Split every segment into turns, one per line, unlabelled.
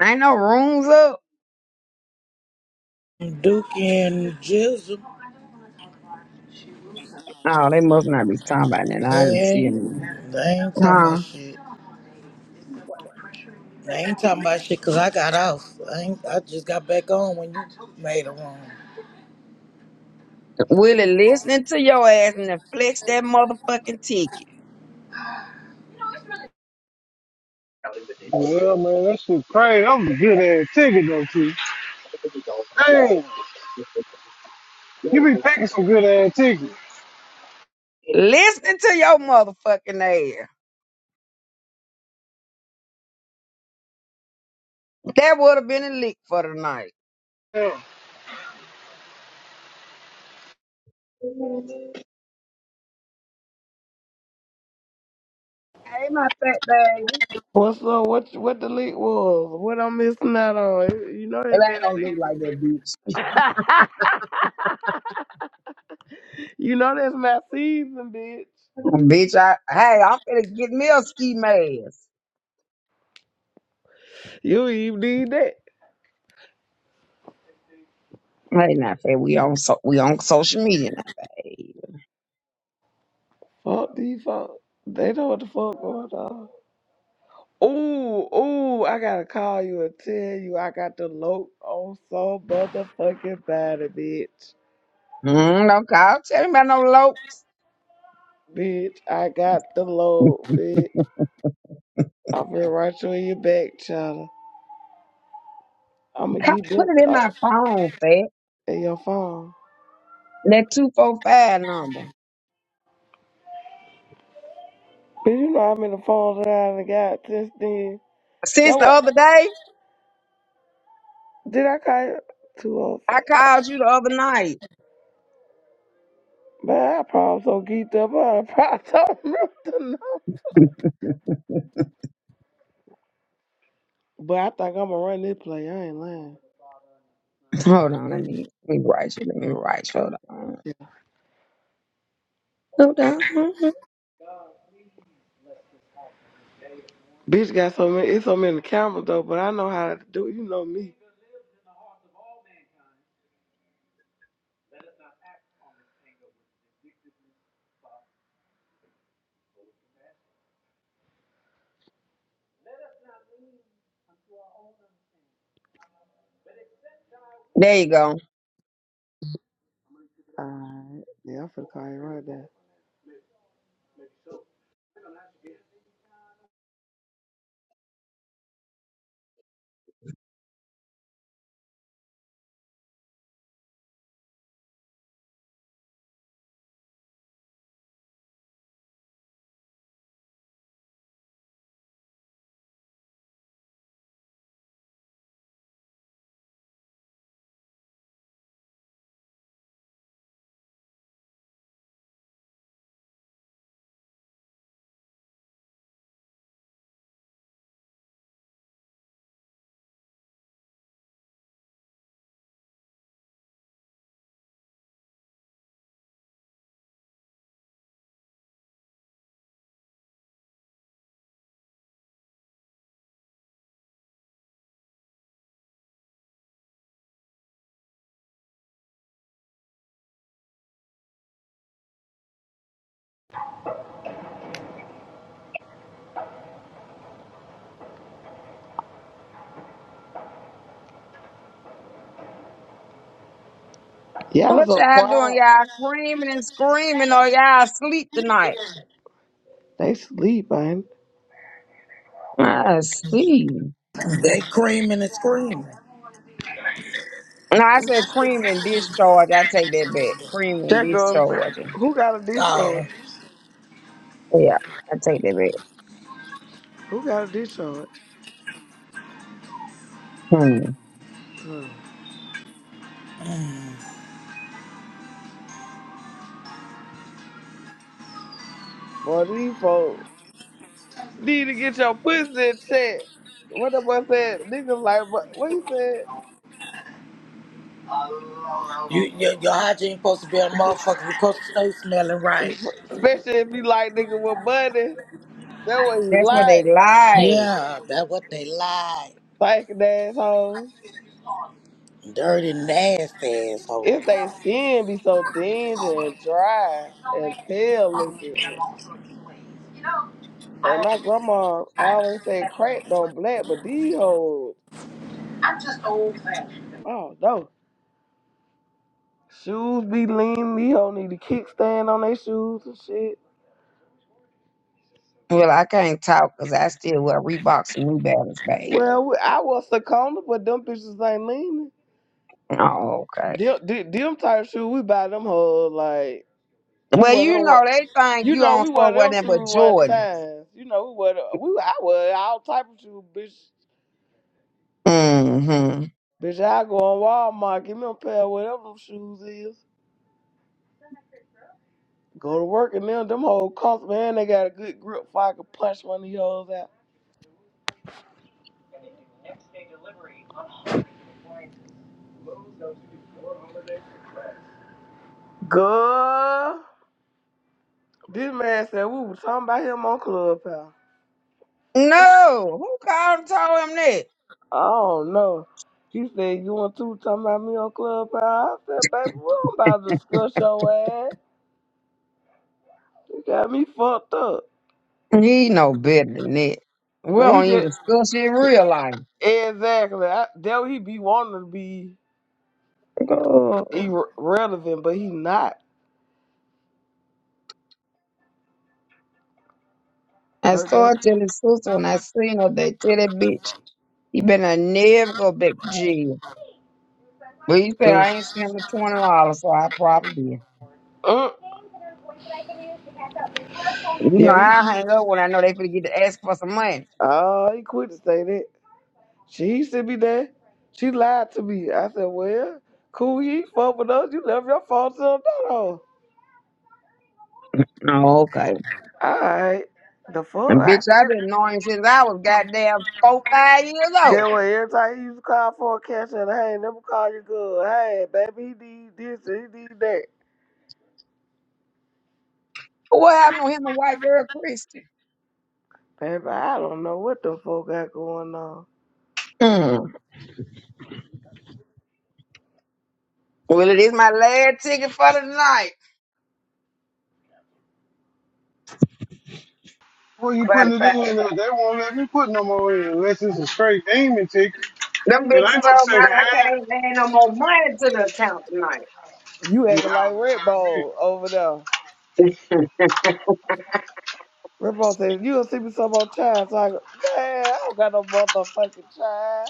Ain't no rooms up.
Duke and Jizzle,
Oh, they must not be talking about that.
they
I didn't see them.
ain't, they ain't talking
Huh?
about shit. They ain't talking about shit 'cause I got off. I, ain't, I just got back on when you made a room.
Willie listening to your ass and then flex that motherfucking ticket.
Well, man, that shit crazy. That was a good ass ticket, though, too. Damn, you be picking some good ass tickets.
Listening to your motherfucking ass. That would have been a leak for tonight.
Damn.
Hey, my fat baby.
What's up? What what the leak was? What I'm missing out on? You know
It
that's
ain't
that
no leak
season.
like that, bitch.
you know that's my season, bitch.
Mm, bitch, I hey, I'm finna get me a ski mask.
You even need that.
Hey, now, fat, we on so we on social media
Fuck these fuck. They know what the fuck going on. Ooh, ooh, I gotta call you and tell you I got the load on so motherfucking body, bitch.
now. Mm, don't call. Tell me about no low.
Bitch, I got the load, bitch. I'm gonna write you in your back, child. I'm gonna
Ca-
get
Put
that
it in
uh,
my phone, fat.
in your phone.
That 245 number.
But you know how many phones that I done got since then. That
Since the
what?
other day,
Did I call you? 205.
I called you the other night.
Man, I probably so geeked up. I probably don't remember the number. But I think I'm going to run this play. I ain't lying.
Hold on, let me let me write you. Let me write you. Hold on. Hold on. Mhm.
Bitch got so many. It's so many cameras, though, but I know how to do it. You know me.
There you go.
Alright. Yeah, I'm finna call you right now. Y'all
What
so
y'all doing?
quiet.
Y'all screaming and screaming or y'all asleep tonight?
They sleep, man.
I see.
They creaming and screaming.
No, I said cream and discharge. I take that back. Cream and
That goes.
discharge.
Who got a discharge?
Oh.
Yeah, I take that back.
Who got a discharge?
Hmm.
Hmm.
Mm.
Boy, these folks. Need to get your pussy in check. What the boy said, niggas like, mo- what he said?
You, your, your hygiene supposed to be a motherfucker. You're supposed to stay smelling right.
Especially if you like nigga with money. That what he
That's what they
like.
like.
Yeah, that's what they lied.
Thinking assholes.
Dirty, nasty asshole.
If they skin be so dingy and dry and pale looking. And my grandma always said crack don't black, but these hoes, oh no. Shoes be lean, these hoes need a kickstand on their shoes and shit.
Well, I can't talk 'cause I still wear Reeboks and New Balance, babe.
Well, we- I was succumbed, but them bitches ain't leaning.
Oh, okay.
Them, them them type shoes, we buy them whole like you
Well,
wear
you
them. one-
know they think
You
you
know,
on
we
for
wear them
nothing
shoes
but
one
Jordan.
time. You know, we wear them, we I wear all type of shoes, bitch.
Mm-hmm.
Bitch, I go on Walmart, give me a pair of whatever them shoes is. Go to work and them them whole cost man, they got a good grip so I can punch one of these hoes out. Girl, this man said we were talking about him on Clubhouse.
No, who called and told him that?
I don't know. He said, You want to talking about me on Clubhouse. I said, Baby, we don't about to discuss your ass. You got me fucked up.
He know better than that. We
Man, he
don't even
just
discuss it in real life.
exactly. I, that he be wanting to be
Girl,
irrelevant, but he not. I
I
heard that.
started telling his sister when I seen her, they tell that bitch, he better never go back to jail. But he said
Uh,
I ain't sent him the twenty dollars, so I probably did.
uh,
You know
yeah, he.
I hang up when I know they finna get to ask for some money.
Oh, he quit to say that. She he should be there. She lied to me. I said, well, cool. You ain't fuck with us. You left your phone to another. hoe.
Oh, okay.
All right. The fuck.
And
I
bitch, I've
did.
been knowing since I was goddamn four, five years old.
That way, every time he used to call for a cash out, hey, let me call your girl. Hey, baby, he need this, and he need that.
What happened to him and white girl Christy?
Paper, I don't know what the fuck got going on.
Mm. Well, it is my last ticket for the night.
Well, you
But
putting it in there. They won't let me put no more in unless it's a straight demon ticket.
them
It
bitches
ain't no
told me
second
I I
hand.
can't add no more money to the account tonight.
You
Yeah,
acting like
that was
Red
a good
Bull over there. Red Bull says, you don't see me some more time. So I go, man, I don't got no motherfucking time.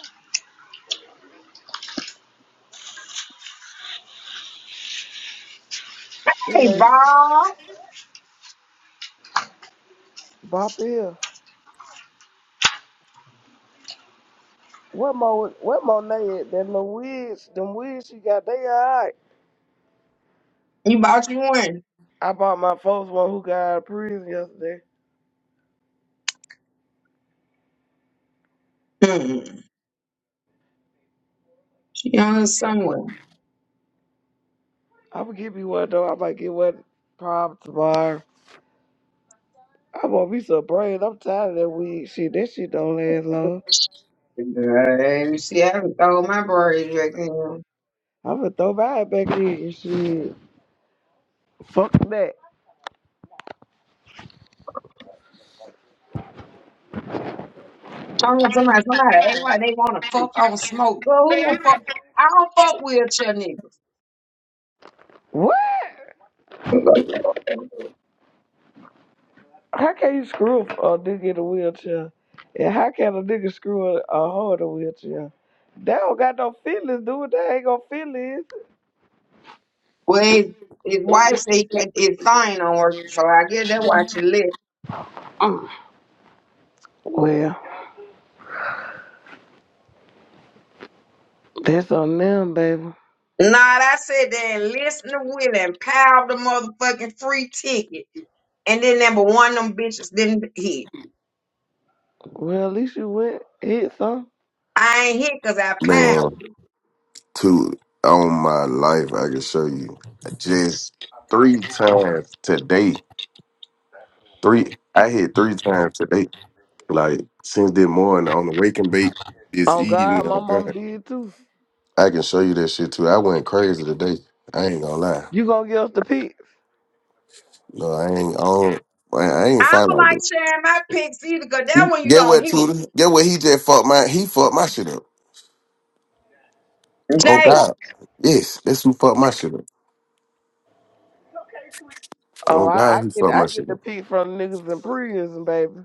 He
Hey,
like,
Bob,
bop here. What more, what more they at? That little wigs, them wigs she got, they all right.
you bought you one.
I bought my folks one who got out of prison yesterday.
Mm. She on her somewhere.
I'm gonna give me one though. I might get one probably tomorrow. I'm gonna be so brave. I'm tired of that wig shit. That shit don't last long.
Let me see. I haven't throw my braids back in.
I'm gonna throw mine back in and shit. Fuck that.
Talking to somebody, somebody act like they want to fuck on smoke. Girl, who will fuck? I don't fuck wheelchair niggas.
What? How can you screw a nigga in a wheelchair? And how can a nigga screw a, a hoe in a wheelchair? They don't got no feelings, dude. They ain't got feelings.
Well, his, his wife said he can't get his sign on work, so I guess that's why she left.
Mm. Well, that's on them, baby.
Nah, I said they listen to Willie and piled the motherfucking free ticket, and then number one of them bitches didn't hit.
Well, at least you went hit some.
I ain't hit because I piled
Man,
it.
two on my life, I can show you. Just three times today. Three I hit three times today. Like since this morning on the wake and bake this
Oh
evening.
God, my
Oh
mom
god.
did too.
I can show you that shit too. I went crazy today. I ain't gonna lie.
You gonna give us the peeps?
No, I ain't I don't I I
I
ain't foul
don't
like
like
that.
sharing my picks either because that
He-
one you
Get
don't
what
hit.
Tudor? Get what he just fucked my he fucked my shit up. Oh
Jay,
god. Yes, that's who fucked my shit up.
Oh,
Oh
I,
god,
I
he
get
fucked my
I
shit
get
up.
the peeps from niggas in prison, baby.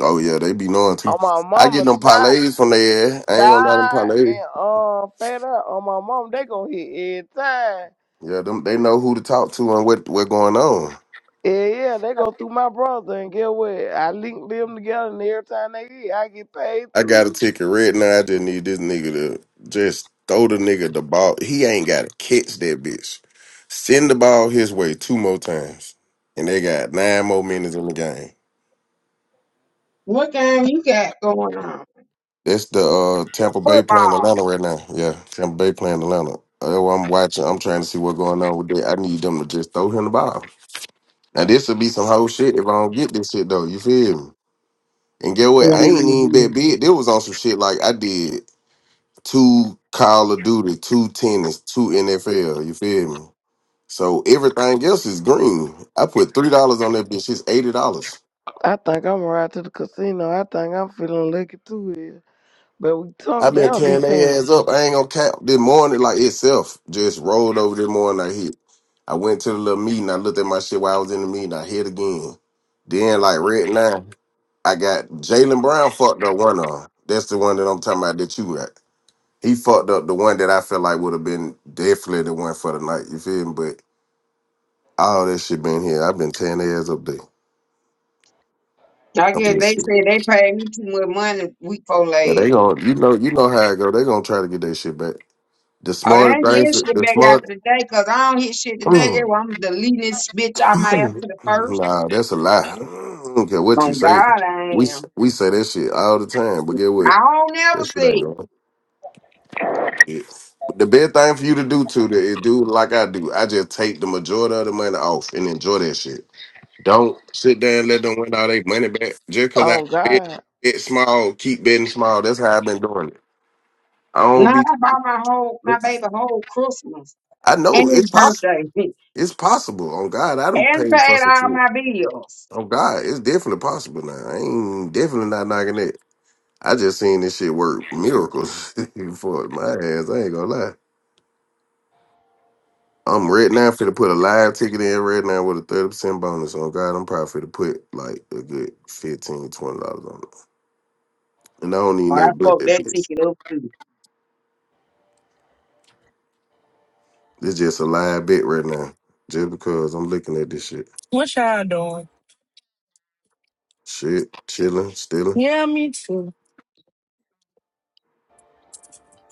Oh yeah, they be knowing
On
too.
my
I get
mama
them
side,
parlays from there. I ain't gonna let them
Shy
parlay.
and uh fed up on my mom, they gonna hit every time.
Yeah, them they know who to talk to and what what going on.
Yeah, yeah, they go through my brother and get what I link them together and every time they hit, I get paid
I
too.
got a ticket red now. I just need this nigga to just throw the nigga the ball. He ain't gotta catch that bitch. Send the ball his way two more times, and they got nine more minutes in the game.
what game you got going on?
That's the uh, Tampa Bay playing
Football.
Atlanta right now. Yeah, Tampa Bay playing Atlanta. Uh, I'm watching. I'm trying to see what's going on with that. I need them to just throw him the ball. Now this would be some whole shit if I don't get this shit though. You feel me? And get what? I ain't even that
Mhm.
big. There was on some shit like I did two Call of Duty, two tennis, two NFL. You feel me? So everything else is green. I put three dollars on that bitch. It's eighty dollars.
I think I'm right to the casino. I think I'm feeling lucky too here. But we tunk
I've been
down be
tearing their
paying.
ass up. I ain't gonna cap. This morning, like itself, just rolled over this morning. I hit. I went to the little meeting. I looked at my shit while I was in the meeting. I hit again. Then like right now. I got Jalen Brown fucked up one of 'em. That's the one that I'm talking about that you at. He fucked up the one that I feel like would have been definitely the one for the night. You feel me? But all that shit been here. I've been tearing their ass up there.
I
I'm
guess they
just
said they paid me too much money week for
yeah, they
last.
gonna you know you know how it go. They gonna try to get their shit back. The
Oh, they
smartest
ain't
thing
getting
for
shit
the
back after
smart
the day, because I don't hit shit today. That's why I'm deleting this bitch out my app to the first.
Nah, that's a lie. I don't care what you
On God,
say. We
I am.
we say that shit all the time, but get what?
I don't never
That shit ain't
see.
going. Yes. The best thing for you to do too to do like I do. I just take the majority of the money off and enjoy that shit. Don't sit there and let them win all their money back just because I
Oh
bet,
God.
bet small, keep betting small. That's how I've been doing it. I don't
Nah,
be.
I bought my whole, my baby whole Christmas
I know
and his
it's possible.
birthday
It's possible. Oh God, I done
and
paid for
paid
some
all
shit.
my bills.
Oh God, it's definitely possible now. I ain't definitely not knocking it. I just seen this shit work miracles for my ass. I ain't gonna lie. I'm right now for to put a live ticket in right now with a 30% bonus on God. I'm probably to put like a good 15 20 dollars on it. And I don't even
Oh,
know
I
bet
fucked
that
that
bitch.
ticket up too.
It's just a live bet right now. Just because I'm looking at this shit.
What y'all doing?
Shit, chilling, stealing.
Yeah, me too.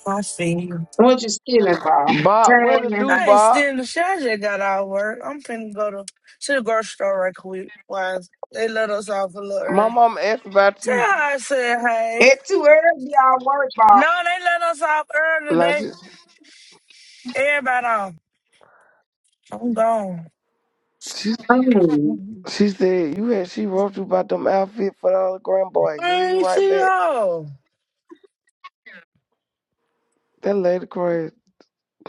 I see you.
What you stealing, Bob?
Bob, what to
Time.
do,
I ain't
Bob?
still in the shit. I just got out of work. I'm finna go to, to the grocery store right quick. Why they let us off a little
My
early.
mom asked about
Tell
you.
her I said hey.
It's too early, y'all work, Bob.
No, they let us off early
Like she,
today. Everybody off. I'm gone.
she
Mm.
she said you had she wrote you about them outfit for the other grandboy.
I
He ain't
ain't
right
see
back.
her.
That lady crazy.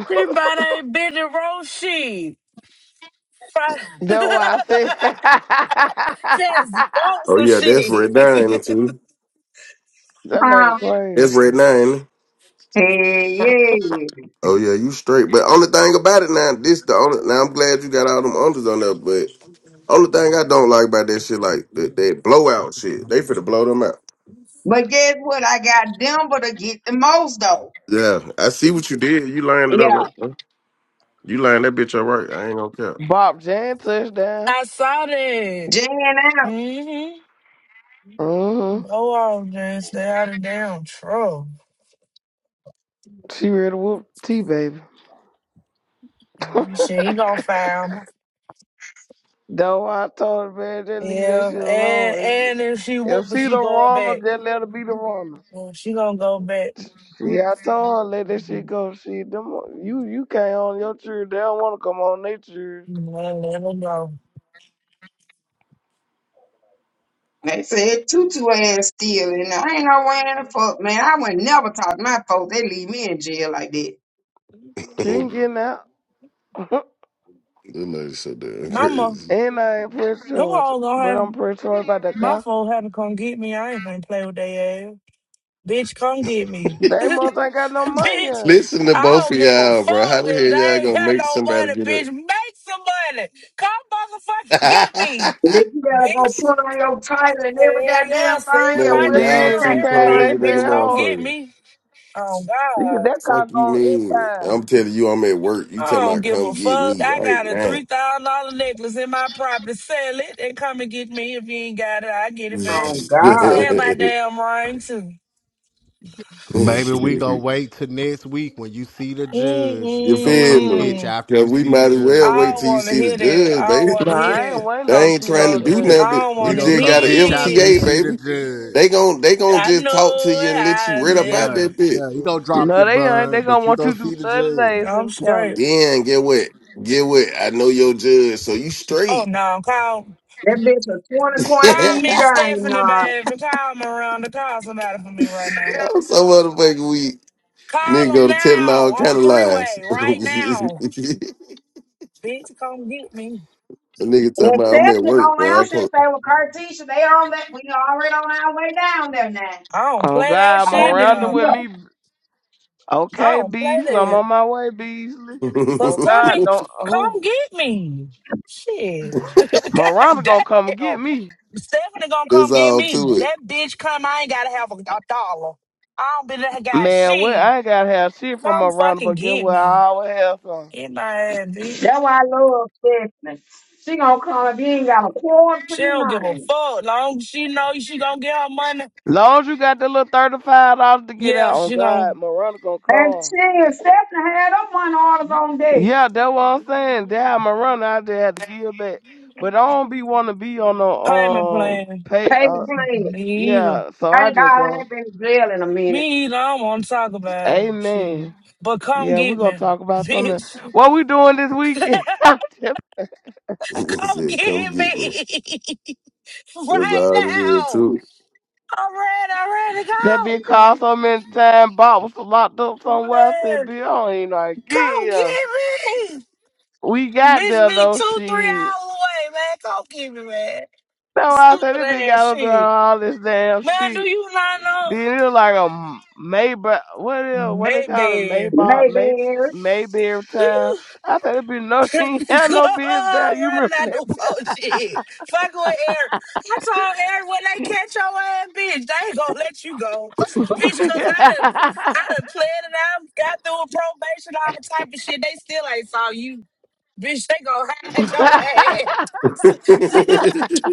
She about ain't been to roast shit. Fri-
That's why I said
Just want
Oh
some
yeah, that's
shit.
red nine too.
that lady
Huh?
crazy.
That's red nine.
Hey, yeah.
Oh yeah, you straight. But only thing about it now, this the only now I'm glad you got all them unders on there, but only thing I don't like about that shit like that, that blowout shit. They finna blow them out.
But guess what? I got Denver to get the most, though.
Yeah, I see what you did. You lined it up
Yeah,
right. huh? You lined that bitch up right. I ain't gonna cap.
Bob Jan touchdown.
I saw that.
J and L.
Mhm.
Mm-hmm.
Go on, Jane. Stay out of damn trouble.
She ready to whoop T baby. That's
She ain't gonna find me.
why I told her, man, just leave that
Yeah,
shit
and
alone. If she,
and if she
if
whooping,
she
she
the
going
runner,
back.
just let her be the runner.
Well, she gonna go back.
Yeah, I told her let that shit
Well,
go. She them you you can't on your church. They don't want to come on their church.
let her go.
They said tutu ass still in there. I ain't no way in the fuck, man. I would never talk to my folks. They leave me in jail like that.
She ain't getting out.
Them niggas so damn
Mama,
crazy.
and I ain't press
them
charge,
hoes gonna
but
have
I'm press charge about the
my
car.
folks had to come get me. I ain't gonna play with they ass. Bitch, come get me.
They must ain't got no
bitch,
money.
Listen to
I
both
don't
of
give a
y'all,
fuck
bro. How the hell
if they
y'all
ain't
gonna
got
make
no
somebody
money.
get
Bitch, make some money. Come motherfucking
up?
get me.
And then you gotta
bitch.
go put on your title and every
Hell yeah,
goddamn
sell
thing, your
my
Man,
jewelry,
Wilkie
y'all
Shit, she
too
tax
came.
thing.
They
crazy
everything,
than the
said,
bitch. Come
"Oh,
get
motherfucker.
me. Oh
you could
God.
that
Fuck
car
you
go
mean?
inbound."
I'm telling you, I'm at work. You
I
talking
don't
about
give a
come get
fuck.
me
I
right
got a
now?
three thousand dollar necklace in my property. Sell it and come and get me. If you ain't got it, I get it back.
Oh God.
Sell my damn ring too.
Baby, we gonna wait till next week when you see the judge.
you
We gonna
feel
come get
me?
you
Mm-mm.
after
Yeah,
you
we
see the
might as well
judge,
I
wait
don't
baby.
till you
want to
see the
hear that.
judge,
I don't
baby.
want
Nah,
to hear
I
that.
ain't waiting
They
on
ain't
see
trying to
no
do
judge.
I
nothing, but
don't
you
We
want to
gonna
just
come
got an
get you after you
FTA,
hear. it.
see the
baby. They
judge.
gon' they gon'
I
just talk to
know
you
it.
and let
I
you read about
live.
Yeah,
that bit.
yeah. You gonna drop
No,
your
they ain't. They
bun, but
gonna
you
want
gonna
you to
see
do
the
thirty
judge.
days
I'm
in the
straight.
county.
Then get what? Get what? I know your judge, so you
Oh
straight.
no, I'm calm.
That bitch a 20 point
Call
I'm
lead
Miss
game,
Stephanie,
nah.
baby. Call Miranda. Call somebody for me right now.
so motherfucking weak. Nigga
Call them
go to telling
now
all kind
on
of
three
lies.
way right now. Bitch, come get me.
A nigga tell
And
me I'm at
Stephanie
work, man.
gonna
I
answer and
can't.
say, well, Cartesia, they on that we already on our way down there now.
I don't
Oh
play
God,
that
I'm
All I
shit
need
around
to
though.
with
know.
me.
I
Okay,
don't play
Beasley, I'm
that.
on my way, Beasley.
So
Oh God,
stomach,
don't who
come get me. Shit. God
Miranda gonna come and
damn.
get me?
Stephanie gonna come
That's
get
all
me.
to it.
That bitch come. I ain't gotta have a, a dollar. I don't be that guy.
Man, well,
She
I ain't gotta have shit from
come
Miranda,
fucking
but guess
get
what?
me.
I always have some.
Get my ass, bitch.
That's why I love Stephanie. She gonna come if you ain't got a quarter for
She don't
your
give a
name.
fuck. Long as she know she gonna get her money,
Long as you got the little thirty-five dollars to get
yeah,
out, on
she gonna.
God, Miranda gonna
And
come.
shit, Stephanie had them one orders on deck.
Yeah, that's what I'm saying. Damn, my run out there had to give back, but I don't be want to be on
Payment
no um
plan.
pay.
Paper
Uh,
plane.
Me either.
yeah, so I
Thank God
just
I
go.
ain't been to jail in a minute.
Me either. I don't want to talk about it. Shit.
Amen.
But come
Yeah, we
get
gonna
me,
talk about something.
bitch.
What we doing this weekend?
I
Come get
said, come get me.
me
That's
right
all it is
now.
to
I'm ready. I'm ready to
that
go.
been called so many times. Bob was locked up
Come
somewhere. I said,
on.
"Bill, I don't even know how to
Come
get him."
get me.
We got
Bitch,
there
me
though.
two, three
Shit.
hours away, man. Come get me, man.
That's why I said,
Stupid
"This bitch
ass
got to drown
shit.
all this damn
Man, do
shit."
you not know?
Dude, it look like a Maybach. What is, what they call it?
Maybe.
Maybach,
Maybe they
May
ain't
Mayberry
Do
town.
you?
I said, it be no, she ain't had
Go
no biz down. You
running out
remember
the phone shit. Fuck with Eric. I told Eric when they catch your ass, bitch, they ain't gonna let you go.
that?
Bitch, cause I done, I done planned it out, got through a probation, all type of shit. They still ain't saw you. Bitch, they gonna hide your ass.
it.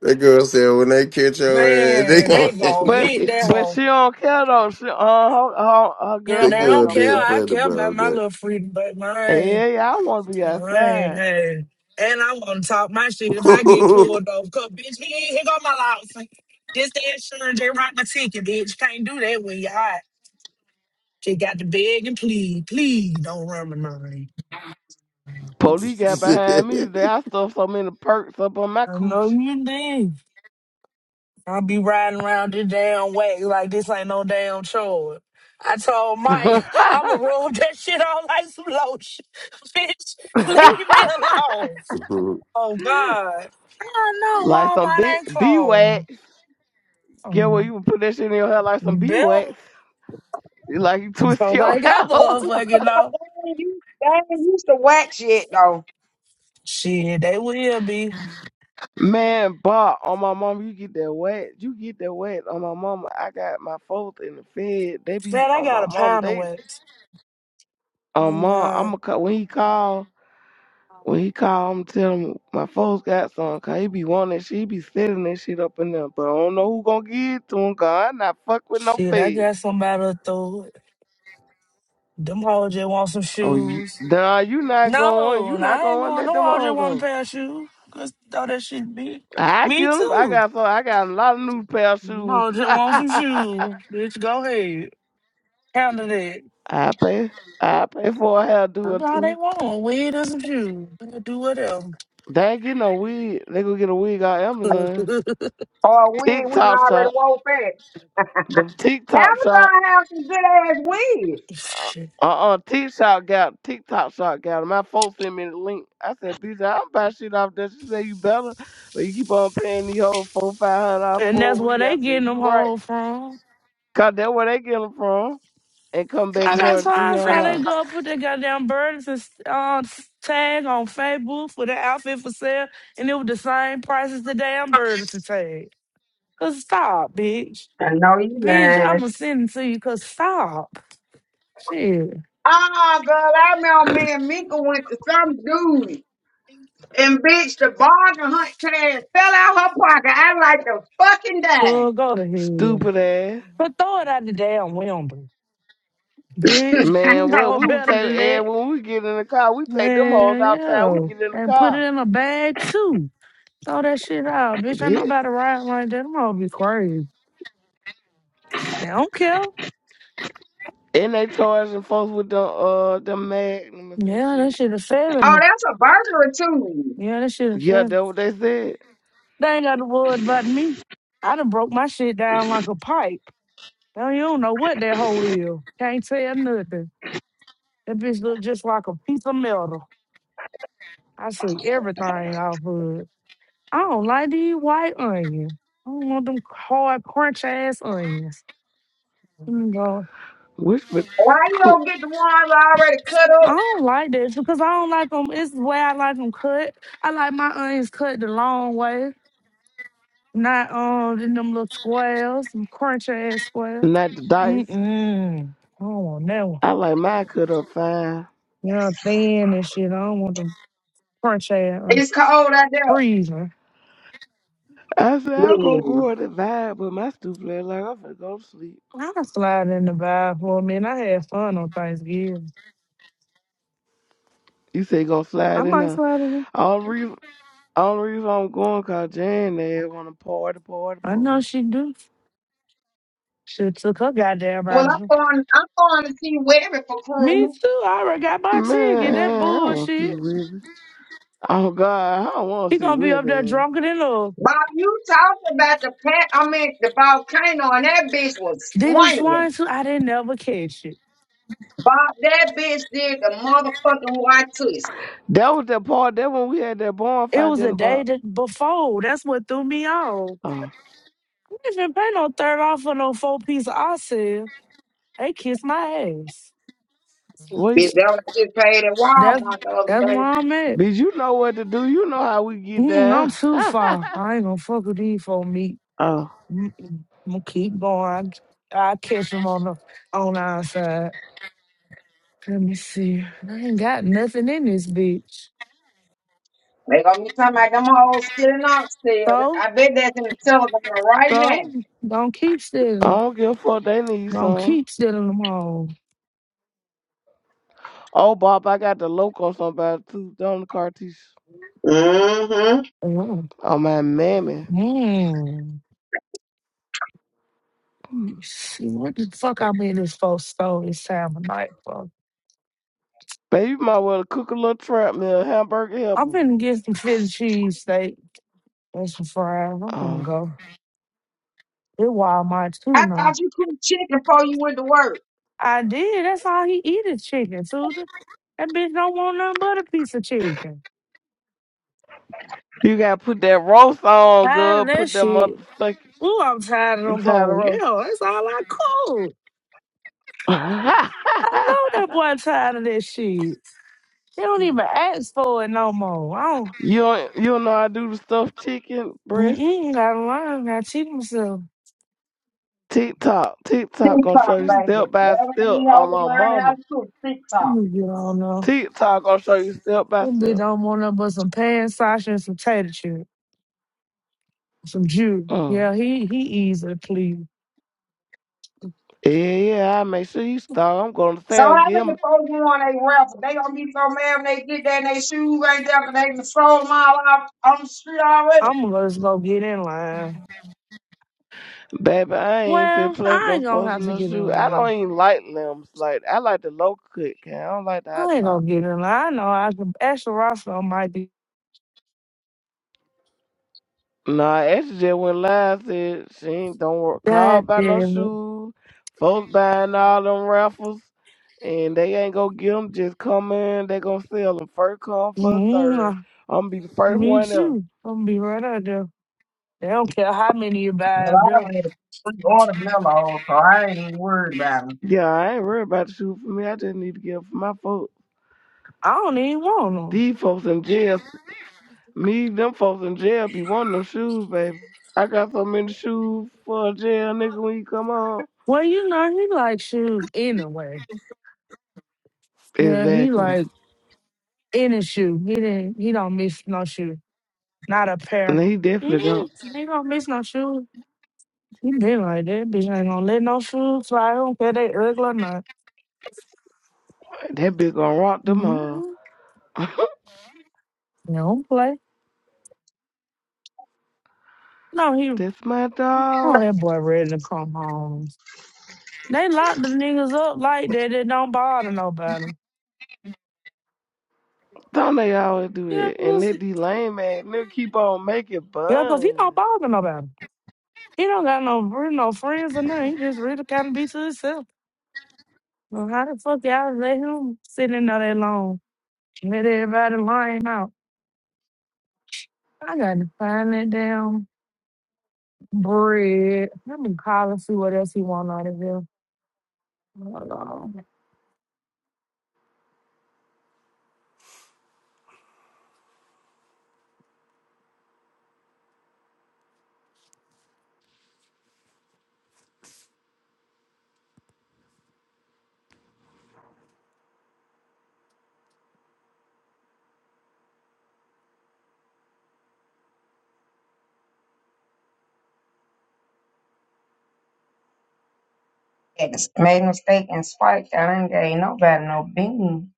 That girl said when they catch your ass, they
Man,
gonna
they gonna
hang
but
up
hit
with
that
you.
but
hoe.
she don't care though. She, uh, her, her, her
Yeah,
That
they
girlfriend
girl
don't
don't
care.
dead
care
I
though.
funny
care about
about
my little freedom, but mine.
Yeah, yeah, I want to be
All right,
outside.
hey. And I'm gonna talk my
that.
shit if I get pulled over, Cause bitch, here, here go my loss. This the insurance, they write my ticket, bitch. Can't do that when you hot. She got to beg and plead. Please don't run my name.
Police got behind me today. I stuffed so many perks up on my
I know
coochie.
you did. I'll be riding around this damn way like this ain't no damn chore. I told Mike, I'ma rub that shit on like some lotion. Bitch, leave me alone. Oh God. I know
like some
Walmart
big
ain't
bee
closed.
wax. Yeah, well,
Oh.
you put that shit in your hair like some
You
bee
better.
wax. Like you twist
So
your
like I got
hair.
motherfucking know.
used they ain't used to wax yet though.
Shit, they will be.
Man, Bob, on my mama, you get that wet. You get that wet on my mama. I got my folks in the fed. They be
Man, I
on my
got a
mama.
pound of
They
wax.
on
Oh
mom. I'ma
God.
call when he call. When he call, I'ma tell him my folks got some. Cause he be wanting. She be setting that shit up in there. But I don't know who gonna get it to him. Cause I not fuck with no
Shit, I
fed.
got somebody to throw it. Them hoes just want some
Oh, you,
shoes.
nah, you not going.
No,
You not
I ain't
going. to
going.
Let
No
them
hoes
all
just want
go.
a pair of shoes. Cause throw that shit be.
I get
Me
'em. I
too.
got so I got a lot of new pair of
Them
shoes.
just want some
I
shoes. Bitch, go ahead. Handle that.
pay I pay for a hairdo or
That's all they
two.
want. Weed and some shoes. They can Do whatever.
They ain't get no wig. They go get a wig on Amazon.
Or weed, we can
TikTok
already
shop.
woke fat.
The TikTok shop.
Amazon have some good ass weed.
Uh
Shit.
uh uh, TikTok got TikTok shop got 'em. My folks sent me the link. I said, bitch, I don't buy shit off that. She said you better. But you keep on paying these whole four, five hundred dollars
And
for a
that's where
wig. I
they
said,
getting them
You right.
hoes from.
Cause that's where they get 'em from. And come
Come
back
I
back
got
charging
for
three
time,
hundred
three.
so they
dollars.
go put their goddamn burdens and uh, tag on Facebook for the outfit for sale, and it was the same price as the damn burdens and tag. Cause stop, bitch,
I know you
bitch,
lying.
I'ma send it to you. Cause stop, shit,
Ah, girl, I remember me and Mika went to some dude and bitch the bargain hunt tag fell out her pocket. I like the fucking die.
go go to hell.
Stupid ass.
But throw it out the damn window, bitch. You
Man, well,
know
we would
better
take
than
and
that.
when we get in the car, we take them hoes
Man,
outside. We
yeah,
get in the
and put it
car,
in a bag too. Throw that shit out, bitch. Ain't
bitch.
nobody riding like that. I'm gonna be crazy. They don't care.
And they charging folks with the uh the magnums and
Yeah, that
shit.
should have failed
Oh,
me.
that's a burglary too.
Yeah, that should have
Yeah,
failed.
that's what they said.
They ain't got to worry about me. I done broke my shit down like a pipe. Now you don't know what that hole is. Can't tell nothing. That bitch look just like a piece of metal. I see everything off of it. I don't like these white onions. I don't want them hard, crunch ass onions. Mm, God.
Which was
Why you
cool,
don't get the ones already cut
I
up?
don't like this because I don't like them. It's the way I like them cut. I like my onions cut the long way. Not um in them little squares, some crunch ass squares.
not the dice.
Mm-mm. I don't want that one.
I like mine cut up fine.
Yeah, thin and shit. I don't want them crunch ass or
It's cold out there.
freezing.
I said I go
Yeah.
go on the vibe, but my stupid ass like I'm finna go to sleep.
I can slide in the vibe for a minute. I had fun on Thanksgiving.
You say go
I
slide in
might
there.
slide in.
All reason, all reason I'm going cause Jan they wanna party, party,
I know
party.
she do. She took her goddamn
Well,
body.
I'm going. I'm going to see Webby for
Me
Christmas.
too. I already got my
Man,
ticket. That
I don't want
bullshit.
to do it. Oh God, I don't want to
He
see
gonna be up there
women.
drunker than love.
Bob, you talked about the pat. I mean, the volcano, and that bitch was
Diddy
swinging.
Swan too. I didn't ever catch it.
Bob, that bitch did the motherfucking white twist.
That was the part. That when we had that
It
bonfire
was
in
a
the
day
bar.
that before. That's what threw me off.
Oh,
I didn't pay no third off for no four piece I said. They kissed my ass.
well, you,
Bitch, that was just paid at
That's
Walmart the
that's
other
where
day.
I'm at.
did you know what to do? You know how we get
Mm-mm, I'm
down.
too far. I ain't gonna fuck with these for me.
oh, I
Mm-mm. I'm gonna keep going. I catch them on the on our side. Let me see. I ain't got nothing in this bitch.
They gonna be talking about them hoes stealing upstairs.
So
I bet that's in the television right
so
now.
don't keep stealing. it.
don't give a fuck. They need
Don't
some.
keep stealing them all.
Oh, Bob, I got the loco somebody too. Don the Cartish.
Mm-hmm.
Oh,
Oh my mammy,
mm. Let me see what the fuck I'm in this for store this time of night for.
baby, you might well cook a little trap meal, hamburger
I'm
helper.
finna get some Philly cheese steak and some fries. I'm finna
Oh,
go. It Walmart too
I
now.
thought you couldn't chicken before you went to work.
I did. That's all he eat is chicken. So th- that bitch don't want nothing but a piece of chicken.
you gotta put that roast on,
Tired of
good.
that
Put that
shit.
motherfucker.
Ooh, I'm tired of
You
them
tired of
whole.
roast?
Yeah, that's all I cook. I know that boy tired of that shit. He don't even ask for it no more. I don't.
You don't, you don't know I do the stuffed chicken breast?
Mm-mm, gotta learn. Gotta cheat myself.
TikTok. TikTok gonna
TikTok,
show you
Mm,
baby.
step by
That's what
step
we all
on my
learn how
mama.
to do
Let
TikTok.
me get on though.
TikTok gonna show you step by
This bitch
step.
don't want nothing but some pan, sausage, and some potato chips. Some Jew.
Mm.
Yeah, he he easily please.
Yeah, yeah, I make sure you stop. I'm gonna
So
tell
how
him,
many folks you on they rapper? They gonna be so mad when they get there and they shoes ain't there because they done sold them all out on the street already.
I'm gonna just go get in line.
baby, I ain't finna
Well,
play with
I
them
ain't gonna
folks
have
in
to
no
get in
shoe. I don't
line.
even like limbs. Like, I like the low cut, can I don't like the hot
I ain't
top.
gonna get in line. I know I can. Extra Roscoe might be.
Nah, Ashley just went live. Said she ain't don't work. Call
God
by no
damn it.
shoes. Folks buying all them raffles, and they ain't gonna get them. Just come in. They gonna sell them first come first serve.
mm
I'm gonna be the first
Me
one up.
too. I'm gonna be right out there. They don't care how many you buy
Well,
up
I
there.
already was on the memo, so I ain't even worried about them.
Yeah, I ain't worried about the shoes for me. I just need to get 'em for my folks.
I don't even want them.
These folks in jail. Me, them folks in jail be wanting them shoes, baby. I got so many shoes for a jail nigga when you come home.
Well, you know he likes shoes anyway. Yeah, he
Exactly.
like any shoe. He didn't. He don't miss no shoe. Not a
And
pair.
he definitely
Mm-mm.
don't.
He don't miss no shoes. You been like that bitch ain't gonna let no shoes fly. I don't care they ugly or not.
That bitch gonna rock them all.
Mm-hmm. don't play. No, he.
That's my
Oh,
dog.
that boy ready to come home. They lock the niggas up like that. It don't bother nobody.
Don't they always do
Yeah,
that? And let
listen.
these lame ass nigga keep on making
Yeah, cause he don't
fun.
bother nobody. He don't got no really no friends or nothing. He just really kind of be to himself. Well, how the fuck y'all let him sit in there that long? Let everybody line out. I gotta find that damn bread. Let me call and see what else he want out of here. Hello.
Yes, made a mistake and spiked. I didn't gave nobody no bean.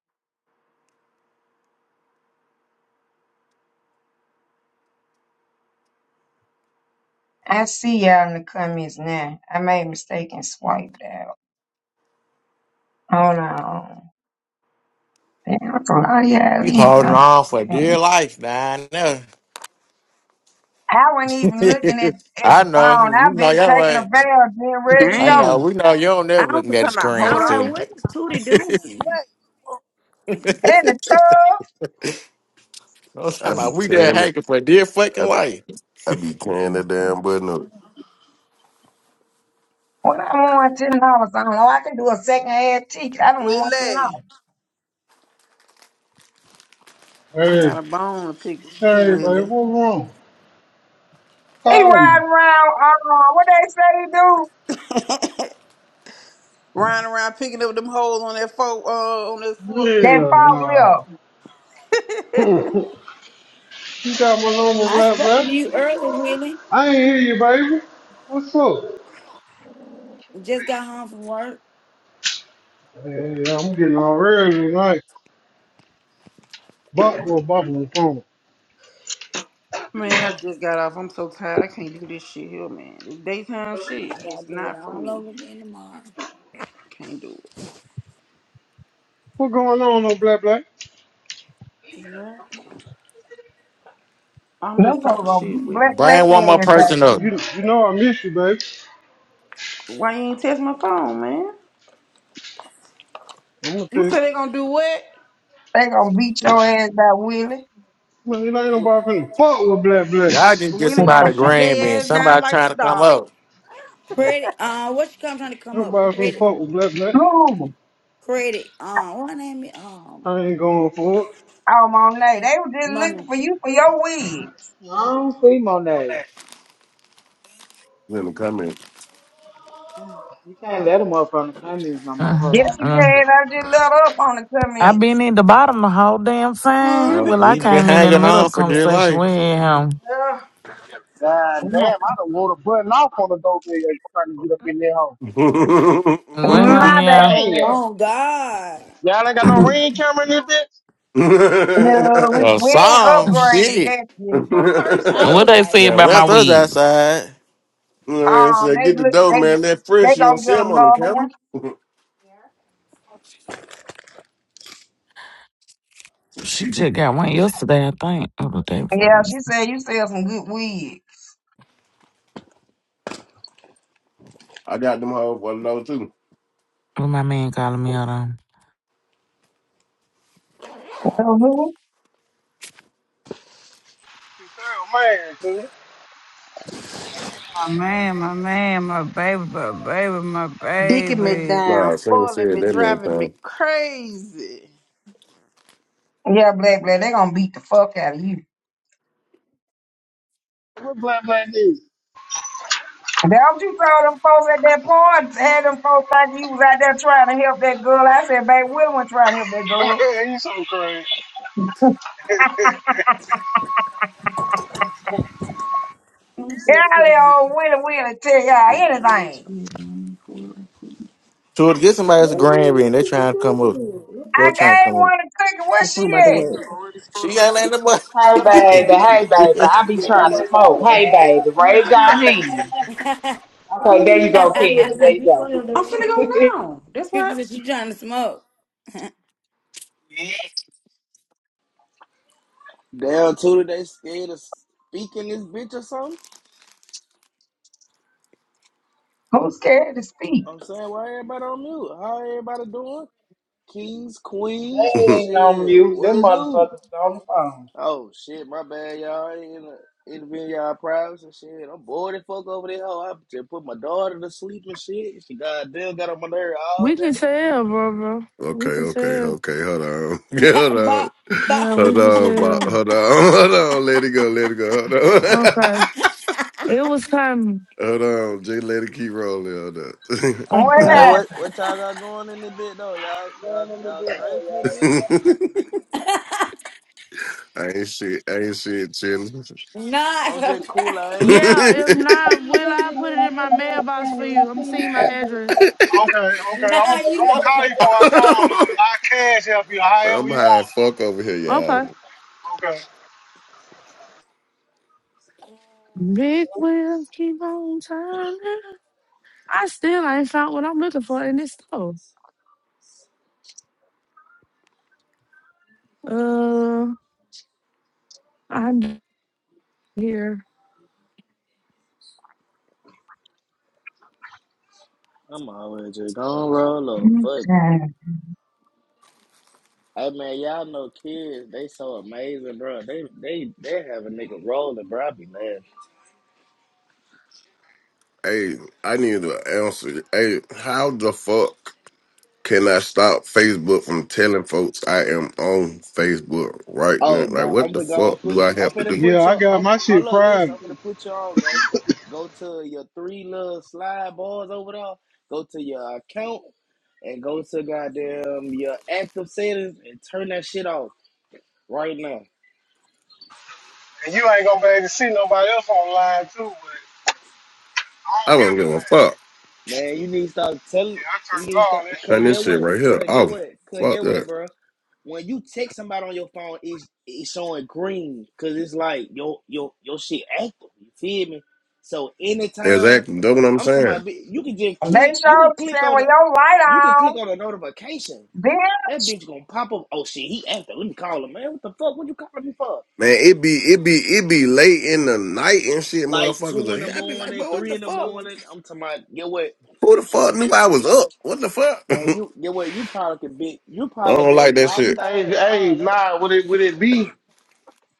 I see y'all in the comments now. I made a mistake and swiped out. Hold on. Damn, I forgot y'all in
You holding
here.
on for
Okay.
dear life, man. I
I wasn't
know.
even looking at, at
I
the
know.
phone.
You
I've
know
been
your
taking a
way.
bath, being ready to
I know.
go.
Damn.
We know you don't never
I
looking
You
was
at the
talking about
screen,
I
hold
was like,
too.
on,
what is Tootie doing?
In the tub,
I'm talking
I be
about we there
tearing it.
hanging for dear fucking
I,
life.
I be tearing that damn button up.
when I want ten dollars, I don't know. I can do a second hand ticket. I don't want ten
Willie.
dollars.
I
idea.
got
Hey,
a bone to pick with you,
hey, babe,
Willie.
what's wrong?
He
Call me.
riding around. Uh, what they say he do?
Riding around picking up them holes on that fork uh on that forklift.
That
Yeah,
fog
no.
lip.
you got my number,
I
black,
spoke
black.
to you earlier, Willie.
I ain't hear you, baby. What's up?
Just got home from work.
Hey, hey, I'm getting all ready tonight. Buck will bop on the phone.
Man, I just got off. I'm so tired. I can't do this shit here, man. This daytime shit
I gotta
is
do it
not for
all
me.
over again tomorrow.
Can't do it.
What going on, no black black?
Yeah. I'm just
Them folks
talking
gonna
shit,
beat
Willie.
black black
Bring one more
ass
You
by
know,
person up.
you.
you, you know I miss you, baby.
Why you ain't test my phone, man?
I'm gonna
You said
text.
they gonna do what?
They gonna beat your ass by Willie.
Man, you know, ain't nobody finna fuck with black black.
Y'all didn't get
Willie gonna
somebody
shoot
green bean.
their ass down
Somebody
like
trying
some
to come
dogs.
up.
Credit, uh, what you come trying to come up?
Nobody finna
Credit,
fuck with black black.
Ooh,
credit. Um, what her name? is? Um,
I ain't going for it.
all my night. They was just looking
money.
for you for your wigs.
No, I don't see Monet.
Okay. In the comments.
You can't let him up from the comments no more. Hold
Uh,
Yes,
on.
you
uh,
can. I just let up on the
I've
comments.
been in the bottom the whole damn
Oh,
Uh,
time.
let
Well,
me
I
get
we've
in my
been
came in in the
hanging
car. Let
middle of
on
the
me
for
go.
dear
conversation
life.
with him.
Yeah.
God damn, I done would have button off on the dope nigga trying to get up in their home.
you
With him,
My
yeah.
bad.
Hey,
Oh God,
y'all ain't got no ring camera in this bitch?
No, we,
Uh,
we ain't
some
upgraded
shit.
that yet.
Where my purse
I
at?
what
was
they
like,
say
Yeah,
about my
left us
dang.
wigs?
outside.
know what I'm
Um,
saying? Get
they
the
look,
dough,
they
man. That
they
fresh, you don't
gonna
see
get
him on the
another one.
camera.
She just got one yesterday, I think, or the day before.
Yeah, she said you sell some good weed.
I got them hoes for the dough, too.
What my man calling me out on.
Mhm.
You're a Man,
My man, my man, my baby, my baby, my
Dicking me
baby.
down,
Nah, Sam
spoiling
said
me,
that many
driving me
times.
crazy.
Yeah, black black, they gonna beat the fuck out of you.
What black black dude?
That what you told them folks at that party. Had them folks thinking you was out there trying to help that girl. I said, babe, Willie wasn't trying to help that girl.
dude. you so crazy.
Golly, old Willie Willie tell y'all anything.
So to get somebody that's a green bean, they trying to come up. Bro
I
trying to
gave
come up.
one to cookie. Where
The
she
song about the
at?
word.
She ain't letting
Hey
them
baby, hey
up.
baby, I be trying to smoke. Hey baby, raise your hand.
I'm
Okay, there you go, Kevin. There you go.
finna go
they
now. That's what.
Cookies that you trying to smoke?
Down to they scared of speaking this bitch or something.
Who's scared to speak?
I'm saying, why everybody on mute? How everybody doing? Kings, queens,
ain't on
shit,
mute.
what
Them
it do?
motherfuckers on the phone.
Oh shit, my bad, y'all. I ain't interviewing y'all privacy and shit. I'm bored and fuck over there. I just put my daughter to sleep and shit. She goddamn got on my nerve all
We can
day.
tell, brother.
Okay,
We can
okay,
tell.
okay. Hold on, hold
Bob,
on,
Bob,
Yeah, we
hold
can
on, Bob.
tell.
Hold on, hold on. Let it go, let it go. Hold on,
Okay. It was coming.
hold on. Just let it keep rolling. Hold up.
What
Okay.
Hey,
Bob.
what what y'all got going in this bit though? Y'all y'all y'all straight in this bit?
I ain't shit. I ain't shit. Chilling.
nah,
I'm
I'm crying.
just cool, I ain't.
Yeah, if not, will
Okay,
I put it in my mailbox for you? I'm seeing my address.
okay. I'm gonna
Nah,
I'm
you so
gonna call
fucking
you before I come. though. I cash help you
I'm
however you
high as
want.
fuck over here,
Okay.
y'all.
Okay.
Big wheels keep on turning. I still ain't found what I'm looking for in this store. Uh, I'm here.
I'm always just gonna roll up. Fuck it.
happened?
Hey man, y'all know kids, they so amazing, bro. They they they have a nigga rolling, bro. I be laughing.
Hey, I need to answer. Hey, how the fuck can I stop Facebook from telling folks I am on Facebook right now?
Oh,
Like,
go,
what
I'm
the
gonna go
fuck
and
do
put
I
I'm
have to
finna
do?
Yeah,
put
I
your
got
I'm
my shit
hello Lisa,
private.
I'm finna put you on, gangster. Go to your three little slide bars over there, go to your account and go to goddamn your active settings and turn that shit off right now.
And you ain't gonna be able to see nobody else online too, but I
I
don't
don't give
give a
a
damn.
fuck.
Man, you need to stop
Yeah,
telling.
I
You
turned
need to
all
stop.
that
Cause
Man, this
get
shit
shit
what?
off.
right here.
Cause
Oh,
get what? Cause
fuck
get what,
that.
bro? When you text somebody on your phone, it's, it's showing green. Cause it's like your your your shit active. You feel me? So anytime
Exactly. That's what I'm
I'm talking
saying.
about, you can just
And they
click. You can
showed you
click
saying,
on
Well,
a.
your light
You can click
on.
on a notification.
Then
That bitch gonna pop up. Oh shit, he active. Let me call him, man. What the fuck? What you calling me for?
Man, it be it be it be late in the night and shit,
Like
motherfuckers.
two in
are
the
here. I be like,
morning,
bro, what
three
the
in the
fuck?
morning. I'm talking about. Get what?
Who the fuck knew I was up? What the fuck?
Man,
I
you get what you probably could be you probably
don't like
been
that
knocked
shit.
Hey,
out and
hey,
all that.
nah, would it would it be?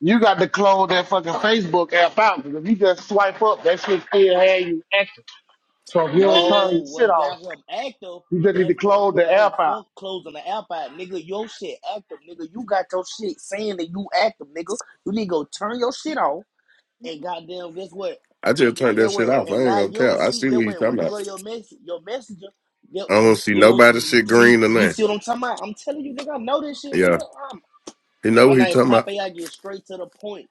You got to close that fucking Facebook app out because if you just swipe up, that shit still had you active. So if you don't turn your
No,
shit
what got
off,
him active
you just need
that
to close the
no
app out.
fuck closing the app out, nigga. Your shit active, nigga. You got your shit saying that you active, nigga. You need to go turn your shit off and goddamn guess what?
I just turned that
Get what?
shit off. I
And
ain't
now
gonna
you don't
count. I
see
see what
get
you
what when
talking
you
about.
go to your mess your messenger, get
I don't see nobody
you
shit
see
green or
you
nothing.
see what I'm talking about? I'm telling you, nigga, I know this shit, nigga.
Yeah,
i
he know
my
what he
name
talking about.
Popeye. I get straight to the point.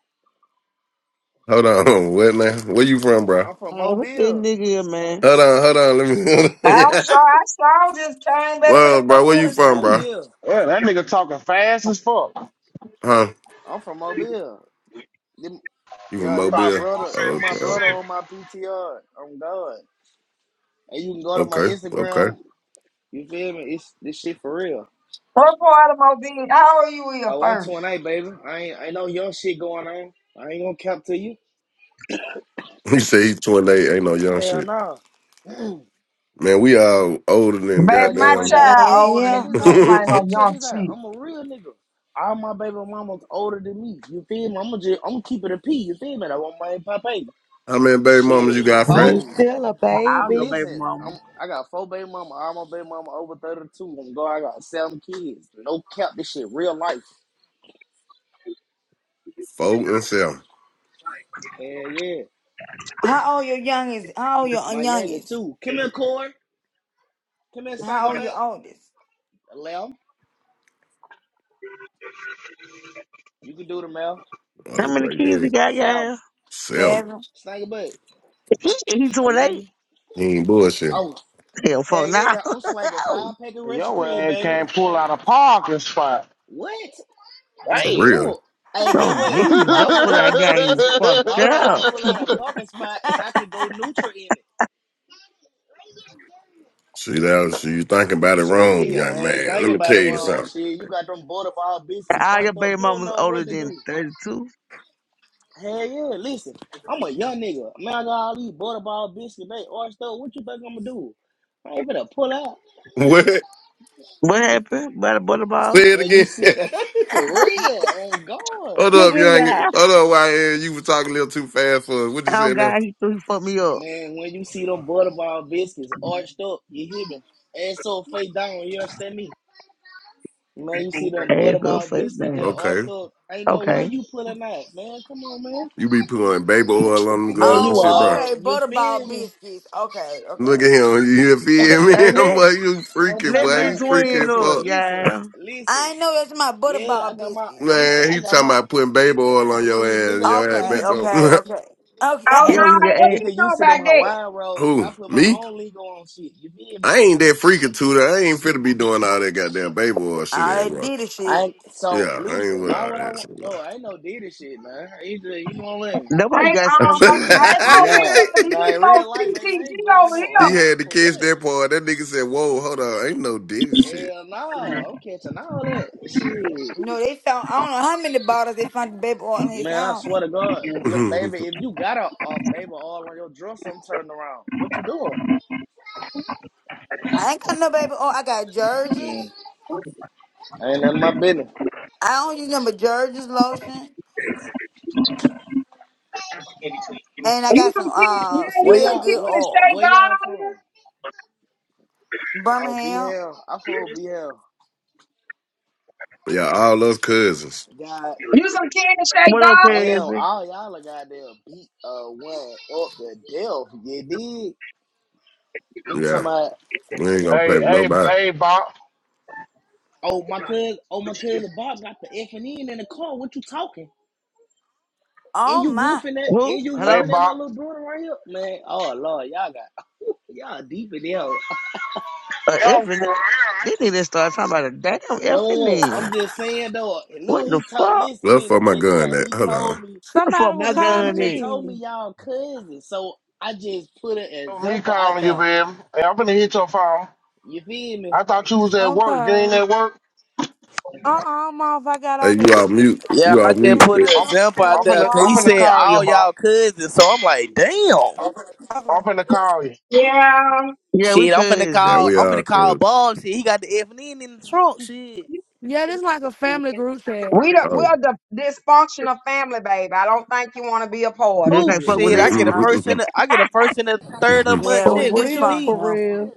Hold on, what now? Where you from, bro?
I'm from
Man, what this
Mobile.
nigga here, man?
Hold on, hold on. Let me.
I'm
yeah.
sure I saw just came back to the
Well, bro, where
phone
you
I'm
and
from
from, bro?
see.
Mobile.
Yeah, that nigga talking fast as fuck.
Huh?
I'm from Mobile. Them,
You from
yeah,
I
they
thought
my
you
Mobile?
was gonna
brother.
say
They my brother
Okay.
Mississippi.
on my PTR. I'm God. And you can go to my
Okay, okay.
Instagram. You feel me? It's this shit for real.
What part of my being? How old you
I
here
want twenty
first?
eight, baby. I ain't, ain't no young shit going on. I ain't gonna cap to you.
You say he's 28, ain't no young
Hell
shit.
no.
Man, we all older than
but
Baby,
get
my
what
goddamn.
Yeah,
though?
yeah.
But
child
yeah.
listen,
older
check
than
yeah.
this
you and
out.
somebody
Listen,
know
check
young
this out.
shit.
I'm a real nigga. All my baby mama's older than me. You feel me? I'm gonna just, I'm gonna keep it a P. You feel me? I want my papa.
How many baby mamas you
Shit,
got, frat?
You
four.
Got
still a
All your
baby.
baby
Listen,
mama.
I'm I got four baby mama, all my baby mama over thirty two. I'm going. I got seven kids. No cap, this shit real life.
Four and seven.
Hell yeah,
How old your youngest? How old your
my youngest
youngest?
too. Come here, Corey. Come here, Stinker
How old
Butt.
your oldest?
Lamb, you can do the mail.
How
Oh,
many
boy, you
kids he
ain't
got,
Salmon,
y'all?
seven.
Seven.
Stinker Butt.
He, he
I
28.
love you.
You ain't bullshitting.
Oh
Hell, fuck,
hell
now.
yeah, I'm slanging
Oh,
five pack of Russian
Your
cream,
ass
baby.
can't pull out a parking spot.
What?
For
Damn.
real.
Who? Hey, get
oh,
what?
Jesus,
Why
your
would
pull
I
out game
listen?
fucked
Why would I
up.
pull out a parking spot and I could go neutral in it?
See, that was, you thinking about it
Shit,
wrong,
me, I
young
ain't
man. Let
thinking
me
about
tell
it
you
wrong.
something.
Shit, you got them board biscuits all
And All your
fucked up.
baby
You don't
mamas
know
older
what to
than
do.
32.
Hell yeah, listen, I'm a young nigga. Man, I got all these butterball biscuits. They arched up. What you think I'm gonna do? I ain't gonna pull out.
What?
What happened? By the butterball?
Say it
Man, you
again.
see, for real, on guard.
Hold up,
Nigga,
young.
yeah.
Hold up, YN. You were talking a little too fast for us. What you
Oh,
saying now?
God, he threw, he fucked me up.
Man, when you see them butterball biscuits arched up, you hear me? Ass so fake down, you understand me? Man, you see them
Ass
butterball
up, face
biscuits,
down.
yeah, arched
Okay.
up. Ain't no way
Okay.
you pulling out, man. Come on, man.
You be putting baby oil on them
Man,
girls and
you
shit,
oh,
bro.
are,
okay.
you feel
Butterball
me?
biscuits. Okay, okay.
Look at him. You feel me?
And
I'm
let,
like, you
I'm
freaking
talking
let
boy.
be
about
You
twin
freaking
up,
listen,
fuck.
listen,
y'all.
listen.
I know that's my
Yeah, I
butterball
got my
biscuits.
listen,
Okay.
Man,
I
he
got
talking
my
about putting baby oil on your
see
ass and
nigga
your ass
Okay,
nigga
bent
be
okay,
over.
okay.
Oh
Okay.
no,
Yo,
used to
your
hey, what
ass.
you
nigga
know
used to them
about that?
Hawaiian rolls. I
Who?
put my
Me?
own legal on shit. You feel me?
I ain't that freaking tutor. I ain't finna be doing all that goddamn baby oil shit there,
All they
bro.
did is
I
shit.
ain't- so
Yeah, I
listen,
ain't with
why
all
would I
that
want
shit.
no, I ain't no did this shit, man. I ain't just- you know what I mean?
That's why you
Ain't
got some
um
kids.
ain't no video
Nah. Nah
these
in real
folks
life, baby, I
CTG
ain't grabbing
over
no
he
here.
oil
had to
for
catch
what?
that part. That nigga said, whoa, hold on. Ain't no dick and shit.
Hell nah, I'm catching all that. Shit.
No, they found I don't know how many bottles they found the baby oil in his
Man, I
house.
swear to God, look, baby, if you got a, a baby all on your dresser, I'm turning around. What you doing?
I ain't got no baby oil. I got
Mm,
Jergens.
ain't none of my business.
I don't use nothing but Jergens lotion. And I
You
got some
some kid
uh
yeah,
Where
you
smell
some
y'all?
kid
good
to
What?
oil.
shake
Where
God
y'all
on there?
from? Oh, B
Birmingham.
hell. I fool B hell.
yeah, all those cousins.
God
You some kid to shake
What
God
up,
damn,
on
Cassie?
all y'all are goddamn beat uh one up the death. You dig? I'm talking
Yeah,
about.
we ain't gonna
Hey,
play with
hey,
nobody.
hey, Bob.
Oh my cousin. Oh my cousin Bob got the F and N in the car. What you talking? And
Oh
you
my.
woofing that?
Who?
And you
Hey,
Hello?
woofing at my
Bob.
little brother right here, man? Oh lord, y'all got y'all deep in there.
Uh,
Y'all niggas
effing.
over here,
They
ain't-
need to start talking about a damn effing
No, I'm
then.
just saying though. And
What
look,
the
he told.
fuck?
Listen,
Look
listen.
for my
Check this
gun
out.
that.
He
Hold on.
told me.
What the fuck
Somebody was
my
Listen, he
gun
calling
just
is?
told me
me.
y'all cousins. So I just put an
Oh, me
example out
calling you,
there.
baby. Hey, I'm finna hit your phone.
You feel me?
I thought you was at work. You ain't
Okay.
at work.
Uh-uh, motherfucker got
Hey,
off
you
his
all mute.
Yeah,
You
I
all
tail
just
mute.
put
bitch.
an
I'm,
example
at
out
I'm
there
finna,
because
I'm
he
finna
said
call
Walmart.
you,
all
Bob.
y'all cousins. So I'm like, damn.
I'm finna call you.
there? Yeah,
Yeah, we
Shit, I'm finna
Yeah,
cousins.
call.
we
I'm
are,
finna call
cuz.
Bob. Shit, he got the F and N in the trunk. Shit.
Yeah, this like a family group chat.
We don't,
Oh.
we're the dysfunctional family, baby. I don't think you want to be a part of
You
Who?
can't
it.
fuck with
Shit, I
this.
get a
Yeah.
Let
first and a, I get a first and a third of
Yeah,
month
For
we
check. What you
real, for
mean?
dysfunctional.
real.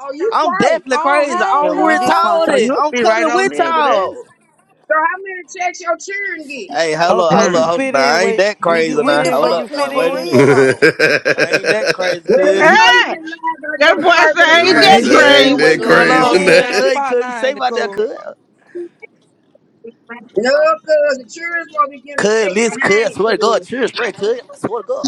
Oh, you
I'm definitely
Christ.
Oh,
crazy.
hey,
Yeah,
I'm
we
with told
So
cousin.
it.
dysfunctional.
you'll
I'm
be right
coming
on
with
there with
y'all.
us.
So how many checks your children get?
Hey, hold
Oh,
up,
so
hold
you
up,
Hmm.
hold up.
fit
Nah,
in
I ain't
where
that
you,
We
you
crazy
get
we
now.
in where
Hold
you
up
dysfunctional
fit
now. Wait
for
a
in?
minute.
real though.
I ain't that crazy,
Well, we
cuz.
know you get
Hey,
lied about
that
getting a
boy
first and a
said ain't
me
You
that
third
Crazy
get
check
say,
and the
ain't
in
crazy.
where
what
that
you
children
going
crazy,
They
fit
get
go
on, cuz.
too
one.
I
in?
damn
love you,
man?
far
cuz. Be
now,
safe
ain't it
out there,
cool?
cuz.
No, cuz the children's supposed to be getting a
Cuz,
check
listen, cuz. I
behind,
swear to God,
cuz.
chill straight, cuz. I swear to God.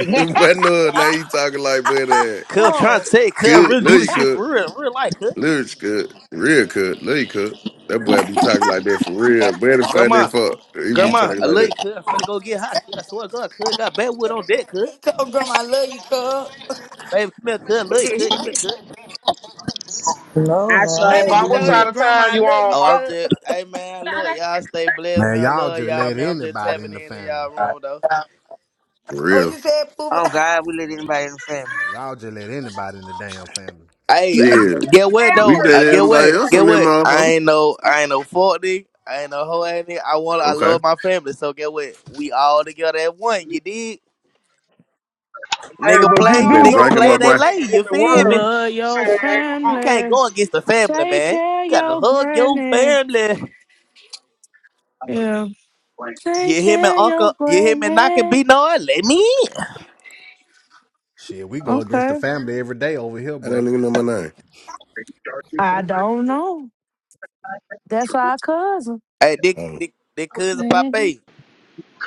what no, now
I,
you talking like, boy, that
Cuz, I'm trying to
Fuck.
tell you, cuz, I
could,
really
no,
do
you
this shit
could,
for real, real life, cuz.
lyrics could, real could, no, you could. That boy be talking like that for real. Boy, the funny
Grandma,
fuck, he be
grandma,
talking
I
like
love you,
that
cuz. I'm finna go get hot, cuz. I swear to God, cuz. Got bad wood on deck, cuz.
he told grandma I love you, cub.
Baby, come here, cuz. I love you, cuz. Come here, cuz.
No,
I
now.
Hey,
sure
And he
Bob, what
told
did.
side
his
of
grandma
town
I
you
love
on,
you,
Oh, I'm
Bob?
cub.
just, hey man, look, y'all stay blessed, man.
Man,
I
y'all
love
just
y'all,
let
man. I'm just
anybody
tapping
in the
into y'all
family.
room though.
for
Oh,
real.
you said poop.
oh God, we let anybody in the family.
Y'all just let anybody in the damn family.
Hey,
Yeah.
uh,
I'm a
Shit,
get what
damn
we
though?
worth
Uh,
dated
get
fucking the
everybody
what?
else
thing.
Get
on them
what? I
motherfucker.
ain't no, I ain't no forty. I ain't no hoe ain't I want, I
Okay,
love my family. So get what? We all together at one. You did,
Hey,
nigga.
but you
we
Play,
do
been
Oh,
nigga.
know
drinking,
Play.
my
They
every
boy.
lay.
nigga in
You
the
feel
world
me?
Love your
say they ain't a
You
fuck
can't
family.
go
nigga.
against the family,
Take
man. You
care of
gotta
your
hug your
granny.
family.
Yeah.
You
Take
hear me,
care of your
uncle? You hear me knocking? Be
granny.
no, let me in.
Shit, we go against the
Okay.
family every day over here,
I
bro.
didn't even know my
I don't know. That's our cousin.
Hey, Dick,
name.
Dick, Dick, cousin
Mhm.
Pape.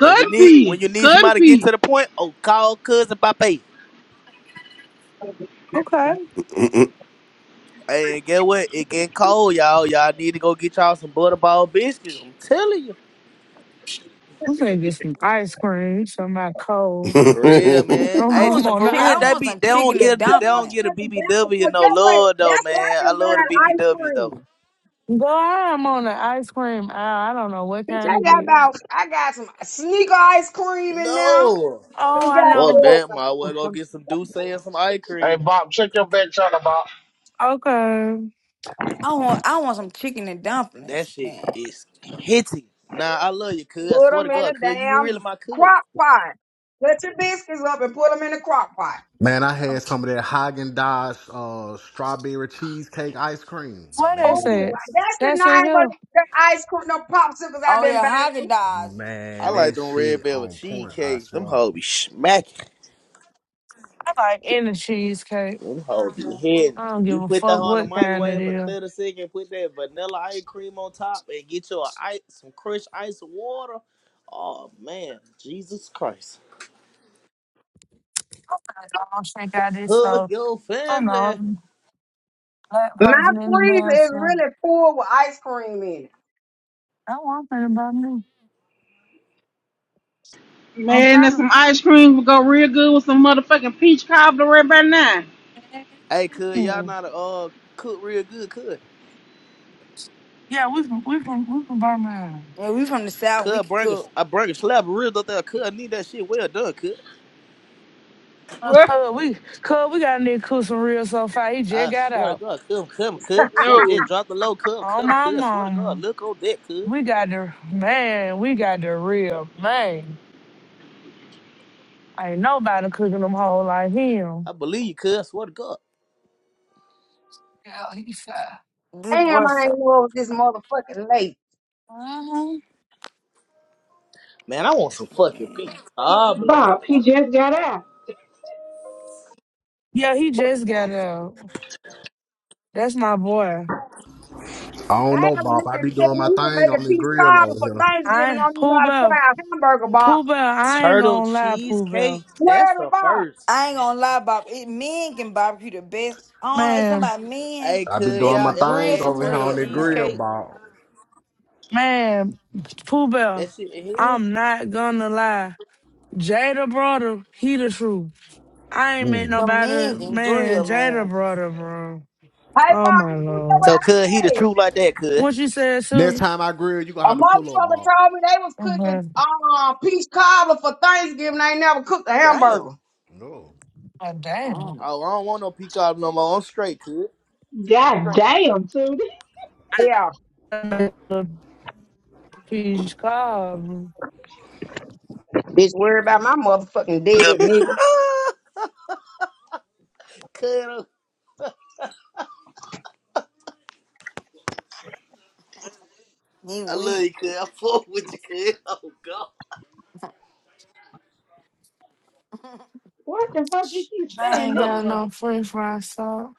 When you need
be,
when you need
could
somebody to get to
be.
the point, oh call cousin Bape.
Okay.
Oh.
Hey, and get what? It getting cold, y'all. Y'all need to go get y'all some butterball biscuits. I'm telling you.
We're gonna get some ice cream, something cold.
What's
For real, man.
I'm,
I
Hey,
want
I'm
some
on
for
the
chick
real,
I
ice.
they
want
be
some
they don't
chicken
you
and
get they
so
don't
dumplings.
get a
motherfucking back
BBW no
Guess what?
love though,
That's what I've
man. I
been
love the
buying ice
BBW though.
cream.
Girl, I'm on the ice cream aisle. I don't know what
Bitch,
kind
I
to
got
get.
about, I got some sneaker ice cream in there.
No.
Some
Oh, I
Fuck
know.
that. Might as well go
goddamn,
get some Douce and some ice
Hey,
cream.
Bob, check your back channel, Bob.
Okay.
I want I want some chicken and
That
dumplings,
shit
man.
is hitting. Nah, I love you, cuz. I
put
swear to
them in
God,
a
cuz you really
damn
my cuz.
crock pot. Put your biscuits up and put them in the crock pot.
Man, I had some of that Haagen Dazs uh, strawberry cheesecake ice cream.
What
Oh,
is
Man,
it?
listen.
that's the
That's in
nine of
here.
the ice cream, the popsicles I've
Oh
been
yeah, Haagen
buying.
Dazs is the
I
Man,
like
that
truth.
them red
shit
velvet
on point, I
cheesecakes. Them
swear.
hoes be smacking.
I like any cheesecake.
Them hoes be hitting.
I don't give
You
a
put that
fuck
hoe in the
what kind it
microwave for
is.
30 seconds, put that vanilla ice cream on top, and get you a ice, some crushed ice water. Oh, man. Jesus Christ.
I'm gonna go check out this
Hug
so
your
I don't know
family.
I'm a black
My
person in the lab,
freezer is
so
really full with ice cream in it.
I don't want to about me. I'm
Man,
trying
that
to
some ice cream would go real good with some motherfucking peach cobbler right by now.
Hey, could y'all
Mm.
not uh cook real good, could?
Yeah, we from we from we from Birmingham.
Yeah, we from the south, we
Could
can
bring a,
cook.
I bring a slab of ribs up there. Could I need that shit well done, could?
Uh,
What?
Cuz we cuz we got Nick Coos from real so far. He just
I
got
swear
out.
to God, come, come, could. Shit, just
No,
drop the low cup,
Oh
come,
my
could. I swear to God,
mama.
look on that, could.
We got the man, we got the real man. Ain't nobody cooking them whole like
I
him.
believe you, could. I swear to God.
Yeah, he fat.
This
Damn, I
what's up?
ain't know it was this motherfucking late.
Uh-huh.
Man, I want some fucking
Man.
pizza.
Bob, he just got out.
Yeah, he just got out. That's my boy.
I don't
I
know,
had a
Bob. I
nigga
be
tell
doing
me
my
he was
thing on
making
the
peace
grill
cobbler
over
for
here.
Thanksgiving.
I
Don't even know
Pooh
how to fry
Bell.
a hamburger
Pooh
box.
Bell, I ain't
Turtle
gonna lie, Pooh
cheesecake?
Bell.
That's
Where the
the
box?
first.
I ain't gonna lie about it. Men can barbecue the best. I don't know. It's
Man,
somebody men.
Hey,
I be
could
They
doing
y'all
my
can
ever
grill
thing
had
over
some
here
turtle
on the
ribs, man.
grill,
cheesecake?
Bob.
man, Pooh Bell,
That shit in here?
I'm not gonna lie. Jada brother, he the truth. I ain't met
Mm.
The men
nobody,
can grill,
man, Jada
man.
brother, bro.
Hey,
Oh
Bob,
my
did you know
lord.
what
So
I
could he the
said?
truth like that, could?
What you said,
Next
Susan?
time I grill, you gonna
A
have to pull up,
motherfucker
Bob.
told me they was cooking
Mhm.
uh, peach cobbler for Thanksgiving. They ain't never cooked a
Damn.
hamburger.
No.
Oh, damn.
Mm,
Oh, I don't want no peacock no more. I'm straight, could.
God Right. damn, Tootie.
Yeah,
The peach cobbler.
bitch, worry about my motherfucking dead nigga.
could I
he
I love
weak.
you, could. I fuck with you, could. Oh god.
What the fuck you keep
I
saying
ain't
that
Oh,
got
God.
for?
no french fry sauce.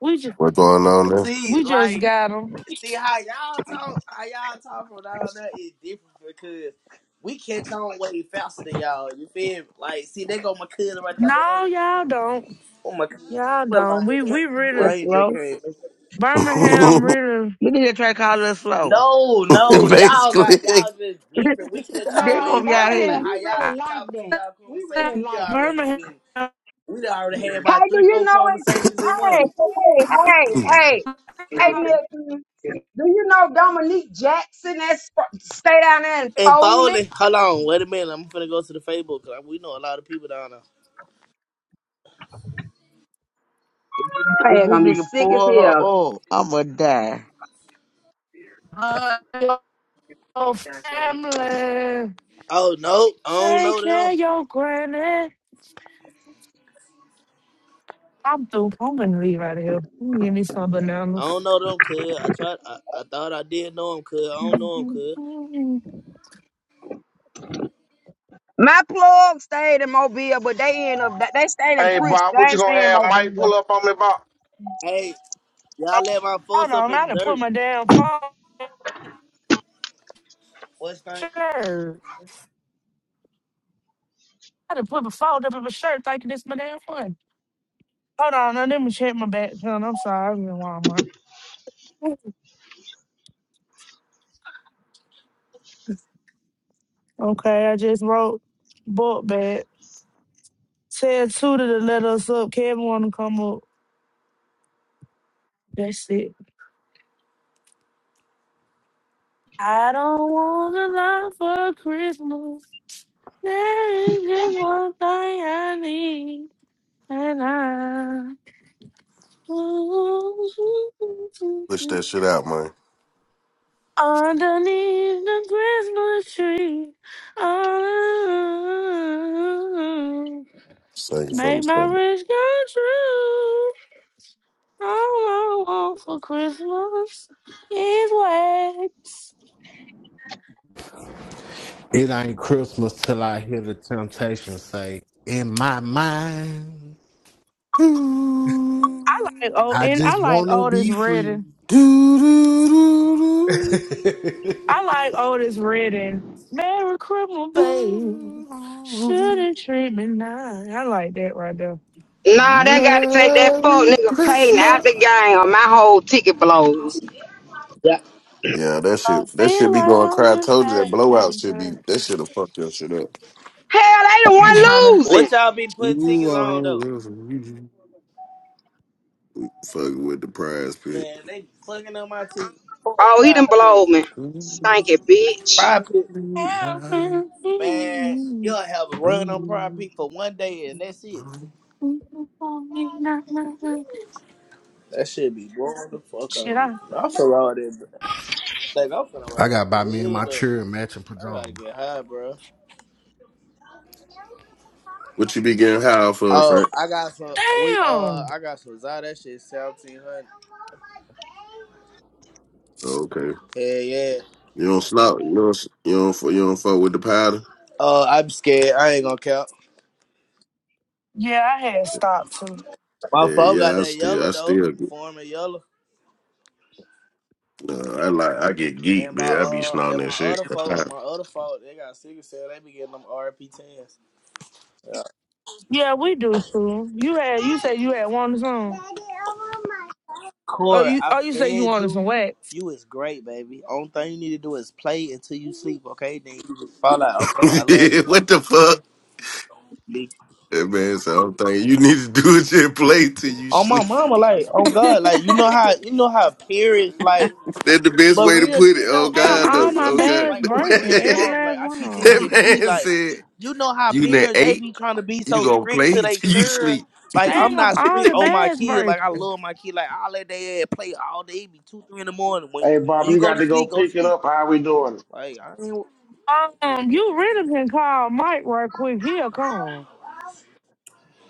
We just,
going on there?
See,
we just
like,
got them.
see how y'all talk, how y'all talk from down there is different because we catch on way faster than y'all. You feel me? Like, see, they go my cousin right there.
No, y'all don't.
Oh my god,
Y'all
what
don't.
lion
We
Try
we
is?
to call us
really
Lion
slow.
JK.
Birmingham really.
You need to try to call us slow.
No, no, y'all got
Basically,
y'all just different. We catch
they
our
are
way
No,
gonna be out
faster. Like
Birmingham,
here.
how
we
y'all
really
I
be
like
talking to
that.
y'all
We
conversation,
really
love
we
like that.
already
Birmingham.
been we done already had about
Hey,
three,
do you
four
know it?
conversations in one.
Hey, hey, hey, hey, hey, nigga. Do you know Dominique Jackson? That sp- stay down there and
And
fold it.
Foley, hold on, wait a minute. I'm finna go to the Facebook because we know a lot of people down there.
If
They
this
gonna be
nigga
sick as
pull
hell.
her up, I'ma die.
uh, Your family.
Oh no, I don't
Take
know
care
them.
of your granny. I'm through. I'm gonna leave out of here. You Give me some
I
bananas.
don't know them, cuz. I tried. I, I thought I did know them, cuz. I don't know them, cuz.
My plug stayed in Mobile, but they end up they stayed in
Hey,
Pritchard.
Bob, what
They
you
ain't
gonna
staying in
have Mike
Mobile.
pull up on me, Bob?
Hey, y'all let my
Hold
folks up
on, I
in
done
the
put
dirt.
my damn phone in my
What's that?
shirt. I done put my phone up in my shirt thinking it's my damn phone. Hold on, now, let me check my back channel. I'm sorry, I'm in Walmart. Okay, I just wrote book back. Tell Tuda to let us up. Kevin wanna come up. That's it. I don't want a lot for Christmas. There is just one thing I need. And
push
I
that shit out, man.
Underneath the Christmas tree, oh,
Sing something,
make my wish come true. All I want for Christmas is wax.
It ain't Christmas till I hear the temptation say, In my mind,
something.
I like old
I
and I
just
like
wanna
Otis
be free.
Redding. I like Otis Redding. Merry Christmas, babe. Shouldn't treat me nice. I like that right there.
Nah, they got to take that fuck
Merry
nigga Payton out the
Christmas.
game or my whole ticket blown.
Yeah.
Yeah, that
I
shit, that
feel
shit be
like
going
I'm
cry. I
in
told you that
paradise.
blowout should be, that shit'll fuck your shit up.
Hell, they the
I'm tryna.
one losing.
What y'all be putting
You
tickets
are
on though?
lovely. Fucking with the prize pit.
Man, they clucking on my tickets. Fuck
Oh, he
Pride
done
Pick.
blowed me. Stinky bitch.
Pride Pick. Man, you'll have a run on Pride Pick for one day and that's it. That shit be blowing the fuck
Shit,
on me.
I
I'm finna roll that. Like, I'm finna
I
roll
gotta buy
some
me and my
weed up.
children matching
I gotta
pajamas.
get high, bro.
What you be getting high for,
Oh,
Frank?
I got some. We uh,
damn.
I got some Zy. That shit seventeen hundred.
Okay.
Yeah, yeah.
You don't snort. You don't. You don't. fu- You don't fuck with the powder.
Uh, I'm scared. I ain't gonna count.
Yeah, I had stopped too.
My
Yeah,
phone got
yeah. I
that yellow
still. I
though.
still. get-
Form of yellow.
Uh, I like. I get
And
geek,
my
man. I be
uh
snorting
and
that
my
shit.
other folk,
yeah,
my other folk, they got sickle cell. They be getting them RP tens. Yeah.
Yeah, we do too. You had you said you had wanted some. Oh,
Corey,
you
I
oh you said you
fed
wanted some
you.
wax.
You is great, baby. Only thing you need to do is play until you sleep, okay? Then you just fall out, okay? I love you.
what the fuck?
B.
That man So I'm thinking you need to do it your play till you
On my
sleep.
mama, like on God, like you know how you know how periods like.
That's the best
But
way to
real
put it.
shit
Oh
though, like
Damn,
God,
real
all
no.
my
Oh
shit,
God.
bags
like I'm a
breaking.
real
Every
father. Like
last
I
one
keep
of
this
them.
that
shit p.
man
Like
said.
you know how
You net
parents they
eight,
be trying to be
you
so
gonna
strict
play
to their
till you
children.
sleep.
Like I'm
that
Damn,
not
all
strict
the
on my
bags
kid. Like I
breaking.
love my kid. Like I let they play all day. It be two three in the morning. When
Hey,
when
Bob,
you
you
go
got
to
to go
sleep, go to
pick it
sleep.
up. How we doing? it?
Like I ain't.
Um, you really can call Mike right quick. He'll come.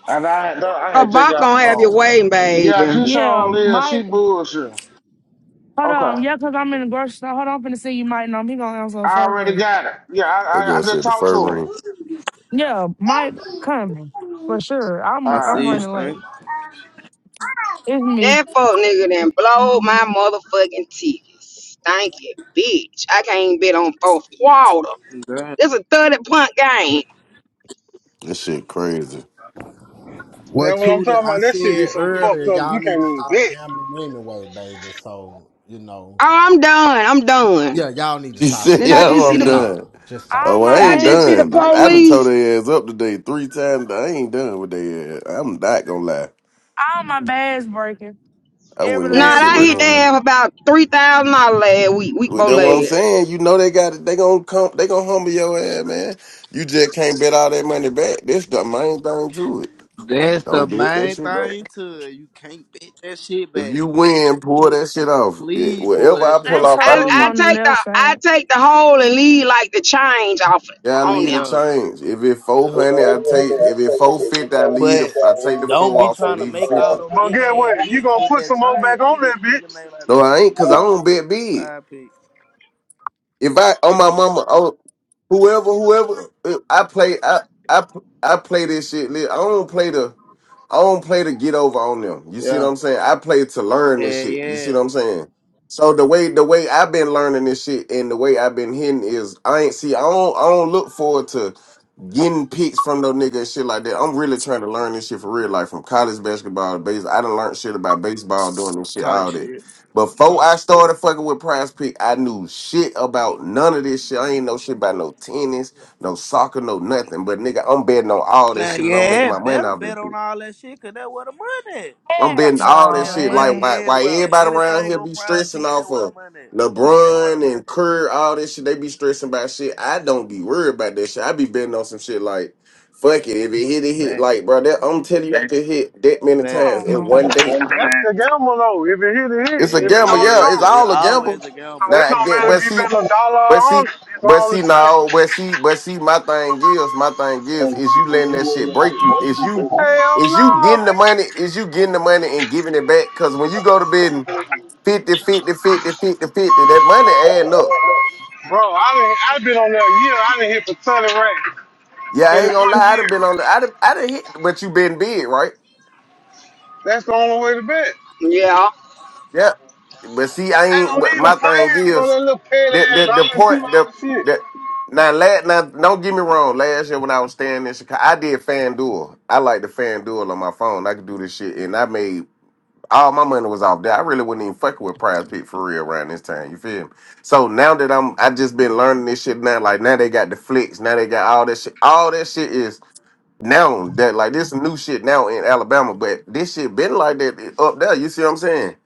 And I had, I
Her
had just
bop
got the
gonna have your
phone.
way, baby.
Yeah, she
Yeah,
sure is. She
Mike.
bullshit.
Hold on.
Okay,
Yeah, cause I'm in the grocery store. Hold on, I'm finna see you, Mike. No, he gonna answer a
I
first ring.
already got it. Yeah, I, I,
girl
I just
said the
talked
fur
to him.
ring.
Yeah, Mike coming for sure.
I
I'm I'm
Ah,
see this
running
thing.
late. It's me.
That fuck nigga done blowed my motherfucking ticket. Stinky bitch. I can't even bet on fourth quarter.
God.
This a 30 punt game.
This shit crazy.
Well,
That's what I'm
Tudor,
talking
I
about. That shit be
said
so fucked
earlier,
up, you
y'all
can't
need to
even
stop
bet.
gambling anyway, baby. So, you know,
Oh, I'm done. I'm done.
yeah, y'all need to
She
stop
said,
Did I
anyway.
just
yo,
see
Just
I'm
the
Mm.
stop.
done.
Just
Oh,
All
well,
stop.
my
I
did I
ain't
just
bags
see
is
the
done. I done
breaking.
told
police?
their ass up today three times. I ain't done with their ass. I'm not gonna lie.
All my bags breaking.
I
Every
wouldn't
Nah,
even
last
sit
I
right
one
hit
here
of
and
'em.
lie.
that about three thousand dollars last week, week
Well,
before
that's what
last.
I'm saying. You know they got it. They gonna come. They gonna humble your ass, man. You just can't bet all that money back. That's the main thing to it.
That's the
Don't bet that
main
shit
thing
back.
too. You can't bitch that shit
If
back.
you win, pull that shit off. Yeah,
Please pull
Whatever
that
I
shit
They
pull
off.
off, I
tow
I,
up
leave.
I
on the
take the
left
I
side.
take the whole and leave like the change off it
Yeah, I
on
leave
them.
the
Yeah.
change. If it four hundred, I take. If it four fifty, I leave. The,
But
I take the
don't
four
be
off and
trying to
leave it
make all
fifty.
them
But
big
get
ass
what? You
picks
gonna
with
put
that
some more back
change
on
either.
that
You need to
bitch.
make like
No,
a
I
four
ain't, cause
pick,
I don't bet big.
five pick.
If I on my mama, oh, whoever, whoever, if I play. I I I play this shit. li- I don't play the. I don't play to get over on them. You see what
Yeah.
I'm saying? I play to learn this
Yeah,
shit. You see
yeah.
what I'm saying? So the way the way I've been learning this shit and the way I've been hitting is I ain't see. I don't I don't look forward to. getting picks from those niggas and shit like that. I'm really trying to learn this shit for real, like from college basketball to baseball. I done learned shit about baseball doing this shit
Type
all day.
shit.
Before I started fucking with Prize Pick, I knew shit about none of this shit. I ain't know shit about no tennis, no soccer, no nothing. But nigga, I'm betting on all that
Man,
shit and I'm
yeah,
making
hey,
my money
better
off this
bet
shit.
on all that shit, cause that's where the money at.
I'm
Hell
betting all
no,
that
Man, the
shit. Like
money,
man.
why
yeah,
why
well,
everybody around
anything
here
on
be
Pride
stressing
Peak, that's
off
where the
of
money at.
LeBron and Kerr, all this shit. They be stressing about shit. I don't be worried about that shit. I be betting on some shit like fuck it. If it hit, it hit.
Fact,
Like bro, that, I'm telling you, I can hit that many
fact.
I
times
don't
in
know,
one day.
That's the gamble though. If it hit, it
Yeah,
hit.
It's a
If it
gamble.
yeah,
don't, it
Yeah,
it's,
it's
don't.
a, it's
all a
always
gamble.
a
So
gamble.
it
Now,
don't
that,
matter
but
if you
see,
bet a dollar or a
but see,
hundred. It's
but
all the
see
same.
now, but see, but see, my thing is, my thing is, is you letting that shit break you. Is you,
Hell
is you
no,
getting the
nigga.
money? Is you getting the money and giving it back? Because when you go to bed and 50, fifty, fifty, fifty, fifty, that money adding up.
Bro, I done, I've been on that year. I done hit for 30 racks
Yeah, I
in
ain't gonna
one
lie, I done
year.
been on the, I done, I done hit, but you been big, right?
That's the only way to bet.
Yeah. But see, I
Ain't
ain't,
no
but
need
my
to
thing
plan, bro.
is,
That little paid
the
ass
the, the
dollar, two
point
dollar
the
shit.
the now last now don't get me wrong. Last year when I was staying in Chicago, I did FanDuel. I like the FanDuel on my phone. I could do this shit, and I made all my money was off there. I really wasn't even fucking with Prize Pick for real around this time. You feel me? So now that I'm, I just been learning this shit now. Like now they got the flicks. Now they got all that shit. All that shit is now that like this new shit now in Alabama, but this shit been like that up there. You see what I'm saying?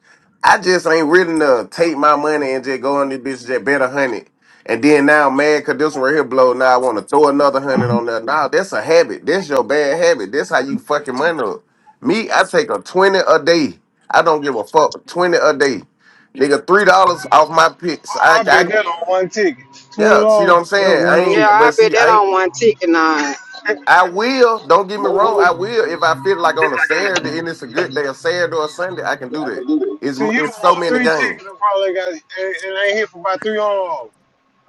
I just ain't willing to take my money and just go on this bitch just bet a hundred. And then now I'm mad cause this one right here blow. Now I want to throw another hundred on there. Now that's a habit. That's your bad habit. That's how you fucking money up. Me, I take a twenty a day. I don't give a fuck. Twenty a day, nigga. Three dollars off my picks.
Oh,
I,
I
I,
bet that on one ticket. Twenty
yeah. See what
dollars,
I'm
that
saying? I
one
Yeah,
ticket.
ain't.
I
But
bet
see,
that
I ain't.
on one ticket now.
I will. Don't get me wrong. I will if I feel like on a Saturday and it's a good day, a Saturday or a Sunday, I can do that. It's
so you
it's
don't
so
want
many
three
games
tickets and probably got and, and ain't here for about three hundred dollars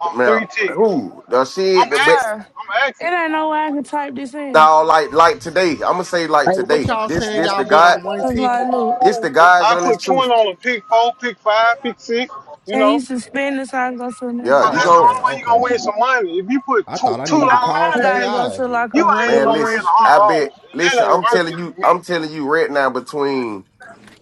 on
now.
three tickets.
Who the
I'm
shit. The but
asking.
sir.
I'm asking.
It ain't no way I can type this in.
now, like like today, I'm gonna say like
Hey, what
today.
y'all
This
saying?
this
Y'all
the
bet
guy.
on one
Cause
ticket?
like, look,
This the guys
I
on this
put
truth.
twenty on a pick four, pick five, pick six. You
can you
know,
suspend this? so I can go to another
Yeah,
cause
you
Oh,
that's the
okay,
go,
only
place?
way you gonna
okay.
win some money. If you put
I
two
thought I
two
need
I
to
dollars
call
on
probably
this
K
gotta
bitch,
go to
Ivy.
like
you
a
ain't
man.
gonna
regular
win a
Listen,
restaurant
hundred
I bet.
dollars. That
Listen,
ain't
I'm
worth
telling
it
you.
to me.
I'm telling you right now. Between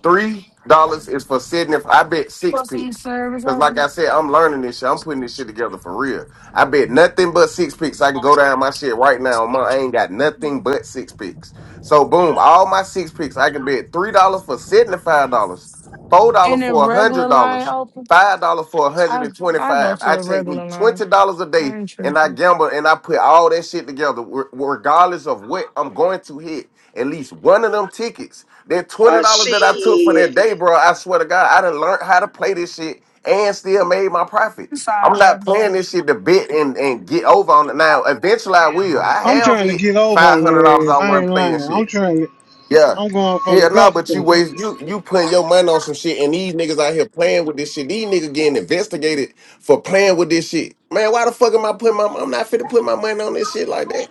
Three dollars is for Sydney. I bet six
for some
picks.
service
Cause like
open,
I said, I'm learning this shit. I'm putting this shit together for real. I bet nothing but six picks. I can go down my shit right now. My, I ain't got nothing but six picks. So boom, all my six picks. I can bet three dollars for seventy-five dollars, four dollars
and a
for a
regular
hundred
line
dollars,
open.
five dollars for a hundred
I
and
I go
twenty-five.
to
I
a
take me
regular line.
twenty dollars a
I
day
ain't
and I
tripping.
gamble and I put all that shit together, re- regardless of what I'm going to hit. At least one of them tickets that twenty
Uh,
dollars that I took for
shit.
that day, bro. I swear to God, I done learned how to play this shit and still made my profit.
I'm sorry,
I'm not
baby.
playing this shit to bet and, and get over on it. Now, eventually, I will. I
I'm
have
trying to
hit
get over
five
on
hundred dollars
their ass.
on
I
one
ain't
play and
lying. I'm
shit.
trying to.
Yeah.
I'm going for the
Hell no, but
gusto.
you
I
waste you you putting your money on some shit and these niggas out here playing with this shit. These niggas getting investigated for playing with this shit. Man, why the fuck am I putting my I'm not fit to put my money on this shit like that.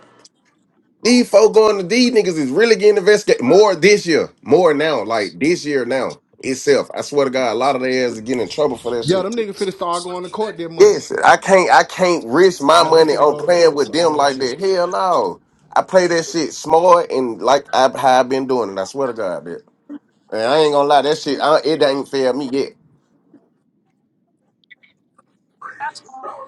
These folk going to these niggas is really getting investigated more this year, more now, like this year now itself. I swear to God, a lot of their ass is getting in trouble for that
Yo, them
shit.
niggas finna start going to court this month.
Yes, I can't, I can't risk my
Yo, they
money
finna
on
go to
playing
court
with
for on
them
that
like
shit.
that. Hell no, I play that shit smart and like I, how I've been doing it. I swear to God, that and I ain't gonna lie, that shit, I, it ain't failed me yet.
That's all.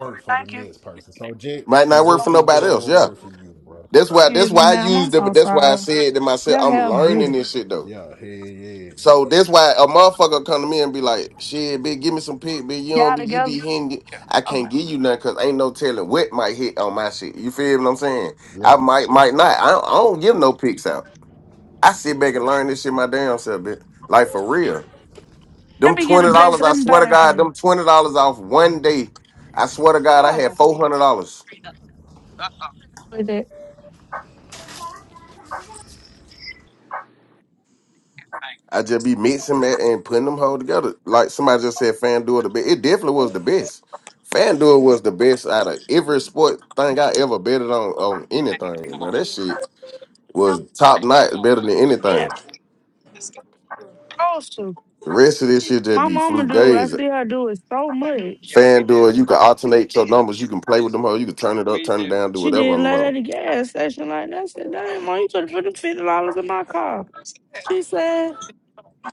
Work for the
Thank you.
next person. So just
Might
so
not work
just
for
So,
keep
nobody
doing
else.
what
Yeah,
work for you, bro.
that's why, that's
excuse me,
why I
ma'am. I'm
used it, but
so
that's why I
sorry.
said to myself,
Your
I'm
hair
learning
beautiful.
this shit though.
Yeah, hell yeah.
So that's why a motherfucker come to me and be like, "Shit, bitch, give me some pick, bitch. You don't,
Y'all
be, you be
together?
hitting. it. I can't
Okay.
give you nothing because ain't no telling what might hit on my shit. You feel what I'm saying? I might, might not. I don't, I don't give no picks out. I sit back and learn this shit my damn self, bitch. Like for real,
Let
them
me get
twenty
a
dollars.
blessing.
I
Let me
swear
buy
to
that for
God,
you.
them twenty dollars off one day. I swear to
You're
God, I had
welcome.
four hundred dollars.
With it.
I just be mixing that and putting them whole together. Like somebody just said, FanDuel the best. It definitely was the best. FanDuel was the best out of every sport thing I ever betted on on anything, bro. That shit was top notch, better than
Yeah,
anything.
supposed to.
The rest of this shit just
My
be
mama
flu
do. I
gaze.
see her do it so much.
FanDuel, you can alternate your numbers. You can play with them whole. You can turn it up, turn it down, do
She
whatever
did
on them
let at
whole.
the gas station like that. I said, "Damn, mom, you could have put fifty dollars in my car." She said,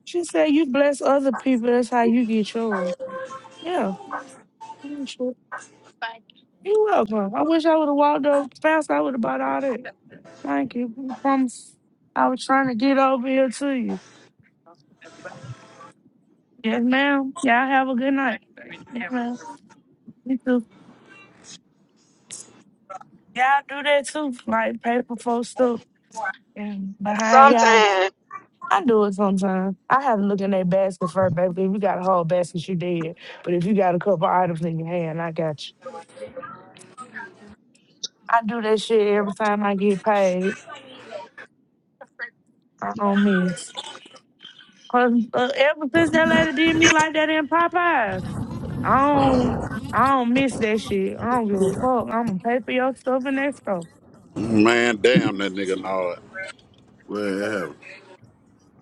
"She said you bless other people. That's how you get yours." Yeah. You're welcome. I wish I would have walked up fast. I would have bought all that. Thank you. I promise. I was trying to get over here to you. Yes, ma'am. Y'all have a good night. You too. Y'all do that too. Like pay for folks stuff And behind y'all.
Sometimes
I do it sometimes. I haven't looked in that basket first, baby. If you got a whole basket, you dead. But if you got a couple items in your hand, I got you. I do that shit every time I get paid. I don't miss. 'Cause, uh, ever since that lady did me like that in Popeyes. I don't I don't miss that shit. I don't give a fuck. I'm gonna pay for your stuff and that stuff.
Man, damn that nigga Nod.
Well, yeah.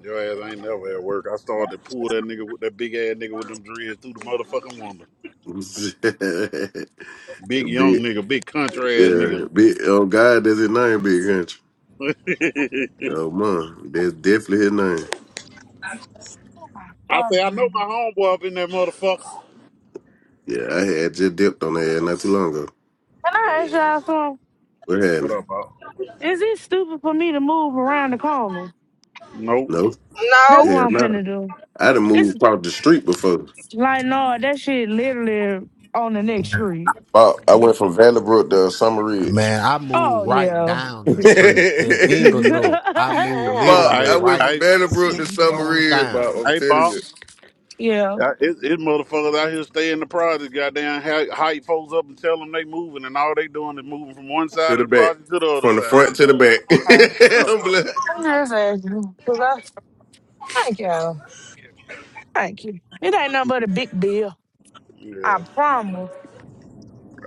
Your ass ain't never at work. I started to pull that nigga with that big ass nigga with them dreads through the motherfucking window. Big young
big,
nigga, big country ass
yeah,
nigga.
big. Oh God, that's his name, Big Country. Oh man, that's definitely his name.
Oh my
I
god,
say I know
Brandon.
my homeboy up in that motherfucker.
Yeah, I had just dipped on there not too long ago.
Can I ask
Damn.
y'all something?
What
What
happened?
up, Bob?
Is it stupid for me to move around the corner?
Nope.
No,
no
That's what
hell
I'm
no.
finna do.
I done moved
It's
across the street before.
like no, that shit literally on the next
Yeah.
street.
Bob, I went from Vanderbrook to Summer Ridge.
Man, I
Oh
moved right
yeah.
down
Bob,
the street in Inglenook. I moved literally
I
I
went
right
from
I
Vanderbrook
six
to Summer
doors
Ridge, Bob.
down.
I'm
I
telling
Bob.
you.
yeah.
I, it, it motherfuckers out here stay in the project, goddamn hy- hype folks up and tell them they moving, and all they doing is moving from one
To
side of
the
the
back.
project to the other
From the
side of the
front to the
project.
back.
Okay.
Oh God.
I'm like,
I'm just asking. 'cause I, thank you. Thank you. It ain't nothing but a big bill. I
Yeah.
promise.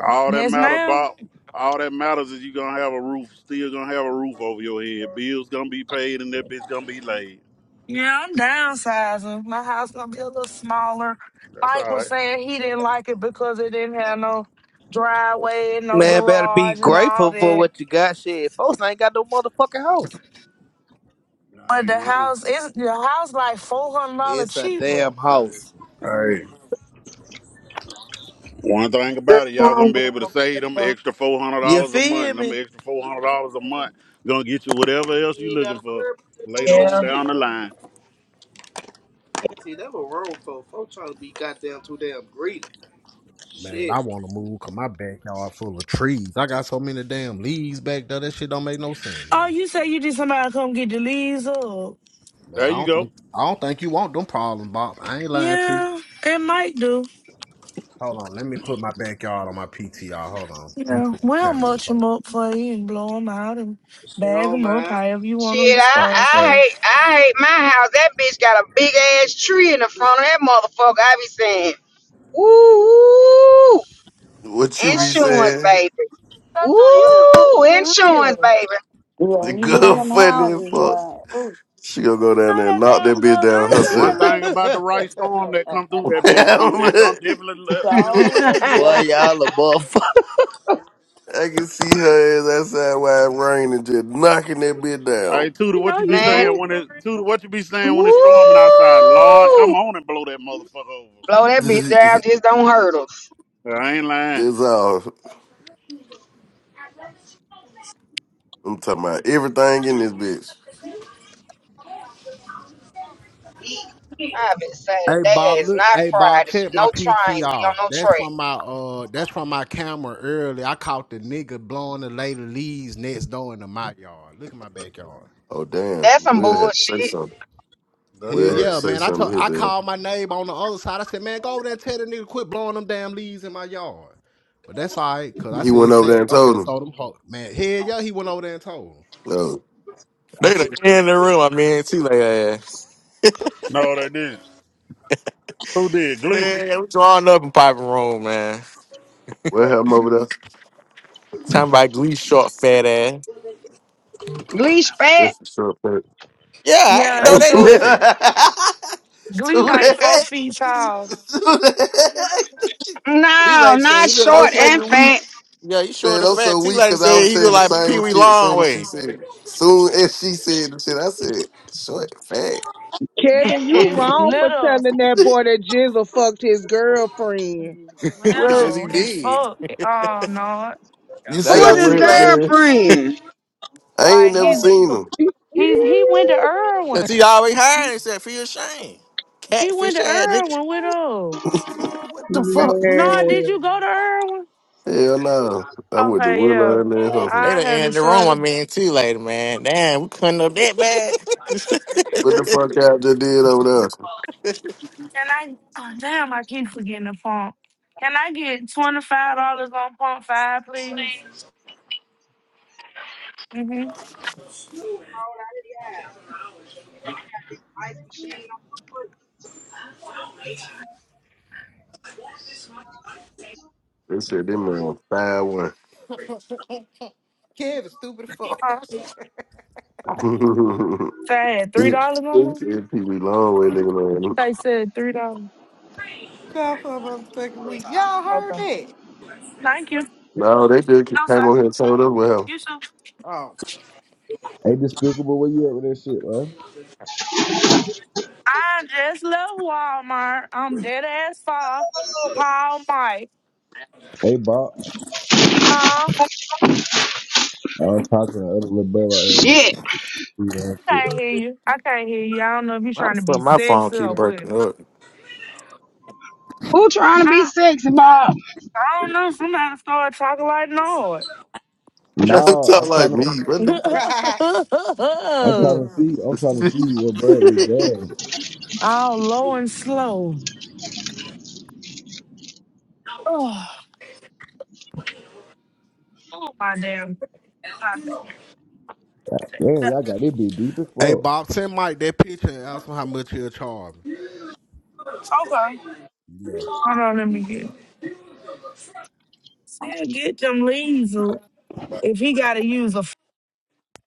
All that
Yes,
matter,
ma'am.
Bob. All that matters is you gonna have a roof. Still gonna have a roof over your head. Bills gonna be paid, and that bitch gonna be laid.
Yeah, I'm downsizing. My house gonna be a little smaller.
That's
Mike
all
was
right.
saying he didn't like it because it didn't have no driveway and no
Man, better be
garage and all
grateful for
that.
what you got, shit. Folks ain't got no motherfucking house.
I
But the
ain't lying.
house is the house like four hundred dollars
It's a
cheaper.
damn house.
Hey, one thing
That's
about it, y'all
where I'm
gonna be able to save them
going.
extra four hundred
You
dollars a month.
feel
And them
me?
extra four hundred dollars a month gonna get you whatever else
You
you
ain't gotta
looking for
worry about that
later on
Yeah.
bullshit.
down the line.
See, that what wrong for. Folks trying to be goddamn too damn greedy.
Man,
Shit.
I want to move 'cause my backyard full of trees. I got so many damn leaves back there. That shit don't make no sense,
Oh,
man.
you say you need somebody to come get the leaves up?
Man,
There
I
you
don't
go.
think I don't think you want them problems, Bob. I ain't lying to you.
Yeah, it might do.
Hold on, let me put my backyard on my PTR. Hold on, let me
Yeah,
put the
we'll mulch
camera.
them up for you and blow them out and
You
bag
know,
them up
man.
however you
shit.
want them
I
disposed
I
of.
hate I hate my house. That bitch got a big ass tree in the front of that motherfucker. I be saying, ooh,
What you be
insurance,
saying?
baby.
I told her, you not move
Ooh,
for real.
insurance, baby.
Yeah,
The
you live
girl
in them
funny as
houses,
fuck.
boy. Ooh,
She gonna go down
Know
there and
that
knock that
damn
bitch
girl.
down
I ain't know
One
that
herself.
thing
last.
about the right storm that come through that bitch too,
I'm
it gonna
like.
definitely let- it gonna
so
show its
is
Boy,
weakness.
Jeff.
y'all a motherfucker.
I can see her as outside wide rain and just knocking that bitch
Hey,
down.
Tudor,
You
what
know
you be
you
Man,
saying
move
when
for
it Tudor,
real.
what you be saying when it's storming outside? Lord, come
ooh,
on and blow that motherfucker over.
blow that bitch down. Just don't hurt hurt us.
Yeah, I ain't lying.
That's all. I'm talking about everything in this bitch.
I've been saying
Hey
today
Bob,
is
look.
not
Hey Bob,
Friday. Shit,
check my
No trains be on
PTR.
no
That's
track.
from my uh, that's from my camera early. I caught the nigga blowing the lady leaves next door into my yard. Look at my backyard.
Oh damn,
That's some
Will had to say
bullshit.
something.
Hell
That's
Will had to
yeah,
crazy.
say
man. I told
something here.
I
There,
called my neighbor on the other side. I said, man, go over there and tell the nigga quit blowing them damn leaves in my yard. But that's all right, cause I
he went
said,
over there
Sarah,
and
I'm
told
finna
him.
throw them ho man. Hell yeah, he went over there and told him.
No,
I
They
said,
done in the room. I mean, see like ass.
No, they didn't. Who did? Gleeful.
Yeah, we drawing up in Piper Room, man.
Will have him over there.
Talking about Glee short fat ass.
Leash fat?
That's the short part.
Yeah, I
Yeah,
ain't
I
in
know
ain't do
that
short,
either.
that.
Glee
Do
like four feet tall.
that.
T
No,
Lady said
not
he look like
so
short
Pee-
and
fucking weak,
fat.
yeah, he short
man.
and
I'm
fat.
so
T
weak
Lady
because I
said
was
he look
saying the
like Pee
same
Wee
shit. Soon as she
Longway
said, it. soon as she said the shit, I said, short fat.
Kevin, you
Yes,
wrong for
little,
telling that boy that Jizzle fucked his girlfriend.
because
What?
he
little as
did.
fuck. Oh no,
You
They
Who
said
go
is his
T
what,
Lady
man?
girlfriend?
I ain't
like
never
he's
seen them.
he's he went to Irwin.
because he always hired and said feel ashamed.
He went
Catfish
to
ass nigga.
Irwin with us.
what the fuck?
No,
Man.
did you go to Irwin?
Hell no. I went to
Okay, yeah,
Willow and then Huffman.
They
I
done
had to
in the room. I
show.
mean, T Lady man. Damn, we couldn't know that bad.
What the fuck I just did over there?
Can I? Oh, damn, I keep forgetting the pump. Can I get twenty five dollars on pump five, please? Mm-hmm.
They said them man was five one.
Kev is stupid as fuck.
Huh? So I had three
Hey,
dollars on
They
them.
said Pee Wee long way looking at him.
They said three dollars.
Stop for a second week. Y'all heard
Okay.
that?
Thank you. No,
No, they just
sir.
came over here and told us well.
You too.
Oh.
Despicable, where you at with that shit, man?
I just left Walmart. I'm dead ass far. Call Mike.
Hey, Bob.
Huh?
I'm talking to the other little boy right
Shit.
here. See that
I
shit.
can't hear you. I can't hear you. I don't know if you're
Why the
trying to be
fuck my phone
sexy
keep
or what.
breaking up?
Who trying to be
I,
sexy, Bob?
I don't know. Somebody started talking like
Trying to
Nah,
talk
I'm
like
trying
me.
to,
What the
I'm
Nord.
trying to see, I'm trying to see what
fuck?
bird with his dad.
All low and slow. Oh, oh my damn popping thing.
Man, y'all got this bit deep as
hey
fuck.
Bob, send Mike that picture and ask him how much he'll charge. me."
Okay.
Yeah,
Hold on, let me get still get them leaves. Luke. If he gotta use a f-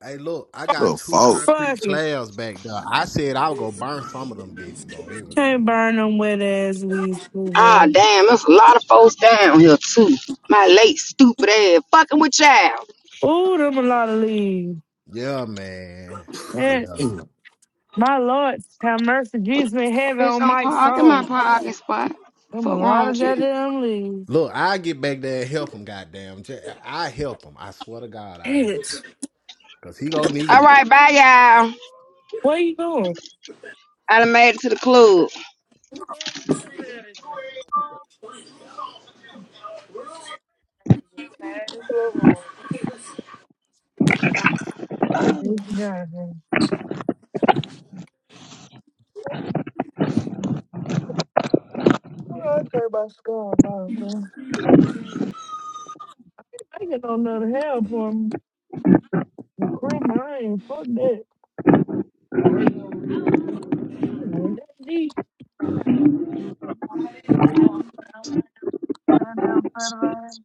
Hey, look, I got
Little
two
fault.
concrete
fuck it.
slabs back there. I said I would go burn some of them bitches on
Can't
everything.
burn them wet ass leaves too,
Ah,
bro.
damn, there's a lot of folks down here, too. My late stupid ass fucking with y'all.
Ooh, them a lot of leaves.
Yeah, man. Yeah.
Yes. My Lord, have mercy, Jesus in heaven
Bitch,
on
don't
my
park in my
soul.
parking spot.
Them a
Fuck
lot
wrong
of
with you.
goddamn leaves.
Look, I get back there and help him. Goddamn, J- I help him. I swear to God, I help him
Yes.
because he gonna
All
need it.
right, bye, y'all.
What you doing?
I done made it to the club.
Well, look at that. Just had this little room. From this journey. I take my scarf off, man. I ain't got no none of hell for The crib, I ain't fuck that. You know, ain't that deep. Down there on Federal.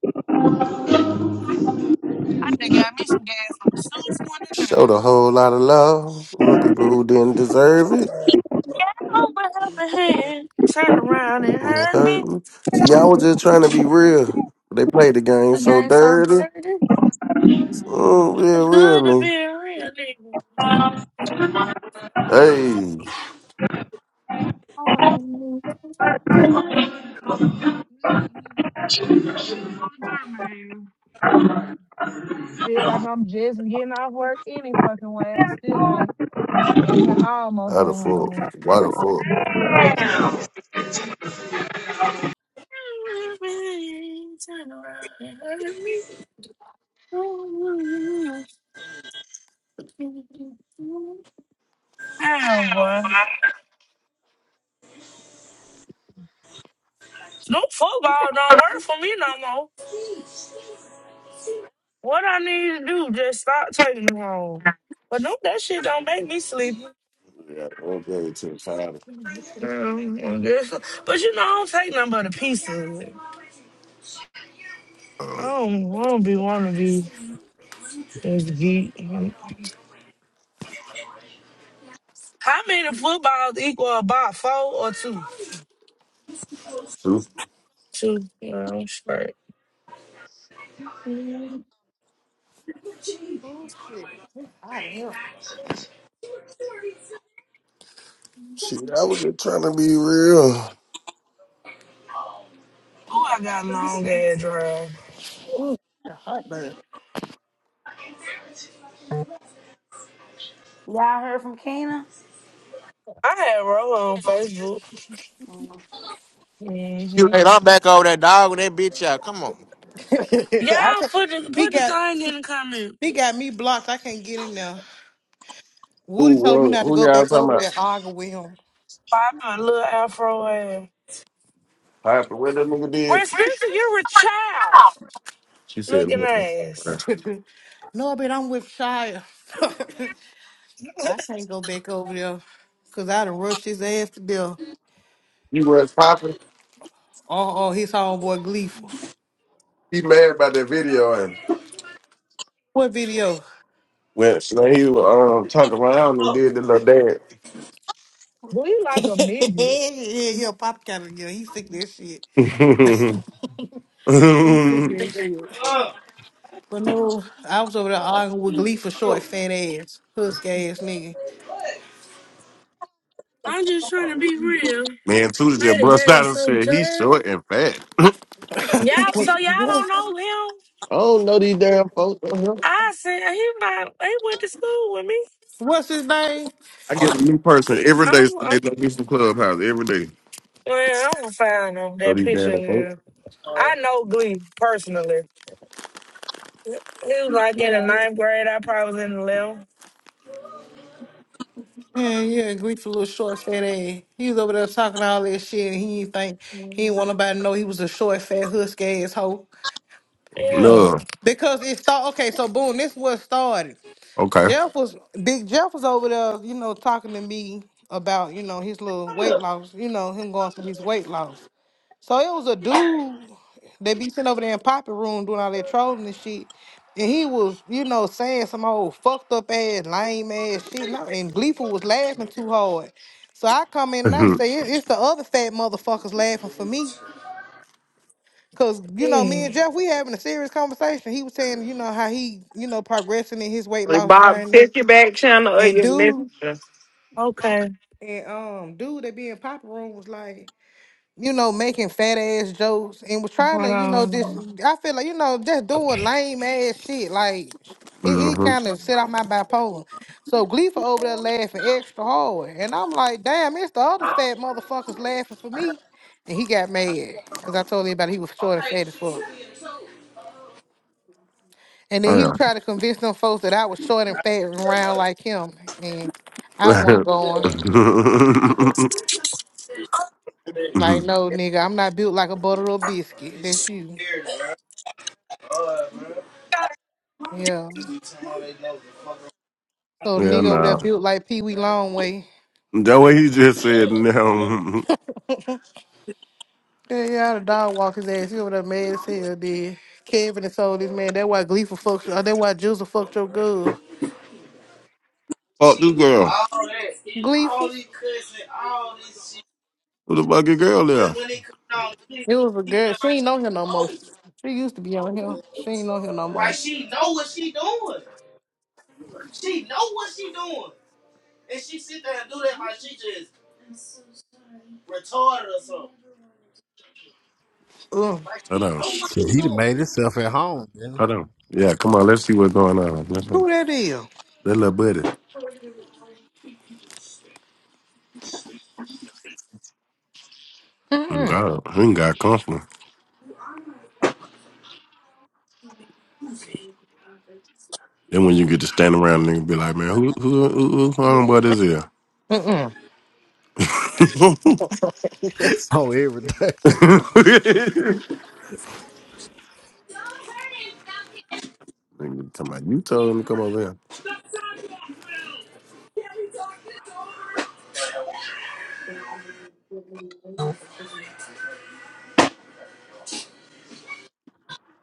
I just got me some gas for two twenty
Showed
nine.
a whole lot of love. for Some people who didn't deserve it.
Got over helping hand, turned around and heard me.
Okay. See, I was just trying to be real. They played the game
The
so
game so
dirty.
dirty.
Oh,
Feel
real,
good to
really.
be a real nigga.
Hey,
Oh, Getting on the Birmingham. Feel like I'm just getting off work any fucking way. I still ain't. Even almost
how
at
the fuck?
home.
Why the fuck?
Damn, boy. No football don't work for me no more. What I need to do, just stop taking them home. But no, that shit don't make me sleepy.
Yeah, okay, to the side.
Um, But you know, I don't take nothing but a piece of it. I
Uh,
don't, I don't be want to be this geek. How many footballs equal about four or two?
who-
Two, you know, straight. Oh,
oh shit. It's hot in here. It's
See, I was just trying to be real.
I got long ass drag.
a hot, bird.
Y'all heard from Kena?
I had Rolo on Facebook.
Mm.
You
hmm
laid on back over that dog with that bitch out. Come on.
I
Y'all
can't-
put the
he
put the
got
thing in the comment.
he got me blocked. I can't get in there. Woody
Who
told me
won?
not to
Who
go
y'all
back
talking
over there
about?
and argue with him.
Popping a little afro ass.
Piper, what that nigga
Where
did?
Spencer, you're a child
She said,
looking
what?
ass.
no, but I'm with Shia. I can't go back over there because I done rushed his ass to death.
He was popping.
Oh, oh, his homeboy Gleeful.
He mad about that video and
What video?
went. So he um turned around and did the little
Boy, you like a midget.
yeah, yeah, pop cat yeah, He sick of that shit.
dance.
He sick of that shit. But no, I was over there arguing with Glee for short, fat ass, husk ass nigga.
I'm just trying to be real.
Man, Tudor
Play
just
the
brushed
game
out and
so
said he's
dirty.
short and fat.
Y'all, so y'all don't know him.
I don't know these damn folks. don't know.
I said he might. He went to school with me.
What's his name?
I get a new person every day.
I'm,
So
I'm
they know me from Clubhouse every day.
well. I'm gonna find him
So
that
these
picture.
damn folks.
Now. I know Glee personally. He was like in the ninth grade. I probably was in the eleventh.
Yeah, yeah, Glee for little short, fat ass. He was over there talking all that shit, and he ain't think he
Mm.
didn't want nobody to know he was a short, fat, husk ass hoe.
Yeah.
No.
Because it started. Okay, so boom, this was started.
Okay.
Jeff was big. Jeff was over there, you know, talking to me about you know his little weight loss. You know him going through his weight loss. So it was a dude that be sitting over there in Poppy room doing all that trolling and shit. And he was, you know, saying some old fucked up ass, lame ass shit. And, I, and Gleeful was laughing too hard. So I come in and I say, "It- it's the other fat motherfuckers laughing for me. Cause you know, me and
Mm.
Jeff, we having a serious conversation. He was saying, you know, how he, you know, progressing in his weight
Like,
loss
Bob,
journey.
check your back channel or
And
your
dude,
messenger.
Okay.
and um, dude that be in Poppy room was like, you know, making fat ass jokes and was trying to,
Hold
you know, this
on.
I feel like, you know, just doing
Okay.
lame ass shit. Like it, it
mm-hmm.
kind of set out my bipolar. So Gleeful over there laughing extra hard. And I'm like, damn, it's the other fat motherfuckers laughing for me. And he got mad because I told everybody he was short and
Okay,
fat as
she
fuck.
did too.
And then he was
yeah.
trying to convince them folks that I was short and fat and round like him. And I wasn't going, like, no, nigga, I'm not built like a butter or biscuit. That's you.
God
Yeah. So the
yeah,
nigga over there
nah.
built like Pee Wee Longway.
That way he just said, no.
Yeah, yeah, the dog walk his ass. He over there mad as hell, dude. Kevin and told this man, that why Gleeful fucked you. That why Juicer fucked your girl.
Fuck this
She do
girl.
all that, all
Gleeful?
these cussing, all this shit.
Who the fucking girl
But
there?
when it comes down to this,
It was a
she
girl.
act
She
like
ain't on here
she
no more.
old.
She used to be on here. She ain't on here no
Like
more.
she know what she doing. She know what she doing. Can't do that like she just retarded or something.
Ugh.
Like
Hold
she
on.
know
shh.
what
Shit,
she
he done
doing.
made himself at home, man.
Hold on. Yeah, come on. Let's see what's going on. Let's, see.
Who that is?
that little buddy. Mm,
Mm-mm.
God, he ain't got comfortable. Then when you get to stand around and be like, man, who who who, who talking about this here?
Mm-mm.
Oh, everything.
Nigga, come on, you told him to come over here.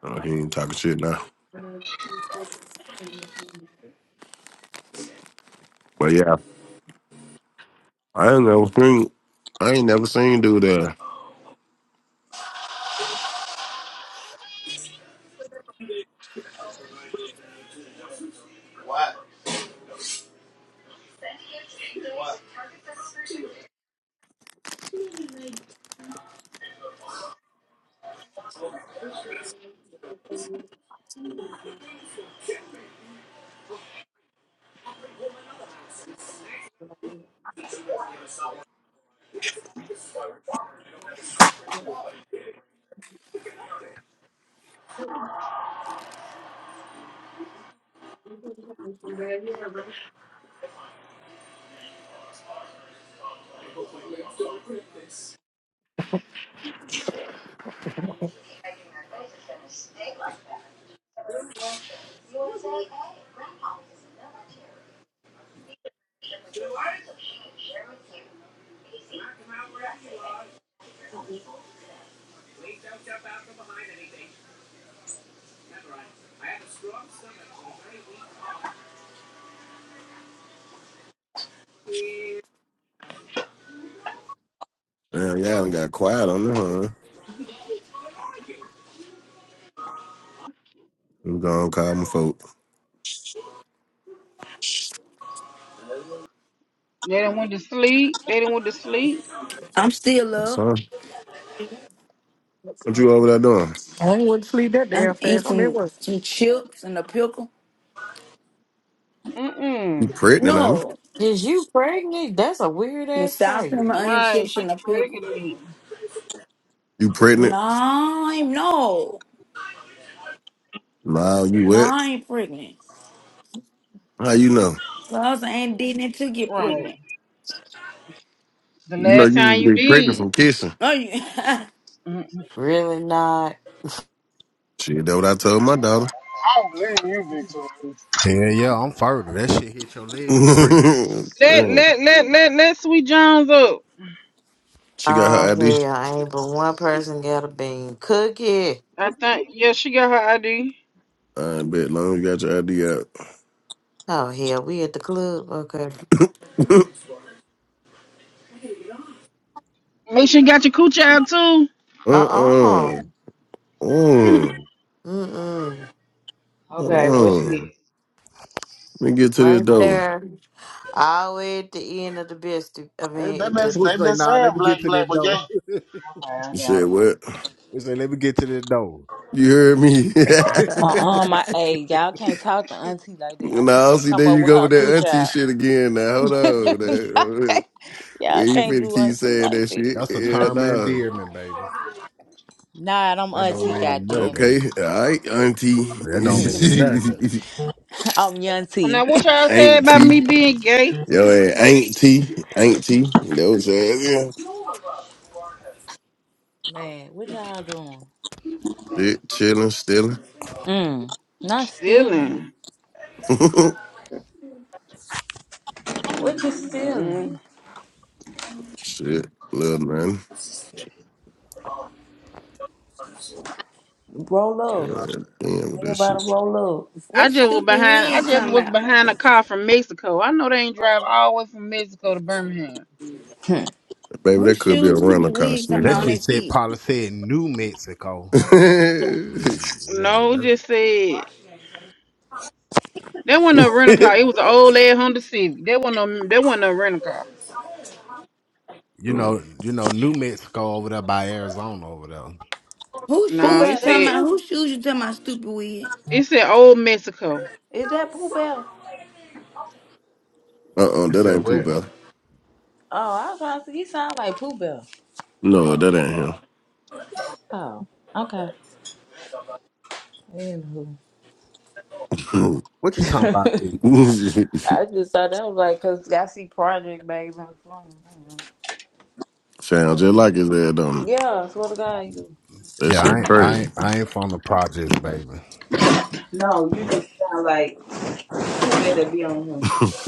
Oh, he ain't talking shit now. But yeah, I ain't never seen I ain't never seen dude there.
Right. I had a strong stomach, but
Yeah, yeah, I got quiet on the huh? I'm gonna call my folk.
they didn't went to sleep. They didn't went to sleep.
I'm still up.
Son, what
I
you over there doing?
ain't want to sleep that damn
I'm
fast.
eating
I mean,
some
what?
some chips and a pickle.
You
Mm-mm.
pregnant, I mean?
No,
Is you pregnant? That's a weird
some
ass
South and
craving.
onion
Right,
chips
she
and a pickle.
pregnant.
You
No,
pregnant?
I ain't no.
Nah, you
No,
wet?
I ain't pregnant.
How you know?
So I ain't did it to get
Right,
pregnant.
the
You know
last
you
time you
be pregnant from
did.
kissing.
Oh, you
Really not.
Shit, that what I told my daughter.
don't believe you, Victoria.
Hell yeah, I'm further. That shit hit your leg, you're pretty.
Let
Damn.
let let let let Sweet Jones up.
She got
Oh
her ID
hell, ain't but one person got a bean. Cookie.
I think yeah, she got her ID.
I bet long you got your ID out.
Oh hell, we at the club. Okay.
Make sure you got your coochie out too.
Uh uh
uh-uh. Uh,
Mm mm.
hold
Okay, well
on.
shit.
Let me get to this
Right
door.
there. All the way at the end of the biscuit. I
they
mean,
been
at the
Which
they
say,
been
nah,
saying
let me
black
get to this
black but gay.
door.
Okay, I
You
got
said
'em.
what?
Which say, let me get to this door.
You heard me?
Uh-uh, my hey, y'all can't talk to auntie like that. Auntie
no,
can't
see,
come
there
up
you
with
go with
her
that
cooch
auntie
out.
shit again now. Hold on.
y'all,
That-
can't, y'all
We ain't
can't
finna
do
keep
auntie
saying
like
that
that.
shit.
That's a
Yeah,
term of
no.
endearment, baby.
Nah, I'm
That don't
auntie,
mean
goddamn
nothing.
Okay, all right, auntie.
That don't mean
it.
nothing.
I'm
And now
auntie.
what y'all said about me
auntie.
being gay?
Yo, hey, auntie. Auntie. That was saying?
Man, what y'all doing?
Yeah. Shit, chilling, stealing.
Mm, not stealing.
Stealing.
What you stealing?
Mm-mm.
Shit, little man.
Roll
Yeah,
up.
damn with that
Everybody
shit.
roll
I
what
just was
stupid
behind. I
wig
just
talking
was
about?
behind a car from Mexico. I know they ain't drive all the way from Mexico to Birmingham.
up.
Baby,
whose
that could be a
shoes
rental
stupid
car,
wig talking
That
about on
shit
sweetheart.
their
said
feet?
probably said New Mexico. Yeah, yeah.
No, it
That's,
just said
a very weak.
that wasn't a rental car.
Hmm.
It was an old lad Honda Civic. That wasn't a that wasn't a rental car.
you
Mm.
know, you know, New Mexico over there by Arizona over there.
Whose
Pooh
No,
shoes you
Bell,
it
that's
talking
said
about?
you.
Whose shoes you talking about stupid wig?
it said old Mexico.
Is that Pooh Bell?
Uh-uh,
You
that
said
ain't Pooh
where?
Bell.
Oh, I was trying to see. He sound like Pooh Bell.
No, that ain't
Oh, okay. Anywho.
him.
What you talking about, B?
I just thought that was like, cause I see Project Babe in the phone.
Sounds just like his head, don't it?
Yeah, I swear to God, you.
That
Yeah, I
shit
ain't, I
crazy.
ain't, I ain't from the projects, baby.
No, you just sound like you better be on him.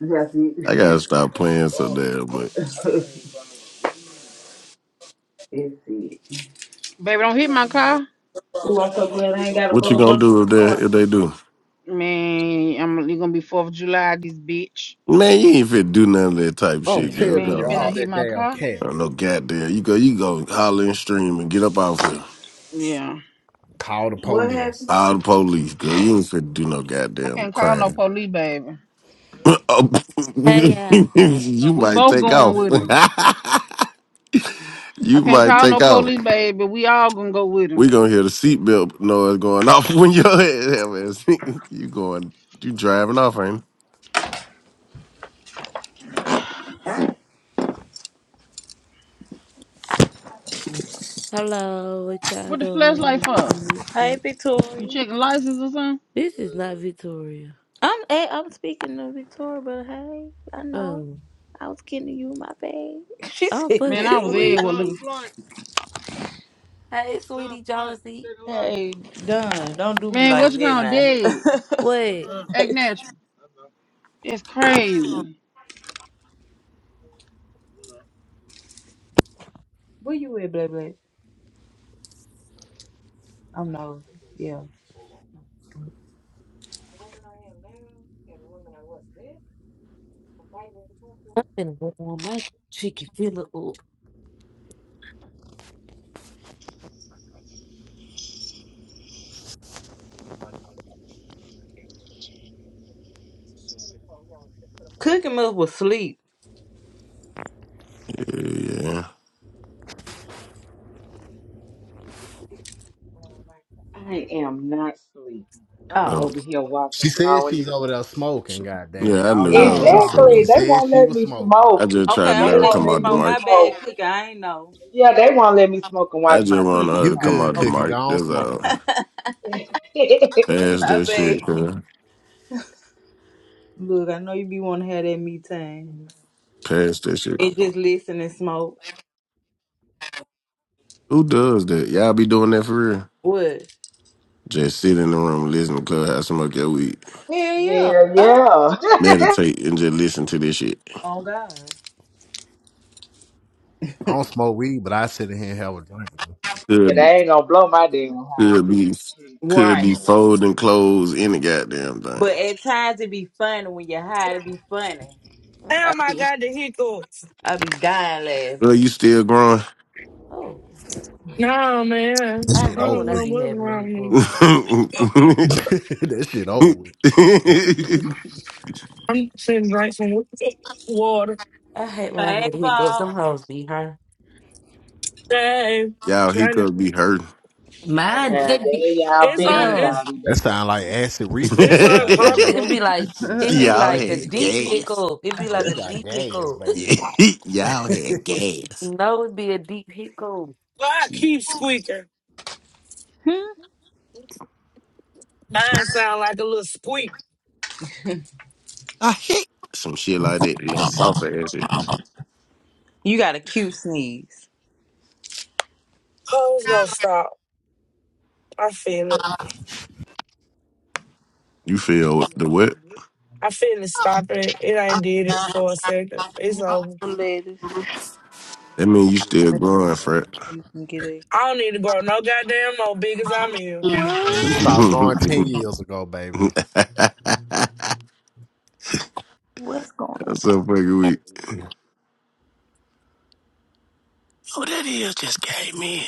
That's
I
it.
gotta stop playing so damn much.
That's it.
Baby, don't hit my car.
Ooh, I'm so glad I ain't gotta
What you
go to
gonna
work in
do
the
if they if
morning.
they do?
Man, I'm you gonna be Fourth of July, this bitch.
Man, you ain't fit do none of that type
I'm
shit, girl.
telling
Man, he
Go
you,
on
better
all
not
now.
that
hit my
damn
car.
I don't know,
camping.
goddamn. You go, you go, holler and stream and get up off here.
Yeah,
Call the
What
police.
happened?
All the police, girl. You ain't fit do no
I
goddamn
can't call no
crime.
police, baby.
Oh,
Hey, yeah.
Uh,
you
We
might
both
take
going
off.
with him. I
you
can't
might
call no
take off.
police, baby. We all gonna go with
We
him.
gonna hear the seatbelt noise going off when your head happens. you going, you driving off, ain't
Hello, what y'all
What the flashlight
doing
for?
in this
Hey,
beat?
You
Victoria.
checking license or something?
This is not Victoria.
I'm hey, I'm speaking to Victoria, but hey, I know
Oh,
I was kidding you, my babe. She
I'm
said
Man, I
fucking
this.
was
Is,
dead.
you?
weak.
What looking? for-
Hey, sweetie Jonesy.
hey, done. Don't do me
Man, what
like
you
that
call dead?
now.
What?
Act natural. It's crazy.
Where you at, baby? I know. Yeah.
I'm finna go on my chicken filler up.
Cooking must was sleep.
Yeah, yeah.
I am not sleep. I'm
Oh.
Oh,
over here
She
watching
said
Law and
she's over there
Order.
smoking. Goddamn,
Yeah, I
y'all
knew.
leave
I
her
was
Oh.
just
alone. She
Exactly.
saying.
They
said
won't
she
let
was
me
smoking.
I
smoke.
just
Okay,
tried to
They
I'm
let
gonna
her
let
won't
you
come
let
out the
know.
me
My
mic.
bad,
smoke.
cooking. I ain't know.
Yeah, they won't let me smoke and
I
watch
just
my
wanted
TV
her
You
to
show.
come
good,
out the
Oh,
Cookie? Go
mic.
on
That's
smoke,
all.
baby.
Hell
Pass
my
that
bad.
shit, girl.
Look, I know you be want to have that me time
Pass that shit.
and just listen and smoke.
Who does that? Y'all be doing that for real?
What?
Just sit in the room, listen to Clubhouse, smoke your weed,
Hell yeah. Oh,
yeah.
meditate, and just listen to this shit.
oh God.
I don't smoke weed, but I sit in here and have a drink.
Yeah, they
Could
ain't gonna blow my damn
could
high.
be could
Right.
be folding clothes, any goddamn thing.
But at times it be funny when you're high. It be funny. I
damn, I
be,
got the hiccups.
I be dying
Well,
laughing.
you still growing?
Oh.
No, man.
This
I
shit
I
hate
over
don't
when I
know
with.
be
what's
having a
wrong with me.
hiccup.
that shit old.
I'm sitting right some water.
I hate when I
Hey,
had a hiccup.
Bob.
Them hoes be, huh?
Dang,
Y'all, he
trying to.
could be hurting.
Okay,
Mine, they
there
be,
y'all
It's un.
beans,
yeah.
It's
I'll be
That
back.
sound like
in
acid
it's
reflux, goddamn.
It'd
uncomfortable.
be like
Shit,
it'd
ain't no
be
Y'all
damn
like a
had
hiccup.
deep
gas.
hiccup. It'd be
Yeah,
like
you
a
got
deep
gas,
hiccup.
baby.
Y'all had gas.
No, it'd be a deep hiccup.
but I keep squeaking?
Hmm?
Mine sound like a little squeak.
I hit some shit like that. Yeah, soft ass shit.
You got a cute sneeze.
Oh, it's gonna stop. I feel it.
You feel the what?
I feel it stopping. It ain't did it for a second. It's over.
Ladies,
That mean you still growing, Fred.
you can get it.
I don't need to grow no goddamn more big as I'm here.
and you
What?
stopped going ten years ago, baby.
That's
What's going on?
so fucking weak. Oh, that is just came in.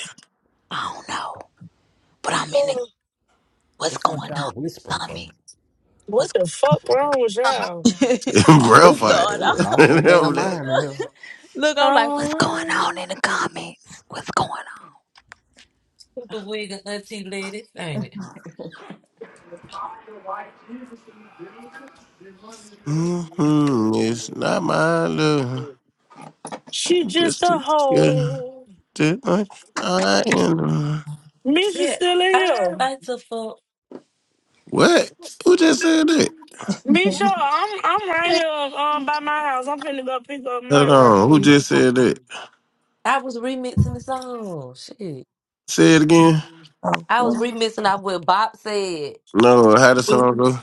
And it,
Ugh,
The
what's
fuck
going
y'all
on
whispering
with
for?
me?
What
What's
the fuck wrong with y'all?
going on?
Bro,
What's
You
fight.
going
really
on?
lost their
Remember
damn
that?
mind in here.
Look, I'm like, what's going on
Um,
in the comments? What's going on?
Super wig and auntie ladies, ain't it?
hmm It's not my love. She
she just
just
a
a girl
hoe.
that I I am.
Misha
Yeah,
still in here.
I like to fuck.
What? Who just said that?
Misha, I'm I'm right here um by my house. I'm finna go pick up
Hold
Mike right
on. Who
quick.
just said that?
I was remixing the song. Shit,
Say it again.
Oh,
I was
well,
remixing out what Bob said.
No, how the song go?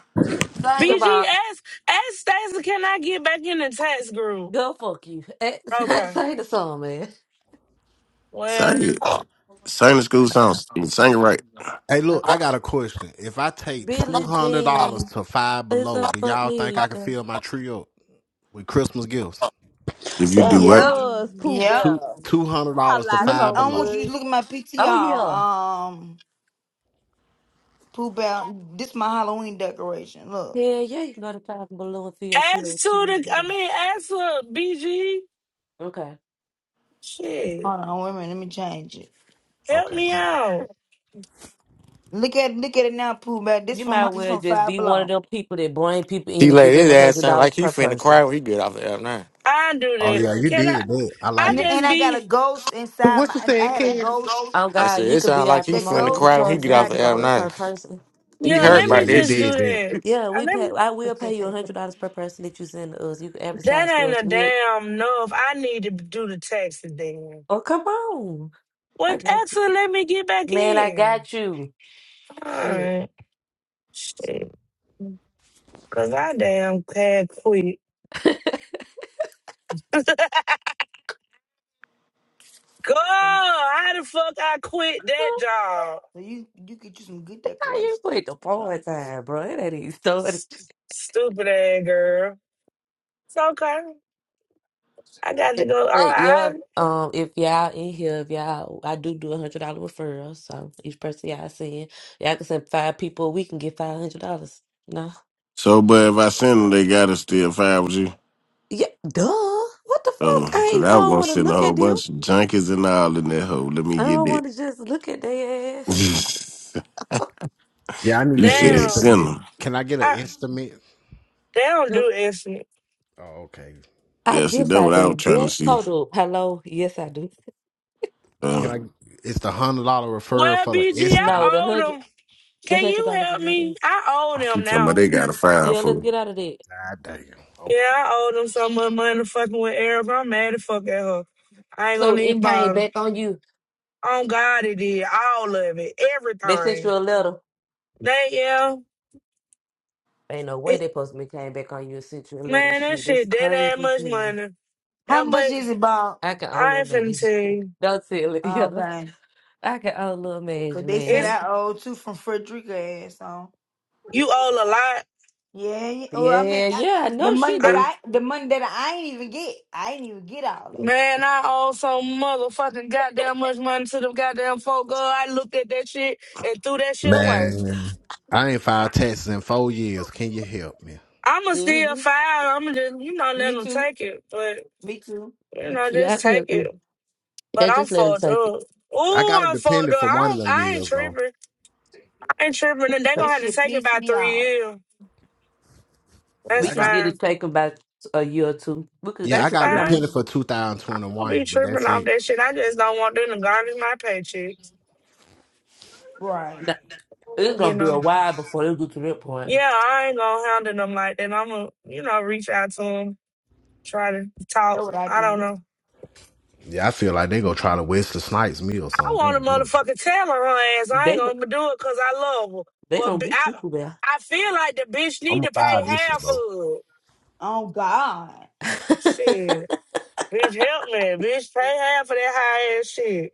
Sing
BG
about
ask ask Stacey, can I get back in the tax group?
go fuck you. Eh,
Okay.
Sing the song, man.
Well,
Sing it. Sing the school songs. Sing it right.
Hey,
Uh,
look, I got a question. If I take two
Billie
hundred dollars
Jean
to Five
is
Below,
a
do
fuck
y'all think I can
nigga.
fill my tree up with Christmas gifts?
If you do
that
what?
Yep.
was Pooh
Yep.
Two
Bell.
two hundred
Y'all
dollars to
lie
Let me,
Five
so
I want
Below.
you to
much.
look at my
Oh
PTR.
yeah,
Um Pooh out. This my Halloween decoration. Look.
yeah, yeah. You can go to Five Below and feel
Ask
trio
to the, I
too.
mean, ask for BG.
Okay.
Shit,
Hold on, wait a minute, let me change it.
help
Okay.
me out.
Look at look at it now, Pooh Bear. This
You
from
might
this
well
from
just
Five
be one of
Below.
them people that bring people
He
in and give
laid
them
his
a
ass
hundred
sound
dollars
like he
per
finna
person.
cry when he get off the F nine.
I do
Oh
that.
yeah, you
Can I?
did that. I
I
And
liked
th-
it.
and
just
I got a
be,
ghost inside
What
my
you saying,
I had a
Kevin?
ghost.
Oh
I said
God, you
it
could
sound
be
like
our
he
The
finna
promoter. We
ghost
cry when
was
he
charge
get
a
off
inside
the
hundred
the
F
dollars
nine.
per
bushes.
person.
He
yeah.
Yeah,
hurt
Let
by
yeah,
me
you
that
just do
shit.
did that.
that.
Yeah,
I
we
let
pay.
me,
I will pay you a hundred dollars per person that you send to us. You can advertise
that
for
ain't
us.
a
We
damn enough. I need to do the taxi then.
oh come on, I
What
got you,
actually let me get back
man. I
in.
got you.
All
Yeah.
right, shit. Cause I damn had quit. Girl,
So
how the fuck I quit that
Man,
job?
so you you could do some good
How you
decorations.
quit the part time, bro? It ain't even started.
S- stupid ass girl. It's okay. I got to go. I,
But yeah,
I
um, if y'all in here, if y'all, I do do a hundred dollar referral. So each person y'all send, y'all can send five people. We can get five hundred dollars. No,
So, but if I send them, they gotta still five with you.
yeah, duh. What the fuck?
Oh,
I
cause
ain't, I
I was
don't
gonna
want to
send a
look
whole
at them.
bunch of junkies and all in that hole. Let me
I
get
don't
that.
want to just look at their ass.
Yeah, I need
you
an
said
down.
send
estimate.
them.
Can I get an
I
estimate?
they don't
No,
do instant.
Oh, okay.
I
Yeah, see,
yes,
that's
I
what I was
do.
trying to
Yes,
see.
hold up. Hello, yes, I do.
Can
Uh,
I? It's the hundred dollar referral
Well,
for the
BG, I
No,
estimate.
the
owe
hundred,
them.
the
Can
hundred
you
dollars
help
is not
me?
in.
I owe
she
them
talking about
now.
they got a fine
Yeah,
for.
let's
it.
get out of there.
God damn.
Yeah,
Okay.
I owe them so much money fucking with Eric. I'm mad as fuck at her. I ain't
So
gonna even
it came
bother.
back on you.
On God, it did all of it,
They sent you
everything.
a letter.
They yeah,
Ain't no way
it,
they supposed to be came back on you and sent you a little
man, that
shit. It's
shit that ain't
crazy as
much
hell.
money.
How
Yeah, but
much is it, Bob?
I can
I
only
ain't finna
imagine.
tell you.
Don't tell it,
Oh,
yeah.
okay,
I can only
but
imagine,
they said
It's
man.
I owe two from Frederica, and so
you owe a
yeah. yeah. Well, I mean,
Yeah,
I,
yeah, I
the
know
money
she
that
lot.
do.
I the money that I ain't even get, I ain't even get all that.
Man, I owe so motherfucking goddamn much money to them goddamn folk. Girl, I looked at that shit and threw that shit away.
Man, I ain't filed taxes in four years. Can you help me?
I'ma still
hmm
file. I'ma just, you know, let
Me
them
too.
take it. But,
Me too.
you
Me
know,
too.
Yeah, I
just
can
take
help
it.
you.
But
Yeah,
I'm
just let him
fucked
take it.
up.
I
Ooh,
got a
I'm fucked up.
dependent for
I
one of
don't,
them
I ain't
years though.
tripping. I ain't tripping. And they
That
gonna have to
shit
take it
pissed
by
me
three
off.
years.
Yeah,
That's
We
I
can
got.
get it
fine.
taken back a year or two. We could,
Yeah,
we
I
That's
could
got a
see how
fine.
much.
dependent for
I'll be
2021, but
tripping
that's
off
it.
that shit. I just don't want them to garnish my paychecks.
Right.
that- It's
You
gonna be a
know.
while before they get to that point.
Yeah, I ain't gonna handle them like that. I'ma, you know, reach out to them. Try to
That's
talk.
what I
I don't
did.
know.
Yeah, I feel like they gonna try to Wesley Snipes me or
I
something. I
want a
don't know.
motherfucker tell her her ass. I ain't
They,
gonna do it because I love her.
they
But
gonna
b-
get you
I,
there.
I feel like the bitch
I'm
need
gonna
to pay
file this one
half of
though.
it.
Oh God,
Shit, bitch, help me, bitch, pay half of that high ass shit.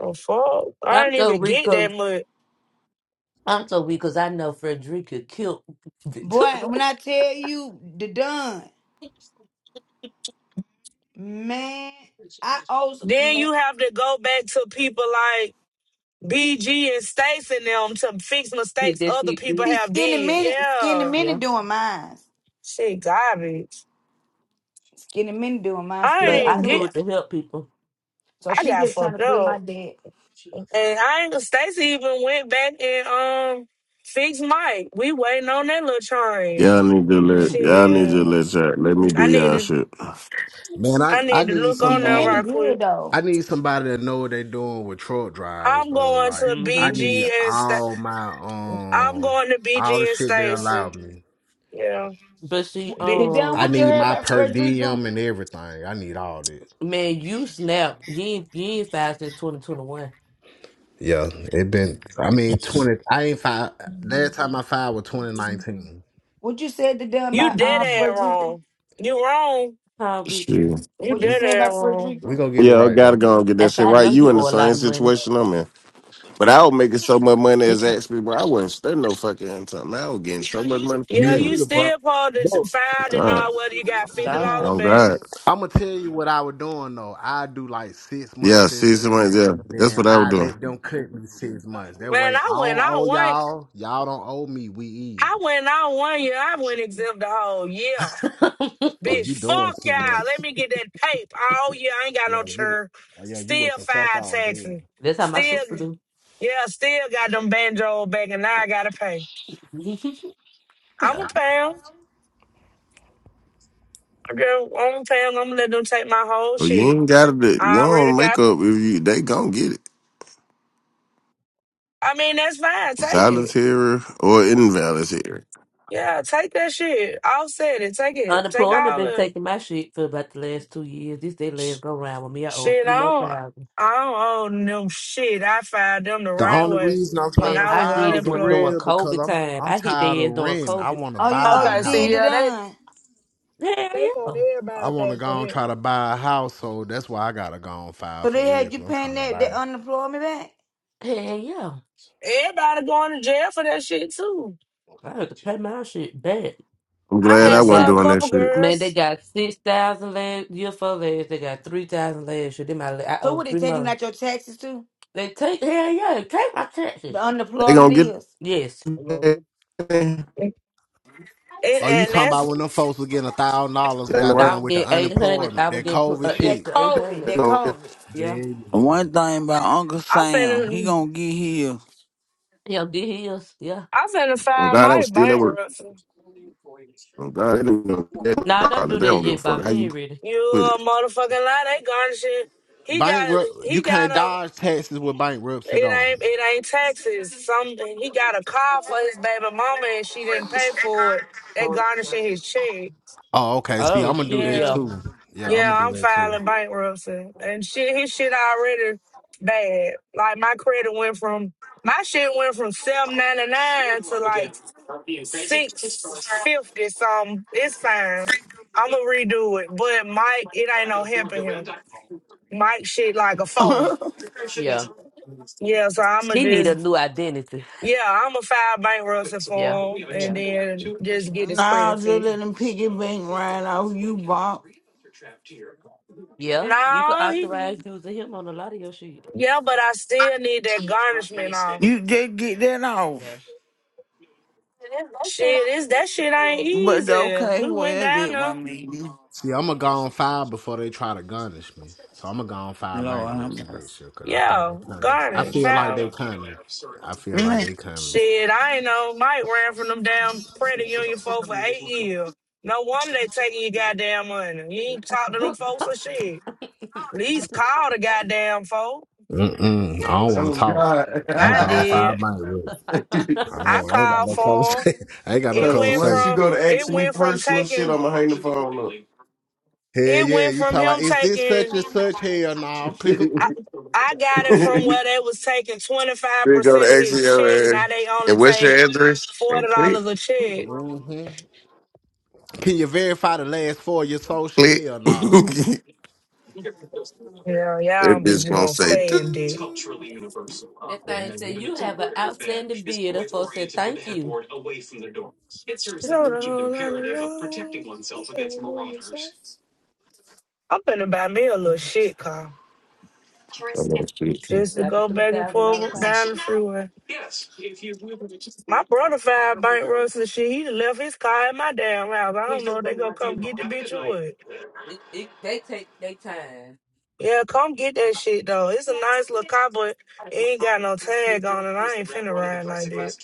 Oh fuck, I
I'm
ain't
so
even
weak
get that
'cause-
much.
I'm so weak 'cause I know Frederica killed.
boy, when I tell you the done man, I owe
Then
man.
you have to go back to people like BG and Stacey and them to fix
Did
mistakes
that
other people
shit
See,
have
skinny
did.
minnie, skinny
Yeah,
minnie
Yeah,
doing mine.
shit, garbage.
Skinny minnie doing mine.
I
Skinny
but
minnie
didn't
I do
cool.
it
get.
to help people.
So
I
she
got
just trying to
fucked
clear
up.
my debt.
And I ain't Stacy even went back and um fixed Mike. We waiting on that little change.
Y'all need to let y'all need
Shit.
to let y'all, let me
I
do
need
y'all
to
shit.
Man, I,
I
I
need to
need
look on
Skinny
there
minnie
somebody.
right
good
quick.
I
though.
need somebody to know what they doing with truck drivers
I'm
though.
going
Like
to
I
hmm
need
BG and Sta-
all my
I'm
um
going to BG
all the
and
shit they allow
Stacy.
me.
Yeah.
But see,
B-
The done
I
what
um,
you
need
heard
my
about
per
Frederica?
diem and everything. I need all this.
man, you snap. You ain't you ain't five since twenty twenty one.
Yeah, it been. I mean, twenty. I ain't five. Last time I filed was twenty nineteen.
What you said the done
you
about
dead
uh
Mm.
ass
Frederica?
wrong. You wrong.
How Vicky?
Shit.
You
What you
We,
dead
said
ass
about
wrong.
we
Frederica?
gonna get it
Yeah, I
right
gotta
though.
go and get
I
that
said
shit
I
right.
know
You
you
in the
owe a lot
same
of money.
situation I'm in. But I was making so much money as
Yeah,
asked people. I wasn't spending no fucking income. I was getting so much money for
Me
yeah,
hell.
you
neither, bro.
still supposed to
Bro,
file and
God.
all whether you
Oh
got fifty
God,
dollar
Oh
back.
God.
I'm gonna tell you what I was doing though. I do like six
Yeah,
months
see
exempt,
someone, yeah. That's
then
what I was
I
doing.
let them cut me six months. That way
Man,
I
I went
don't
out
owe
one.
y'all. Y'all don't owe me. We
I
even.
went out one year. I went exempt the whole year.
Oh,
Bitch,
you doing
fuck y'all.
too much?
Let me get that tape all year. I ain't got no
Yeah, you.
churn.
Oh yeah, you went
Still
the fuck
five
off then.
taxes.
that's how my
Still,
sister do.
yeah, still got them banjo back, and now I gotta pay. I'm a
Got
pound. I go, I'm a pound. I'm gonna let them take my whole
Well, you
shit.
ain't got to. You
I already
don't make
got
up
them.
if you. They gonna get it,
I mean, that's fine. Take it.
voluntary or involuntary.
Yeah, take that shit. Offset it. Take it. Take
Unemployment
all
been
of
taking my shit for about the last two years. This day
it.
last go round with me. I owe 'em
Shit,
three
I
more
don't,
thousand.
I don't own them shit. I fired them the
The
right
only
way
reason I'm
when
trying
Man,
I
to
I
was
did
file
it
for
when, during
unemployed.
real because
COVID
I'm
time.
I'm
I hit
tired
their ass
of
during
renting. I
COVID.
want to
Oh you oh
buy a
you
Okay, see,
did the
house.
yeah, they
done.
Hell
they want
I
everybody
want to
back for
go and
that.
try to buy a house, so that's why I gotta go and file
So
for
they
real
had
because
you
I'm
paying
trying to
that that
buy.
unemployment back?
yeah. Hell yeah.
Everybody going to jail for that shit too.
I had to pay my shit back.
I'm
I
glad
They
I
had
wasn't
saw
got
a
doing that
couple
shit.
man, they
girls,
got six thousand last year for last. They got three thousand last year. They my I
So
owe
what they
three
taking
more.
out your taxes to?
They take hell yeah, take my
The
taxes.
They
unemployment
gonna get
is
Yes,
and,
it. It ain't
Oh, you
and
talking
that's
about when them folks was getting a thousand dollars
no
I
right-
goddamn
would
with the
get eight hundred. I
unemployment,
would
that
get pl-
COVID
uh,
that
shit.
extra eight
COVID.
hundred.
they
That
gonna get it.
COVID.
Yeah,
Yeah, yeah.
One thing about Uncle
I
Sam, he
finna
gonna get here.
yeah, get his. Yeah,
I finna
I'm
find
glad I
my
was still at work.
bankruptcy.
I'm glad they don't, give a- they don't
nah, don't
bother.
do
they
that
don't give a
yet,
fuck
Bob.
how
He
you
ain't ready.
put
You a
it.
motherfucking lie. They garnishing. He got
Bankrupt you
he
can't
got a
dodge taxes with bankruptcy though.
It ain't it ain't taxes. Some he got a car for his baby mama and she didn't pay for it. They garnishing his check.
Oh, okay. See,
Oh
I'm gonna do
shit,
that
Yeah.
yeah,
too. Yeah, I'm gonna
Yeah,
do
I'm
that too.
filing bankruptcy. And shit his shit already bad. Like my credit went from my shit went from seven ninety nine to like six fifty something. It's fine. I'ma redo it. But Mike, it ain't no helping him. Mike shit like a foe.
nah,
yeah.
Yeah, so I'ma
He need
just
a new identity.
Yeah, I'm a file bankruptcy
Yeah,
for him and
yeah,
then just get his credit
just
fee.
let him pick bank right off you, Bob.
yeah. You could
No, he,
authorize using him on a lot of your shit.
yeah, but I still need that garnishment off.
You just get that off.
Shit, is that shit ain't
But
easy.
okay,
We went
well,
down
that
there.
one meeting.
See, I'm gonna go on file before they try to garnish me. So I'm gonna go on file
Lord, I'm
bankruptcy next year because I think
Yeah,
they coming. I
garnish,
feel like they
file.
coming. I feel like
Man,
they coming.
Shit, I ain't know. Mike ran from them damn credit union folks for eight years. No wonder they taking your goddamn money. You ain't talk to them folks or shit. At least call the goddamn folk.
Mm-mm. I don't want
Oh
to talk. I'm gonna
I
go on
God!
did.
file bankruptcy.
Yeah.
I
I
don't. I ain't got
called
no
for 'em.
conversation. I ain't got no
it
Because
went
once
conversation.
you
from
go to
it
ask me
went from
personal shit,
taking
I'ma hang the phone up.
Hell
it
yeah,
went
you
from
talk about
him
is this such
taking
and such? Hell no.
they
Click up.
I, I got it from where they was taking 25%
go to
of
ask
his
me,
check. Now they
uh,
only
and what's your
take
address?
$40
And click,
a check.
hmm Can you verify the last four of your social?
click.
Hell no.
Yeah, y'all
That bitch
bitches
gonna
gonna
say,
stay in debt.
"Doo."
That thing
hmm
said you have an outstanding bid. The folks said thank you.
Hold on, hold on, hold on. I'm gonna buy me a little shit car
I know shit.
just to
Like a
go
three
back and
thousand dollar
forth
car.
down the freeway. My brother filed bankruptcy and shit. He done left his car at my damn house. I don't know if they gonna come get the bitch or what.
It, it, they take their time.
Yeah, come get that shit though. It's a nice little car, but it ain't got no tag on it. I ain't finna ride like that.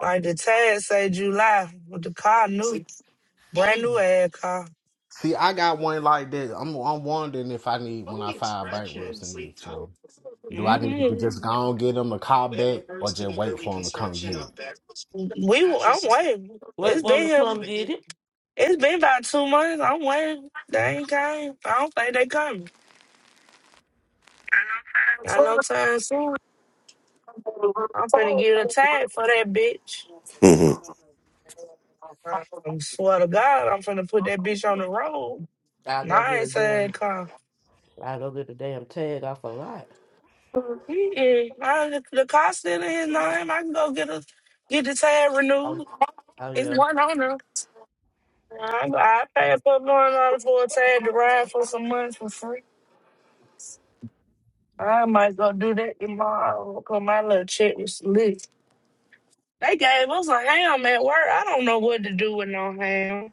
Like the tag say July with the car new, brand new
Damn.
ass car.
See, I got one like that. I'm I'm wondering if I need when I file bankruptcy next year. Do I need to
mm
just go and get them a call back or just wait for them to come get it?
We, I'm waiting.
Wait
It's
for
been
him to
here.
come get it.
It's been about two months. I'm waiting. They ain't came. I don't think they coming. Not no time soon. I'm finna get a tag for that bitch.
Mhm.
I swear to God, I'm finna put that bitch on the road.
I go
My
get a
ain't
damn.
car.
I go get a damn tag off a lot.
Mm-mm. I, the car still in his name. I can go get a get the tag renewed.
Oh
It's
yeah.
one owner. I, I pay a public loan order for a tag to ride for some months for free. I might go do that tomorrow because my little check was lit. They gave us a ham at work. I don't know what to do with no ham.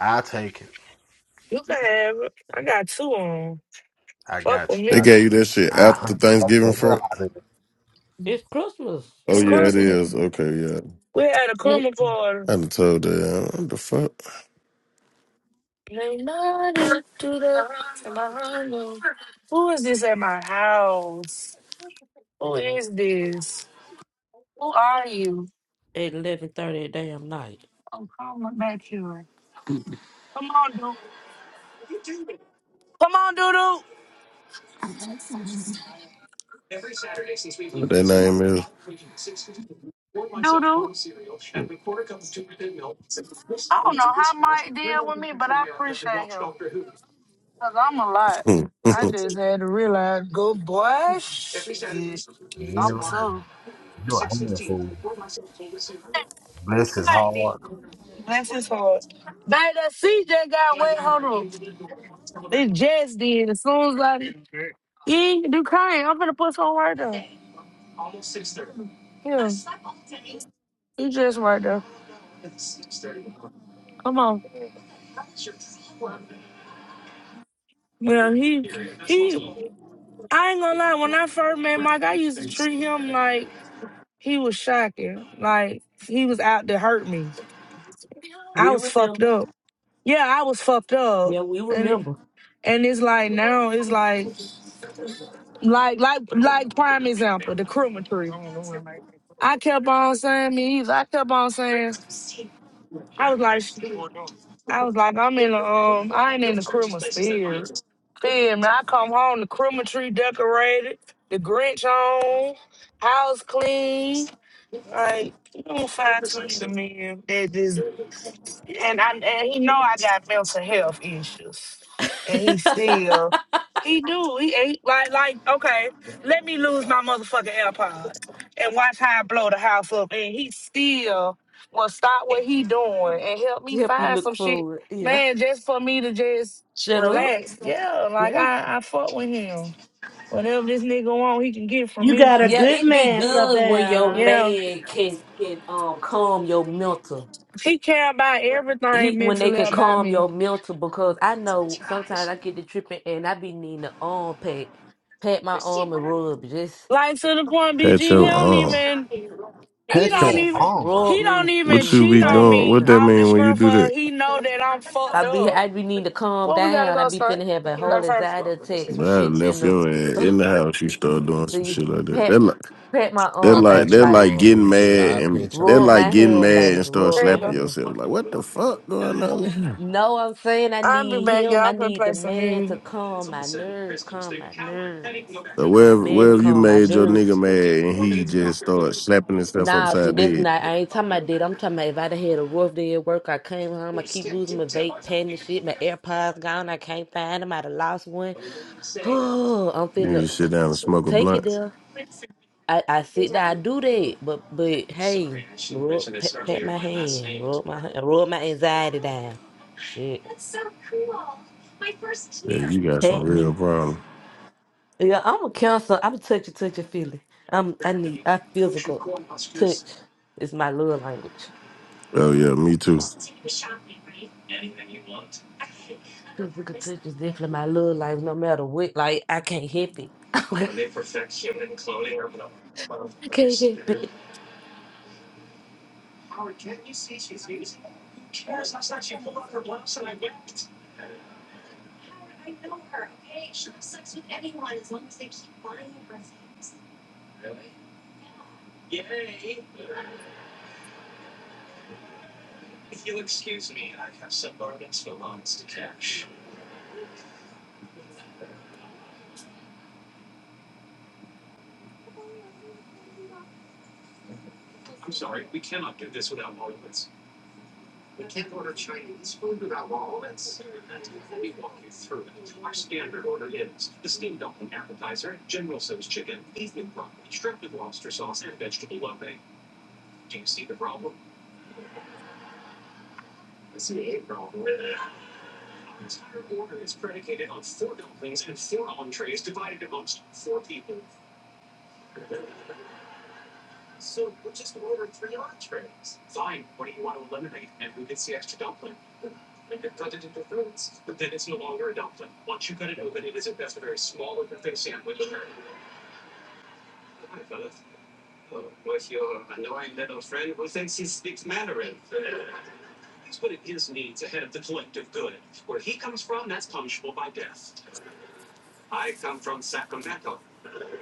I take it.
You can have it. I got two on.
I
Fuck
got
with
you.
they
I
me.
gave
take
you
it.
that shit
I
after
hunt
Thanksgiving,
the hell
Fred?
out of it.
It's Christmas
Oh
It's
time.
yeah, it
fuck.
Christmas.
is. Okay, yeah.
We had a
At
Christmas party.
I done told that. What the fuck?
Leonardo to the Samano. Who is this at my house? is this? Who are you?
eleven thirty a damn night.
Oh, come on back here. Come on, dude. Come on, Doodoo.
What that name is?
Doodoo. I don't know how Mike deal with me, but I appreciate him. Because I'm a lot. I just had to realize, good boy, shit.
You ain't
I'm
lying.
too.
You're a handful. Bless his
Right.
heart.
Bless his heart. Baby, that CJ got wet. Hold on. It just did. As soon as I You ain't do Duquesne, I'm gonna put some right there. Yeah, he just right there. Come on. Yeah, he he. I ain't gonna lie. When I first met Mike, I used to treat him like he was shocking. Like he was out to hurt me. I
We
was fucked
remember.
up. Yeah, I was fucked up.
Yeah, we
And
remember.
and it's like now it's like like like like prime example the criminal tree. I kept on saying me. I kept on saying I was like. I was like, I'm in the um, I ain't in the Christmas spirit. Feel me? I come home, the Christmas tree decorated, the Grinch on, house clean. Like, you don't find too many men that just and I and he know I got mental health issues, and he still he do he ain't like like okay. Let me lose my motherfucking AirPod and watch how I blow the house up, and he still will stop what he doing and help me
To help you
find some
look
shit,
forward. Yeah.
man, just for me to just
Shut up.
relax. Yeah, like
Yeah.
I I fuck with him. Whatever this nigga want, he can get from
You
me.
got a
Yeah,
good
it be
man,
good when your
Savannah.
Yeah,
man can can um calm your mental.
he care about
he
everything
when they
mentally
can
about
calm
me.
your mental because I know sometimes I get to tripping and I be needing to arm pat, pat my arm and rub just
Like to the point, BG,
Pat
he
your
whew,
don't
arm.
even He
Catch
don't
your
yes,
even
arm.
rub
he
me,
don't even
What
sleep,
you
cheat
be
bring
on
me
doing?
back
me
What
to
that
off the
life.
mean when you
screen
do
for
that?
he know that I'm
I
fucked
be
up.
I be needing to calm
Well, we gotta
down. I
go
be
start.
finna have a whole
That's her.
anxiety attack. Some
Man, I
shit been
left
to
your ass
uh,
in the house. You start doing some
see
shit like that.
pat
That like
pat my
that
I
arm,
like
baby,
pitch your
that
like
like
arm,
getting
BG.
mad
I
and
pitch your
that
rub
arm.
like
my
getting
hand,
mad
baby,
and start
rub
There
my
you
slapping
go.
hand.
yourself. Like what the fuck going on?
No, I'm saying I
i will be
need
back,
him.
y'all.
I
I'm gonna
need the
play some
man to
music.
calm my nerves, calm my nerves.
So
Need my
wherever
man to
wherever you
calm my
made your
nerves.
nigga mad and he just started slapping himself
Nah, see,
upside
that's
the head,
not. I ain't talking about that. I'm talking about if I'd have had a rough day at work, I came home, I keep losing my vape pen and shit. My AirPods gone, I can't find them. I'd have lost one. Oh, I'm
you need
finna
to sit down and smoke a
take it
blunt.
there. I, I sit there, I do that. But but hey, rub pat, pat my hand, rub my hand- rub my anxiety down. Shit,
Yeah, you got some
pat me.
real problem.
Yeah, I'm a counselor. I'm a touchy, touchy feely. I'm I need I physical touch is my love language.
Oh yeah, me too.
Physical touch is definitely my love language. No matter what, like I can't help it. I can't help it.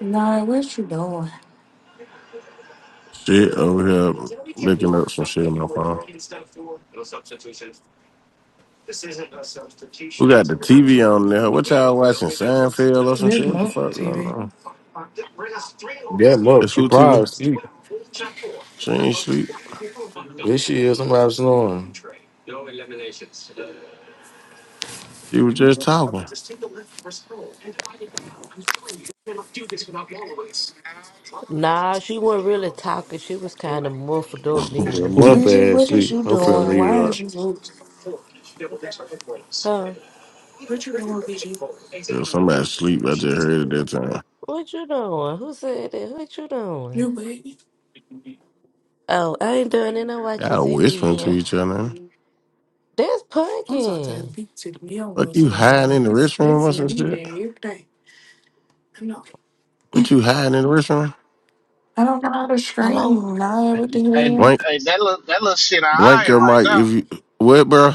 Nah, what you doing?
Shit over here looking up some shit on my phone. We got the TV on there. What y'all watching? Seinfeld or some
Big
shit? What the
Monk
fuck? I don't
TV.
know.
That much.
It's
She
who TV?
probably sleep.
She ain't sleep.
This shit is somebody snoring.
You were just talking.
Nah, she wasn't really talking. She was kind of muffled up
Yeah,
then.
yeah,
mup
Bitch,
ass
what is
sleep.
you
I'm finna
doing?
leave it
Why
up.
is you so-
Huh?
what you doing, bitch?
somebody sleep. I just heard it that time.
What you doing? Who said that? What you doing?
You baby.
Oh, I ain't doing it. I'm watching
Y'all whispering to
TV.
each other.
That's
I'm so tired of
Pumpkin.
people taking me on Will
Like you
Smart Matter.
hiding in the
It's they
restroom or
see
some
me
shit.
there every day. I know.
What you hiding in the restroom?
I don't know how to
Hello?
scream. Nah,
Hey,
everything.
hey,
the
Blank,
hey, that little that little shit I
blank
eye
your
right
mic
now.
if you what, bro?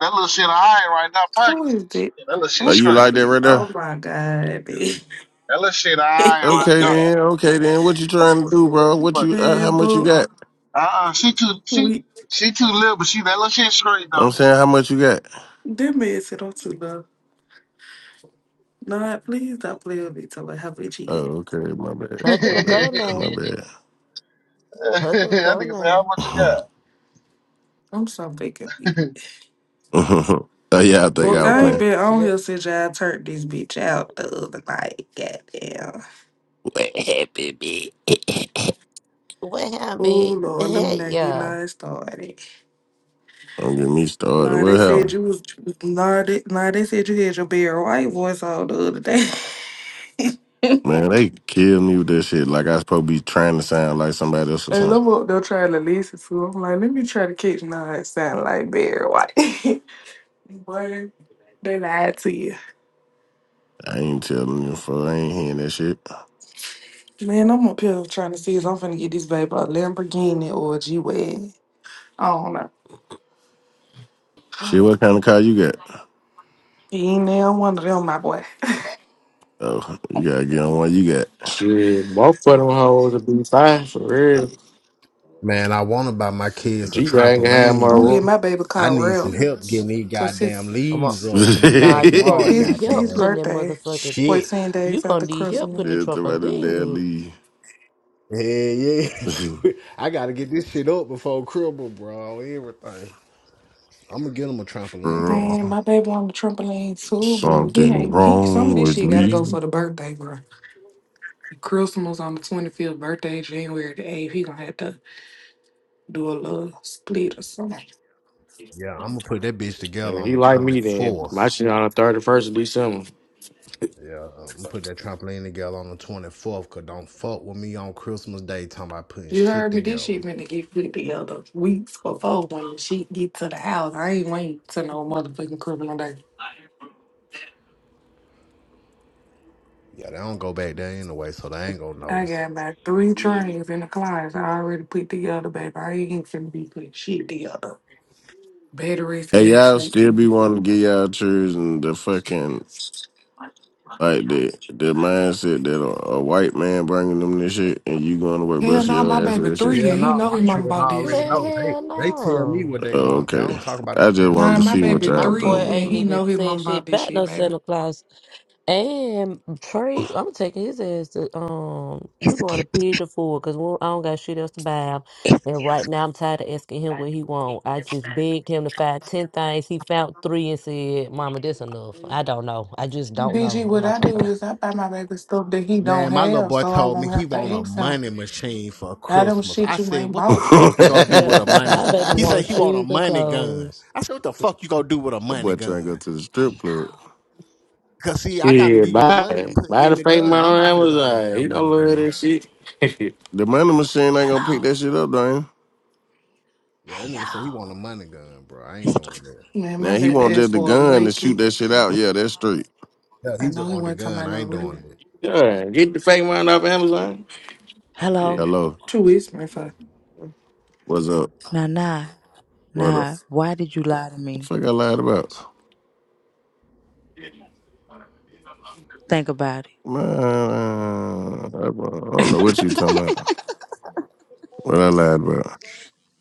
That little shit I eye right now, fuck.
Who is it?
That little shit
Are
I'm
you
straight.
like that
sorry.
right
Oh
there?
my god, bitch.
That little shit I eye right
Okay
now.
then, okay then. What you
I'm
trying to do, bro? What you?
fucking
Uh,
with
how
Man,
you.
much you
but
got?
Uh uh she too she
we
she too little, but she that little shit straight
I'm
though.
saying how much you got.
that man said I'm too low. Nah, please don't play with me till I have a G at.
Oh, okay. My bad.
I
Pumpkin
My
to
bad.
go
My
now.
bad.
Pumpkin to go
niggas say
now.
how much you
oh
got.
I'm so big of me.
yeah, I think
Book,
She'll
I was
I ain't
playing.
go.
been on
Shit.
here since y'all turned this bitch out the other night. Goddamn.
What happened, man?
What happened?
Ooh, Lord, let me
Heck
not get
yeah.
nice started.
Don't get me started.
Nah, they
What
said
happened?
you was nah they, nah, they said you had your bare white voice on the other day.
Man, they killed me with that shit. Like I was supposed to be trying to sound like somebody else or
And
something.
I'm up there trying to listen to. it. I'm like, let me try to catch nah it sound like Barry White. Boy, they lied to you.
I ain't telling you for I ain't hearing that shit.
Man, I'm up here trying to see if I'm finna get this baby a Lamborghini or a G Wagon. I don't
Shit, what
know.
kind of car you got?
He ain't neither one of them, my boy.
Oh, you gotta get on one you got.
Shit, both of them hoes will be fine for real.
Man, I want to buy my kids a
G Wagon had my
trampoline,
I'm
but
getting
room.
my baby
I
called
need some
Real,
help getting these
cause
goddamn
his
I'm up.
leaves up in the
Nah, you gonna
backyard,
his
need help
his
goddamn.
putting that
birthday,
motherfucking.
Shit.
fourteen
You
days after
gonna need help
Christmas.
putting the
Then somebody there
trampoline. up.
leave.
Yeah, yeah. I gotta get this shit up before cribble, bro. Everything. I'm gonna get them a trampoline, though.
Then
Girl,
my baby on the trampoline too, but he
something
ain't. He some of
wrong
this
with
shit gotta
me.
go for the birthday, bro. Christmas on the twenty fifth birthday, January the eighth. He gonna have to do a little split or something.
Yeah, I'm gonna put that bitch together
If
on
he
the
like me then. My
24th.
shit on the 31st of December.
Yeah, I'm gonna put that trampoline together on the 24th, cause don't fuck with me on Christmas Day talking about putting
You
shit
heard me. This
together.
shit finna get put together weeks before when she get to the house. I ain't waiting to no motherfucking Christmas day.
Yeah, they don't go back there anyway, so they ain't gonna
I
notice it.
got about three trays in the closet I already put together, baby. I ain't finna be putting shit together. Batteries
Hey,
in the
y'all
sink.
still be wanting to get y'all chairs and the fucking, like, the, the mindset that a, a white man bringing them this shit and you going to work
Hell
busting
no, my
your ass for
baby
this shit.
three
Hell
and he
no,
know
my
his mom
children
bought
already
this.
Man,
know. They
hell
They tell me
no.
what they
Oh,
want. They
okay.
don't talk about no
I just
damn
wanted
Nah,
to
Santa
my
see what
Claus.
baby
My
y'all
boy
three
think.
and
ain't
he
even
know his
said
mom bought
shit
this
back
shit,
no
baby.
Santa Claus. And Trey, I'm taking his ass to um. We're going to feed the fool because I don't got shit else to buy him. And right now, I'm tired of asking him what he want. I just begged him to find ten things. He found three and said, "Mama, this enough." I don't know. I just don't
BG,
know. I'm
what
like,
I do
okay,
is I buy my baby stuff that he don't
Man, my little
have
boy
so I
told me
won't
he
have to
want a
ask him.
money machine for
Buy them
Christmas.
shit
I
you
said,
ain't
"What the
bought.
fuck you gonna do
yep.
with a money?"
My baby
He said
wants
he
that
want a
shoes and
money gun.
clothes.
I said, "What the fuck you gonna do with a money
boy trying to go
gun?"
to the strip club.
Cause see, I gotta
Shit,
give you the
buy
money to
it.
put
Buy the
in the
fake
gun.
mine
I'm
on
not fit about no
Amazon. You
damn
don't
money
look at
gun.
that shit.
The money machine ain't gonna pick
Hello.
that shit up, Dwayne.
Yeah, that
Hey,
nigga said he want a
y'all.
money gun, bro. I ain't doing that.
Man, my
Now he
baby
want just
asked
the
for a
gun to shoot
monkey.
that shit out. Yeah, that's straight.
Yeah, he
I
just
know he
want the
wasn't talking
gun.
about
I
no
ain't
real.
doing it.
yeah, get the fake mine off Amazon. Yeah.
Hello.
Hello,
Two weeks my for.
what's up?
Nah, nah,
What up? What
nah. Why did you lie to
the
me?
fuck I lied about?
Think about it.
Man, I don't know what you talking about. What I lied about?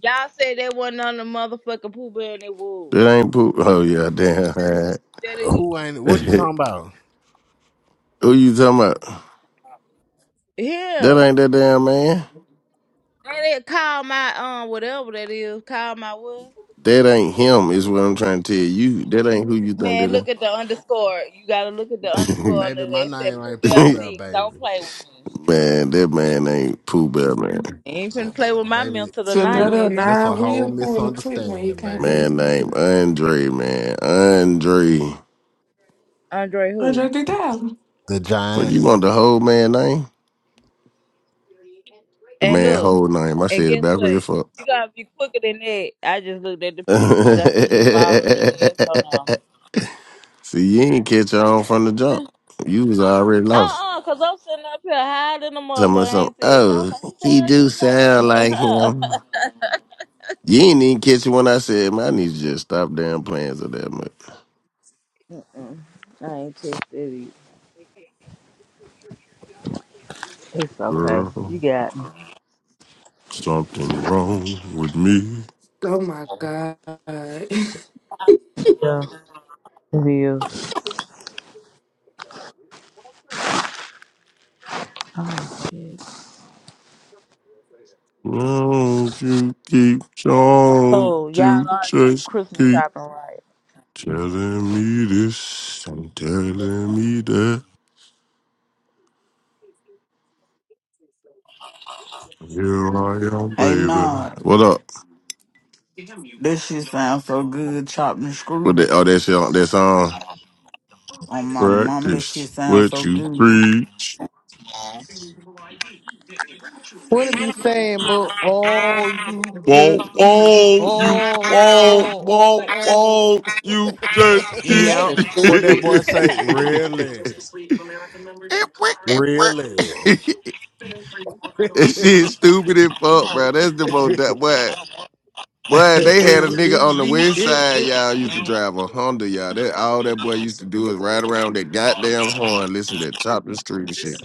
Y'all said that wasn't on the motherfucking Pooh Bear and it was.
That ain't poop. Oh yeah, damn.
That is
Who ain't? What you talking about?
Who you talking about? That
him.
ain't that damn man.
That is call my um whatever that is. Call my what?
That ain't him. Is what I'm trying to tell you. That ain't who you think
Man,
that is.
look at the underscore. You gotta look at the underscore
Baby,
under
my
there. It said
name
Pooh
ain't
Bell
Pooh Bear,
Six. Don't
baby.
play with me.
man, that man ain't Pooh Bear, man.
You ain't
Ba-
finna play with my
baby,
mental
So
tonight,
another
nigga.
this a
nine
whole
wheel pull a quick one. He
misunderstanding,
can't
baby.
believe.
Man name Andre, man. Andre.
Andre who?
100,000.
The
What you
giant.
want the whole man name? The
And
man
look,
whole name. I
and
said it
guess
backwards
what?
as fuck.
You gotta be quicker than that. I just looked at the pictures. I see his bald head ass on him.
See, you ain't catch on from the jump. You was already
Uh
lost.
uh, cause I'm sitting up here hiding the
Tell me
motherfucker. I
something.
ain't said shit. I'm
Oh,
like, he's
he
tired
do
just like
sound like him.
you.
You ain't even catch it when I said, man, I need you to just stop damn playing so that much.
Mm-mm. I ain't tested it. It's okay.
Girl,
You got me.
something wrong with me.
Oh my God.
Yeah, it is.
Won't you keep trying
Oh, y'all
to
are through
just
Christmas
keep.
shopping, right?
Telling me this and telling me that. Here I am,
hey,
baby.
nah.
What up?
This shit sounds so good, chopped and
What that?
screwed.
Oh, that song. that song.
On my mama, that shit
Practice
sounds
what
so
you
good.
preach.
What it be saying, Mo? Oh, you just
Won't, won't
keep.
you,
Oh, oh,
Won't, won't
oh, oh.
won't you just
T
keep.
Yep.
later,
What that boy
stupid.
say? Really?
It it work, it work.
Really?
that shit stupid as fuck, bro. That's the most that boy. Boy, they
I'm
had a nigga on
telling
the
me
west
that
side,
it's
y'all used to drive a Honda, y'all. That all that boy used to do is
so
ride
weak.
around that goddamn horn, listen to chopping street and shit.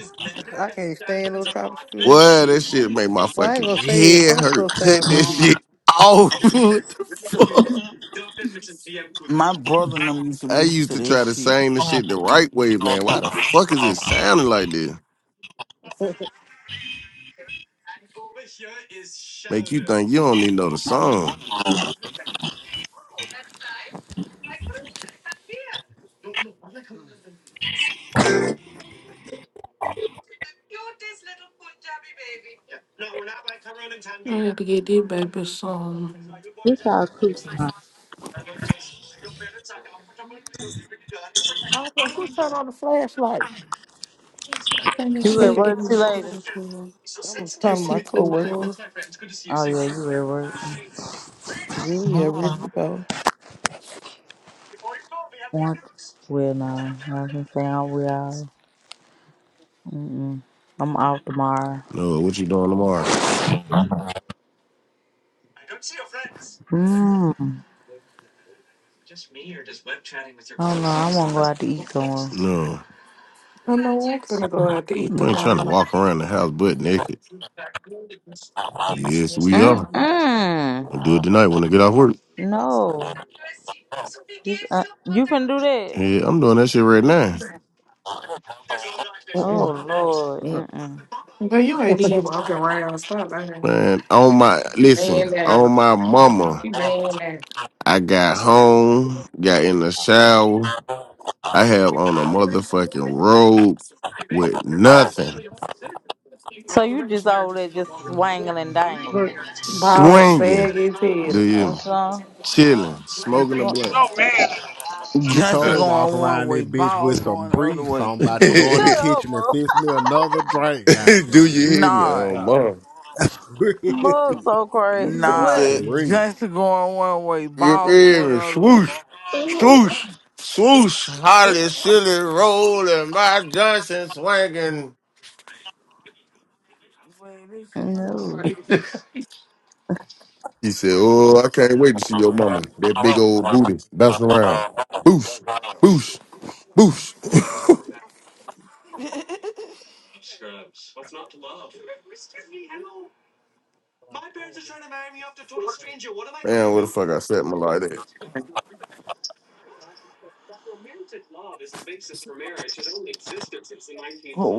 I can't stand no tropical school
Boy, that
shit.
shit made my
Well, I ain't
fucking
gonna say that
head
some
hurt.
stuff
Cut
sound
that
good.
shit off. what the fuck?
My brother and them used to
I used
listen to
to
that
try to
shit.
sing the shit the right way, man. Why the fuck is it sounding like this? Make you think you don't even know the song.
I had to get this baby some.
What y'all cooking on?
I don't care who turn on the flashlight.
I think I
You at
should get
work
I'm
him
too
a
later?
quarter boy, a
telling my
seafood
coworker,
boy.
Oh yeah, you at work.
really, yeah, ready to go.
Work? Well, no, I can say I'm well. Mm-mm. I'm off tomorrow.
No, what you doing tomorrow?
Mm. I don't know. I want to go out to eat somewhere.
No.
I know I'm gonna go out to eat
You ain't trying to
tomorrow.
walk around the house butt naked. Yes, we are. I'll
Mm-mm.
do it tonight when I get off work.
No. This uh, you can do that.
Yeah, I'm doing that shit right now.
Oh
Uh-uh.
Lord.
Fuck,
Mm-mm.
But you ain't even walking around. Stop lying.
Man, on my
Man
listen,
down.
on my mama,
You man down.
I got home, got in the shower. I have on a motherfucking robe with nothing,
So you just all there just swangling, and dangling.
Look,
Ball sag
swinging,
his
do
head.
you hear me?
That's all.
Chilling,
That's
smoking a blunt.
all.
Johnson
Uh,
sure walk
going one
around this
way,
bitch
ball
with some
going the other
briefs.
way.
I'm
do
about to go in the
Shut up,
kitchen and
Mo.
fix me another drink.
you
Goddamn, I
hear me?
swear to
Nah,
Oh,
God.
mom.
Mug so crazy.
Like you
nah.
What?
For
said.
real.
Johnson going one way,
You
ball going
feel
the
me?
other way.
Swoosh, swoosh, swoosh. Holly, silly, rolling, my Johnson swinging.
Man, this shit. What
No.
He said, "Oh, I can't wait to see your mama. That big old booty bounce around. Boosh, boosh, boosh." Man, where the fuck I set my light at?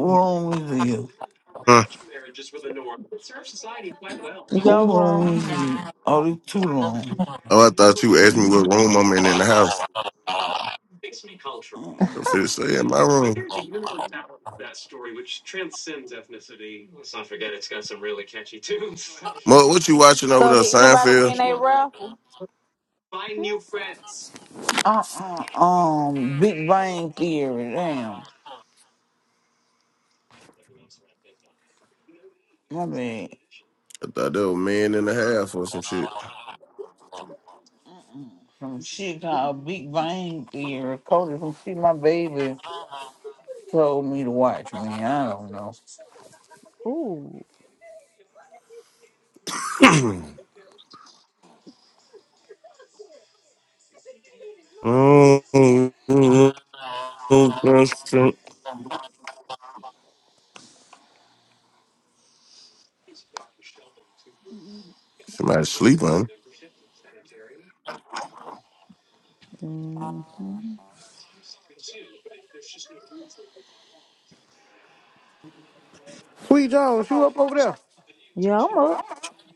wrong with you?
Huh?
Who
Y'all
wrong
wrong.
with you? Oh, they too long.
Oh, I thought you asked me what room I'm in in the house. I finna say in my room. Mo, what you watching over
So
there,
did anybody
Seinfeld?
win a raffle?
Uh uh um Big Bang Theory, damn. My bad.
I thought that was man in the half or some shit.
Some shit called Big Bang Theory. Cody from shit my baby told me to watch, man. I don't know.
Ooh.
Mm, mm, Somebody sleep on.
hmm
Sweet Jones, you up over there?
Yeah, I'm up.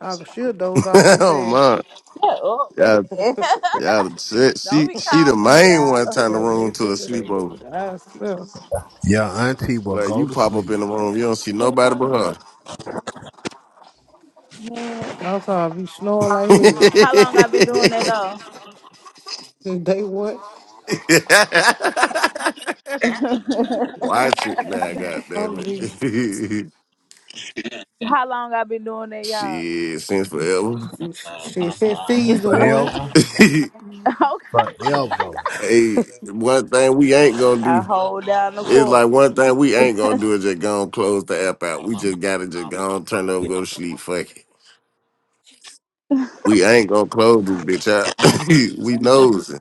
I she'll doze off
her.
so
oh
fast.
my,
Shut up,
y'all,
man.
y'all, shit.
Don't
she
be
she
calling
the
me
main
out.
one turn the
Got a
room
nice
to a
today.
sleepover.
I swear.
Your auntie will
Like
go
you
to
pop up in
sleep.
the room, you don't see nobody but her.
Man.
I'm sorry, I be snoring like hell.
How long I been doing that though?
Since Day one,
Watch it, man. Goddamn
I'm be
it.
How long I been doing that, y'all?
shit, since forever.
shit. Since season one,
Forever.
okay.
Forever.
hey, one thing we ain't gonna
I
do.
hold down the
It's
fort.
like one thing we ain't gonna do is just go and close the app out. We just gotta just go and turn it over, go to sleep. Fuck it. We ain't gonna close this bitch out. we nosing.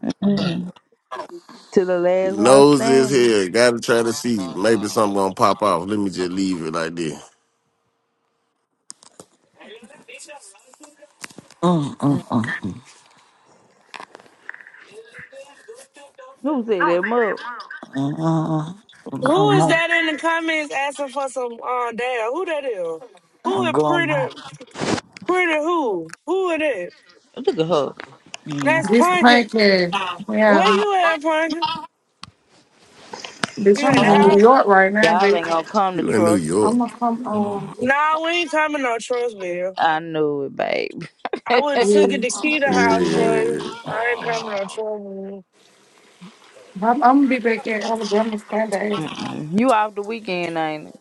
to the last one
is
standing.
here. Gotta try to see. Maybe something gonna pop off. Let me just leave it like this.
Who said that mug?
Uh I'm
Who is
going
that in the comments asking for some uh data? Who that is? Who
I'm
is
going
pretty pretty who? Who it is?
Look at her.
mm,
That's
This
Punkin.
podcast,
Where
yeah,
you at, Punkin?
bitch,
You at
I'm
the
in New
house?
York right now,
Y'all
but
ain't gonna come to
You in New
trust
I'm
York.
you.
gonna come on
Nah, we ain't coming no trust bill.
I knew it, babe.
I would have
yeah,
took it
in
to key the house,
New York.
Yeah.
but I ain't coming no
I'm, I'm gonna be back in Alabama Sunday.
you off the weekend, ain't it?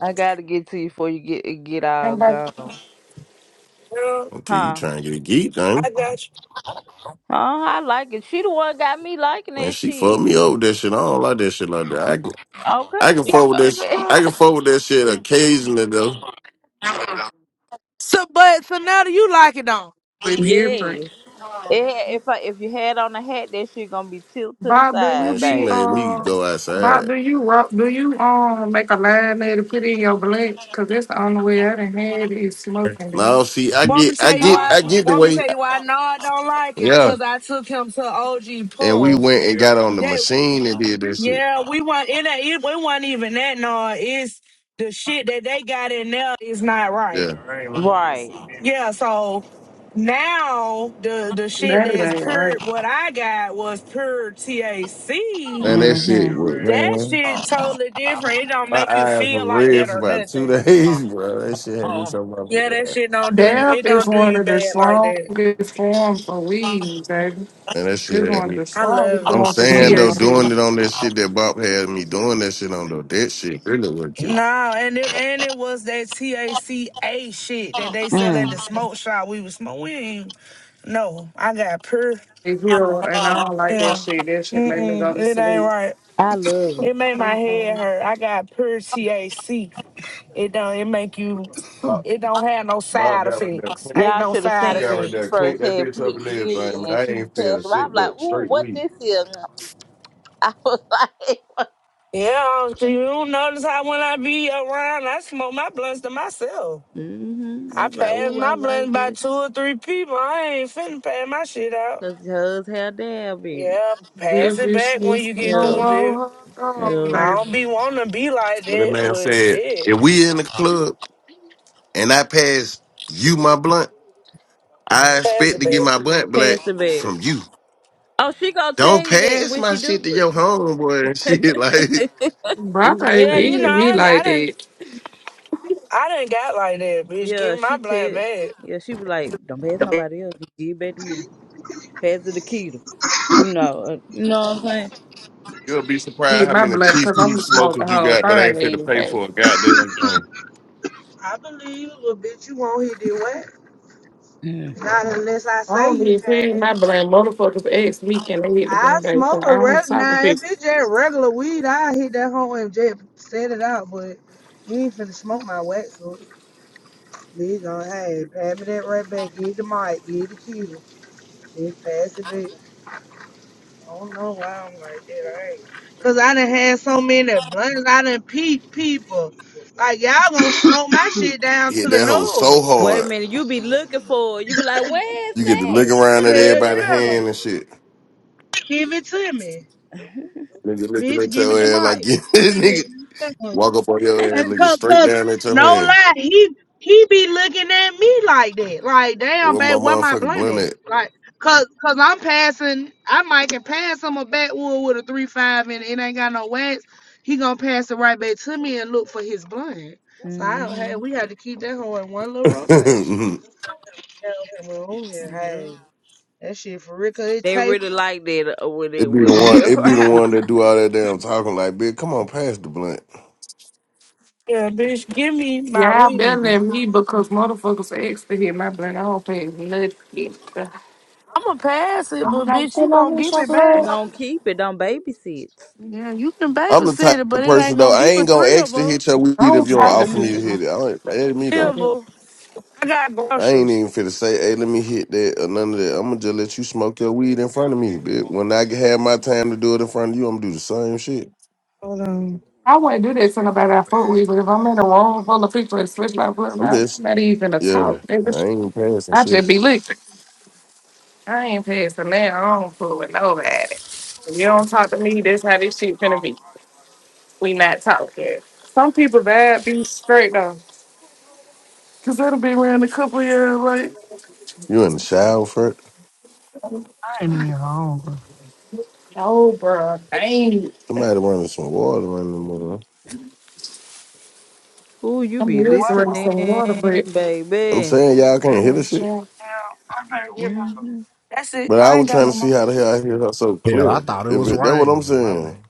I gotta get to you before you get it get all gone.
trouble.
Until you
Huh?
trying to get a geek,
I
you?
Huh?
got you.
I like it. She the one got me liking
And
that
she fucked
shit.
me over that shit. I don't like that shit like that. I can I can
You Like
fuck with that
it
sh-
Okay.
on.
I can fuck with that shit occasionally though.
So, but so now do you like it on?
With different.
Yes. It had, if I, if you had on a hat, that shit gonna be tilted to the
Bob, do you
Man,
side,
she
be
babe.
made me
uh
go
Bob,
outside.
do you rock do you um make a line there to put in your blank? Cause that's the only way I done had it is smoking it.
Now see I
Want me
get
to
I
tell you
get
Huh?
why?
I get the
Want me to
way
tell you why? No, I don't like it
Yeah.
because I took him to OG
And we
Puff.
went and got on the
They,
machine and did that shit.
yeah, we want it. ain't- it we want even that. No, it's the shit that they got in there is not right.
Yeah.
Right.
Yeah, so now the the shit
That it
that's
ain't
pure
right.
what I got was pure TAC.
Man, that
hmm
shit was
That
man.
shit totally different. It don't
My
make you
eyes were
feel like
red
that
for
or
about two
nothing.
days, bro. That shit had me so
Yeah, that
motherfucking.
shit don't
mad.
do you
Dab
it
is
don't do
one
you
of the
bad like that.
strongest forms of weed, baby.
Man, that
It's
shit
one
had
of
me.
the
I
strongest
love
I'm
it.
forms of
You
saying though,
know.
doing
THC.
it on that shit that Bob had me doing that shit on though. That shit really was just.
No, and it and it was that TACA shit that they sell at the
Mm.
smoke shop. We was smoking. No, I got pure.
It's here, and I don't like that
Yeah.
shit. That shit
Mm
made me go
mm.
to
It ain't
sleep.
right.
I love it.
It made my
Uh-uh.
head hurt. I got pure THC. It don't. It make you.
Bob,
It don't have no
Bob
side
got right there.
effects.
clean.
Ain't
Y'all
no
should have
She
side
seen
got
when
right
she
there,
effects.
cleaned
first
that
had
bitch up
put did
and everything.
it
Man,
and
I
she
ain't feeling
passed by. I'm
shit,
like,
but
ooh,
straight
what
weed.
this is? I was like,
Yeah, do you notice how when I be around, I smoke my blunts to myself.
mm-hmm.
I
I'm like,
pass
ooh, I
my blunts
like
by
this
two or three people. I ain't finna pass my shit out.
because hers had dab in it.
Yeah,
baby,
pass
bitch,
it
this
back when
is
you get
gonna
Yeah,
through, bitch.
roll her thumb,
yeah.
I don't
baby.
be wanting to be like
But that
that,
man
but
said,
shit,
if we in the club and I pass you my blunt, I
pass
expect
it
to get
back.
my blunt black
Pass it back.
from you.
Oh, she gonna
Don't
tell you that
pass
when
my
she do
shit to
it.
your homeboy and shit.
Bronte
Yeah,
Like
you know,
did me
I, I
like
done,
that.
I done got like that, bitch. Give
Yeah,
me my
she
black
said.
bag.
Yeah, she be like, "Don't pass nobody else. Give it back to me. Pass it to Keita." You know. Uh, you know what I'm saying?
you'll be surprised
hit
how
my
many
blunt
Chief
because I'm
Keef
gonna smoke the
smokers you
whole
got,
thing
but
or
I ain't fit to pay
anything.
for a goddamn thing.
I believe you, little bitch. You won't hit the what?
Mm.
Not unless I
I
say
don't
you
be paying
can.
my blunt. Motherfuckers ask me can they hit the
I
blunt back so
smoke a
I don't
reg
talk to
now. If
people.
it's just regular weed, I hit that home and just set it out. But you ain't finna smoke my wax. So bitch, gonna hey, pass me that right back. Give the mic. Give the cue. Bitch, pass it back. I don't know why I'm like that. I ain't. Cause I done had so many blunts. I done peep people. Like y'all gonna smoke my shit down to
Hit
the
that hole so
nose.
Wait a
hard,
minute. You be looking for. it. You be like, "Where's
you get to lick
that?
Hell
around
What the
at everybody's
yeah.
weed
hand
at?"
and shit.
Give it to me.
Nigga looking
Bitch,
at
give it
your
to
ass like
Mike.
nigga walk up on your ass,
That's
looking
cause,
straight
cause
down at
no
your hand.
lie, he he be looking at me like that. Like, damn,
Where my
babe, where my
motherfucking
blunt
blunt
at?
at?
Like, cause cause I'm passing, I might can pass him a backwood with a three five and it ain't got no wax. He gonna pass it right back to me and look for his blunt. So I don't hey, we
Mm-hmm.
had to keep that whole in one little rotation. Yeah, well, ooh, yeah, hey, that shit for real, cause it
They
tastes.
really like that uh, when
it
it
be the
when
one.
they
It be the
around.
one that do all that damn talking. Like, bitch, come on, pass the blunt.
Yeah, bitch, give me my
Yeah, I better
weed.
than me because motherfuckers ask to hit my blunt. I don't pay nothing.
I'm gonna pass it,
I'm
but
like,
bitch, you
get on
gonna
this
give
your
it back.
blunt.
don't keep it. Don't babysit.
Yeah, you can
I'm the type
babysit it,
of
but it
person
ain't
though.
gonna
I
be
ain't
but
gonna
three of
extra
us.
hit your weed
I
if
don't
you don't
talk to
offer me
Mm-hmm.
to
people
hit it. I don't, that ain't me
Hell,
like
though.
that.
boo. I got
I ain't
groceries.
even finna say, hey, let me hit that or none of that. I'm gonna just let you smoke your weed in front of me. bitch. when I have my time to do it in front of you, I'm gonna do the same shit.
Hold on.
I wouldn't do that to nobody I fuck with, but if I'm in a room full of people and switch my blunt,
I'm
I'm
just,
not even a
yeah,
talk.
I
nigga.
ain't passing
I just
shit.
be licked. I ain't passing for I don't fool with nobody. If you don't talk to me, this how this shit finna be. We not talking. Some people bad be straight though. Cause that'll be around a couple years, like
You in the shower for it?
Oh, bro, I ain't.
Somebody running some water running. the mother.
Ooh, you
I'm
be
used to
listening,
drinking some water, but
I'm
baby.
saying y'all
I
can't
ain't
hear the
in
shit,
check.
Mm-hmm.
but I was trying to see how the hell I hear her so
Hell, I
clear.
thought it
If
was
it, that what I'm
raining. My
saying.
bad.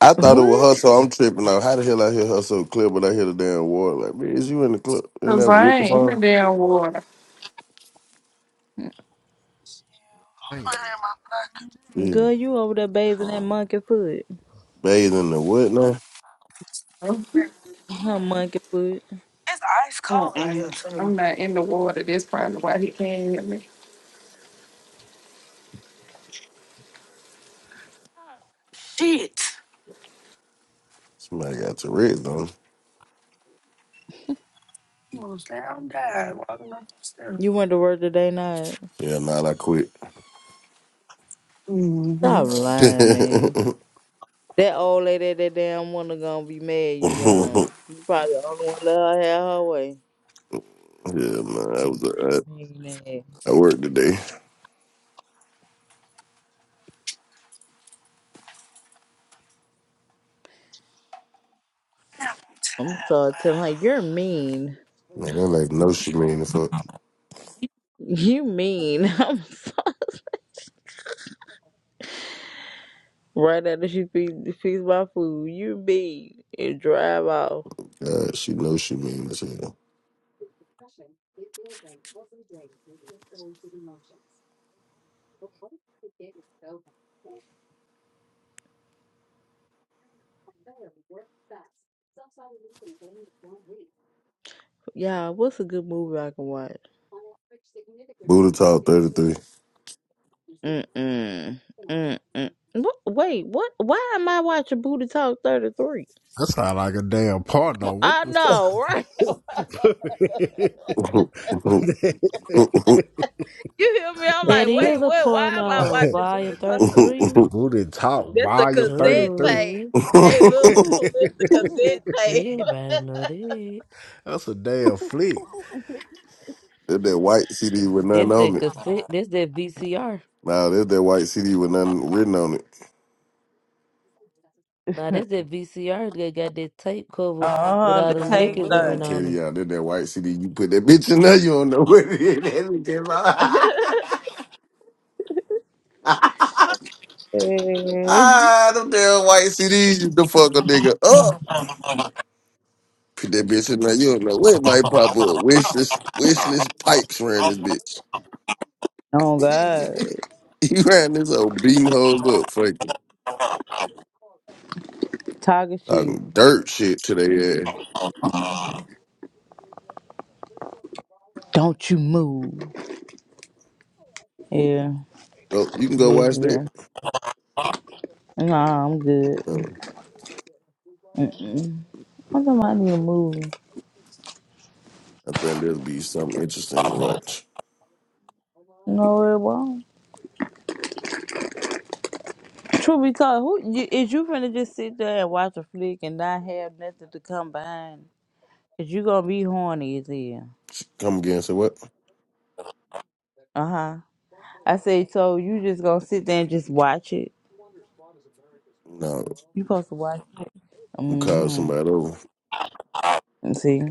I thought it was her,
What?
so I'm tripping out. How the hell I hear her so clear, but I hear the damn water? Like, man, is you in the club in
Cause
that
I
with the
ain't in the
phone?
damn water.
Damn.
Yeah.
Girl, you over there bathing that monkey foot.
Bathing the what now?
Mm-mm.
Her monkey foot.
I'm not in the water. That's probably why he can't hear me.
Somebody got Tourette's though.
You went to work today night.
Yeah, nah, I quit.
hmm
Stop
yeah,
lying, man.
man,
That old lady, that damn woman gonna be mad you gone. You probably the only one let her have her way.
I was uh,
Mean ass.
I worked today.
I'm sorry, telling her you're mean.
Man, that like no she mean the fuck.
You mean. I'm sorry. Right after she feed feeds my food, you mean and drive off.
God, she knows she mean as hell.
Yeah, what's a good movie I can watch?
Buddha talk thirty three.
Mm mm mm mm. Wait, what? Why am I watching Booty Talk 33?
That sound like a damn porno. What
I know, right.
the
You hear me? I'm
That
like, wait,
is a
what? Why am I
porno,
fuck?
watching Booty
volume
Talk?
33.
Booty Talk
That's a
Volume
cassette
33.
tape.
Dude,
Hey, look, Pooh, it's a cassette tape.
everybody know that.
That's a damn flick.
that that white CD with
That's
nothing
the
on it.
cassette, that's that VCR.
Nah, there's that white CD with nothing written on it.
Now, that's that VCR that got that tape cover with
Oh,
all
the
them
tape
naked
Man, I'm
women on
thing.
them.
telling y'all, there's that white CD. You put that bitch in there, you don't know what it is. That bitch is all-
Eh.
ah, them damn white CDs, you the fuck a nigga up. Put that bitch in there, you don't know where it might pop up. Wishless, wishless pipes ran this bitch.
Oh God,
he ran this old beating hoes up, fucking
Tiger shit.
talking dirt shit to their ass.
Don't you move. Yeah,
Go, you can go watch that.
basically. Nah, I'm
Uh,
good. Mm-mm. I don't mind you moving.
I think there'll be something interesting to watch.
No, it won't. True, because who you, is you finna just sit there and watch a flick and not have nothing to come behind? Is you gonna be horny as hell?
Come again, say what?
Uh huh. I say so. You just gonna sit there and just watch it?
No,
You supposed to watch it?
I'm calling
Mm-hmm.
somebody over.
See,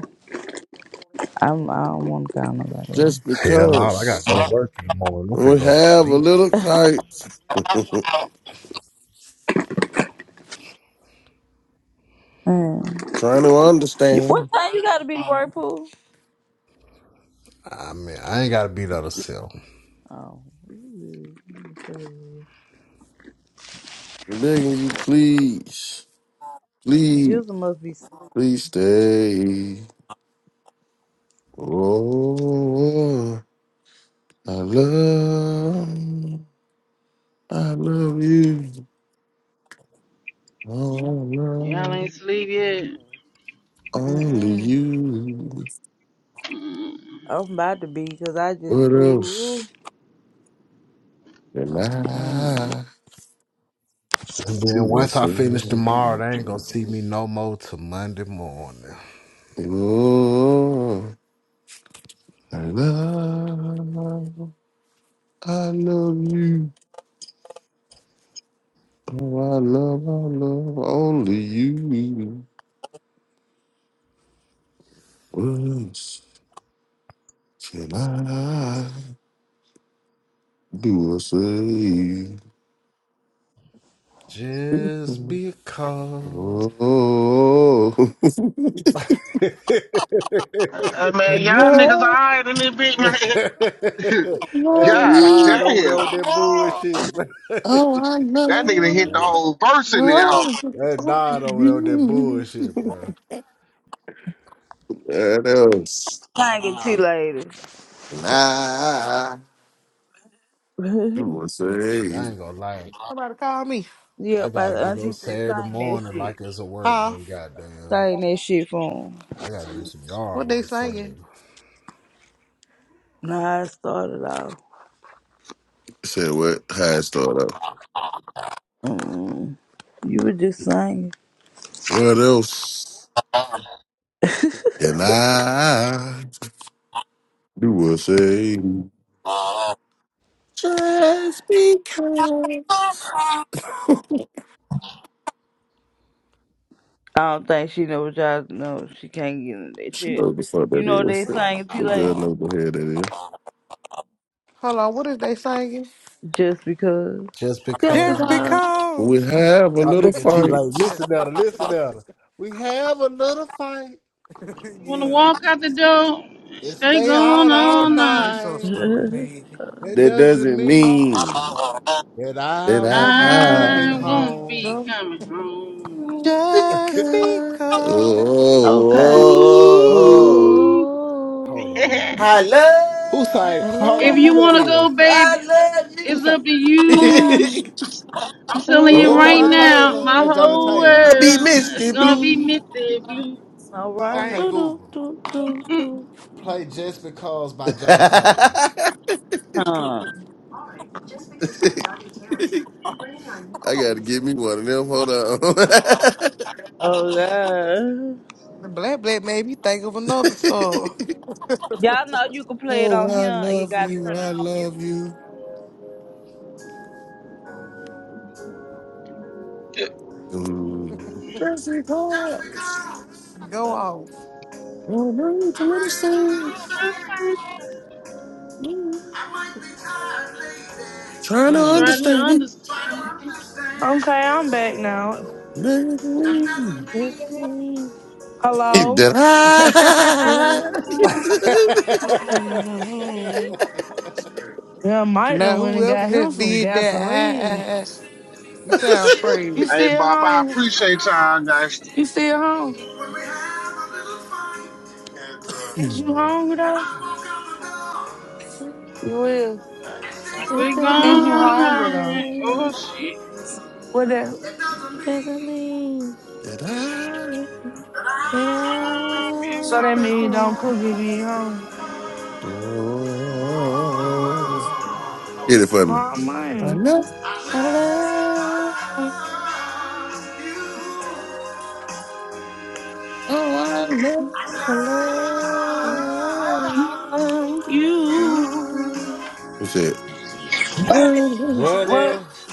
I'm. I don't want to call nobody.
Just
Hell no, I gotta
because
go to work in the morning. I'm finna
we
go to
have a
sleep.
little fight.
Mm.
Trying to
You- What
understand.
time you gotta be to work, pool?
I mean, I ain't gotta be there to sell.
Oh, ooh, ooh,
I'm Begging you, please, please,
Jizzle must be.
please stay. Oh, I love, I love you. Oh, I
Y'all
love
ain't sleep yet. You
only
Mm-mm.
you.
I'm about to be because I just
What
ooh.
else
ooh.
can
Mm.
I
And then
do? I
once I
say,
finish tomorrow, they ain't gonna see me no more till Monday morning.
oh. I love, I love you. Oh, I love, I love only you. What can I do or say?
Just because.
Oh,
hey,
Hey
I
man, y'all niggas
love,
alright in this bitch, man.
I love
that
yeah,
nod
you.
over there
damn.
with that bullshit. man.
Oh, I
That nigga done hit the
love,
whole verse in there.
That nod
only
over there with that
you.
bullshit, bro.
What else
Thank you, later.
can I do or
Shit,
say?
I ain't gonna lie.
somebody call me.
yeah,
I
my
gotta get up
auntie said
Saturday
sign that
morning
shit.
like it's a work
Huh?
day, goddamn.
Sign that shit for him.
I gotta do some yard
What
work
they
Saturday.
singing?
Nah, I started off.
Said what? How it start up?
Mm, you were just singing.
What else can I do or say?
I
Just because.
don't think she know what y'all know. She can't get into that
she
shit.
knows the fuck
You
that
know
is.
they saying too
The
like
girl knows the head that is.
Hold on, what is they singing?
just because.
Just
Just
because.
Just
because.
We
because.
have a
I
little
look at T like,
fight.
Yeah,
listen at her, listen at her. We have a little fight
wanna
yeah.
walk out the door?
and
Stay
stay
going
out all
all
They
night.
so
night.
stupid, man.
That
That
doesn't
doesn't
mean
mean
that I
that
won't be
I
I
coming
I won't be
home.
know
coming home.
just
because oh,
because.
okay.
oh, oh. oh.
Ooh,
Oh,
Hold on, goddamn.
I love
Who's like,
I
hold
if
on, who
you
that
want to go,
love,
is?
baby,
I
Who's
it's
like,
up to
love you.
you. I'm telling
is
oh,
you
that
Oh,
I
right
Johnny
I
now,
love.
Taylor?
my
That's Johnny
whole
love,
I
Taylor.
be
world is
Misty
gonna be
Blue.
misty blue.
All right.
Okay,
do
Sing
do
Google.
do do do.
Play Just Because by Johnny Table.
I
Huh.
it.
gotta give me one of them. Hold on.
Oh God.
The black black made me think of another song.
Y'all know you can play it
oh,
on
I
here. You
love
gotta
you.
turn it
I
on mute.
love you. Mm. Jesse
Just
Cox.
because
Go
But,
off.
Oh, no, it's a
I
little
raise a
soon.
little sand,
Christmas Eve.
Mm.
I might be tired lately.
Trying to
mm.
Try to
understand.
Try to
understand.
Okay,
understand
I'm back now.
that
Mm.
This thing
Hello.
Did
is
I?
doesn't
coming
mean.
home.
Yeah, Mike
Now
done went and
whoever
got him
just
some
did that,
gasoline.
I,
You
I, I, you sound crazy.
Hey,
still
Bob, I
And
home?
just
appreciate y'all,
because
guys.
You still home?
when we have a little fight,
Is you
and I
home?
walk out the door
You will.
and she
It's
It's
goes
been
still
all
He's
gone
on my
all
hungry
mine,
though.
night. Oh
life.
shit.
What that?
it doesn't
It doesn't
mean
mean
Did I?
that I
that
won't be
So
I'll
that
coming
be
mean you don't
gone.
cook if you ain't home.
home.
Oh, Hit it for me.
Oh
I
man.
love.
I love,
Oh, I love.
I love
Um, You.
you.
You said, What
Burn
is
it.
that
What else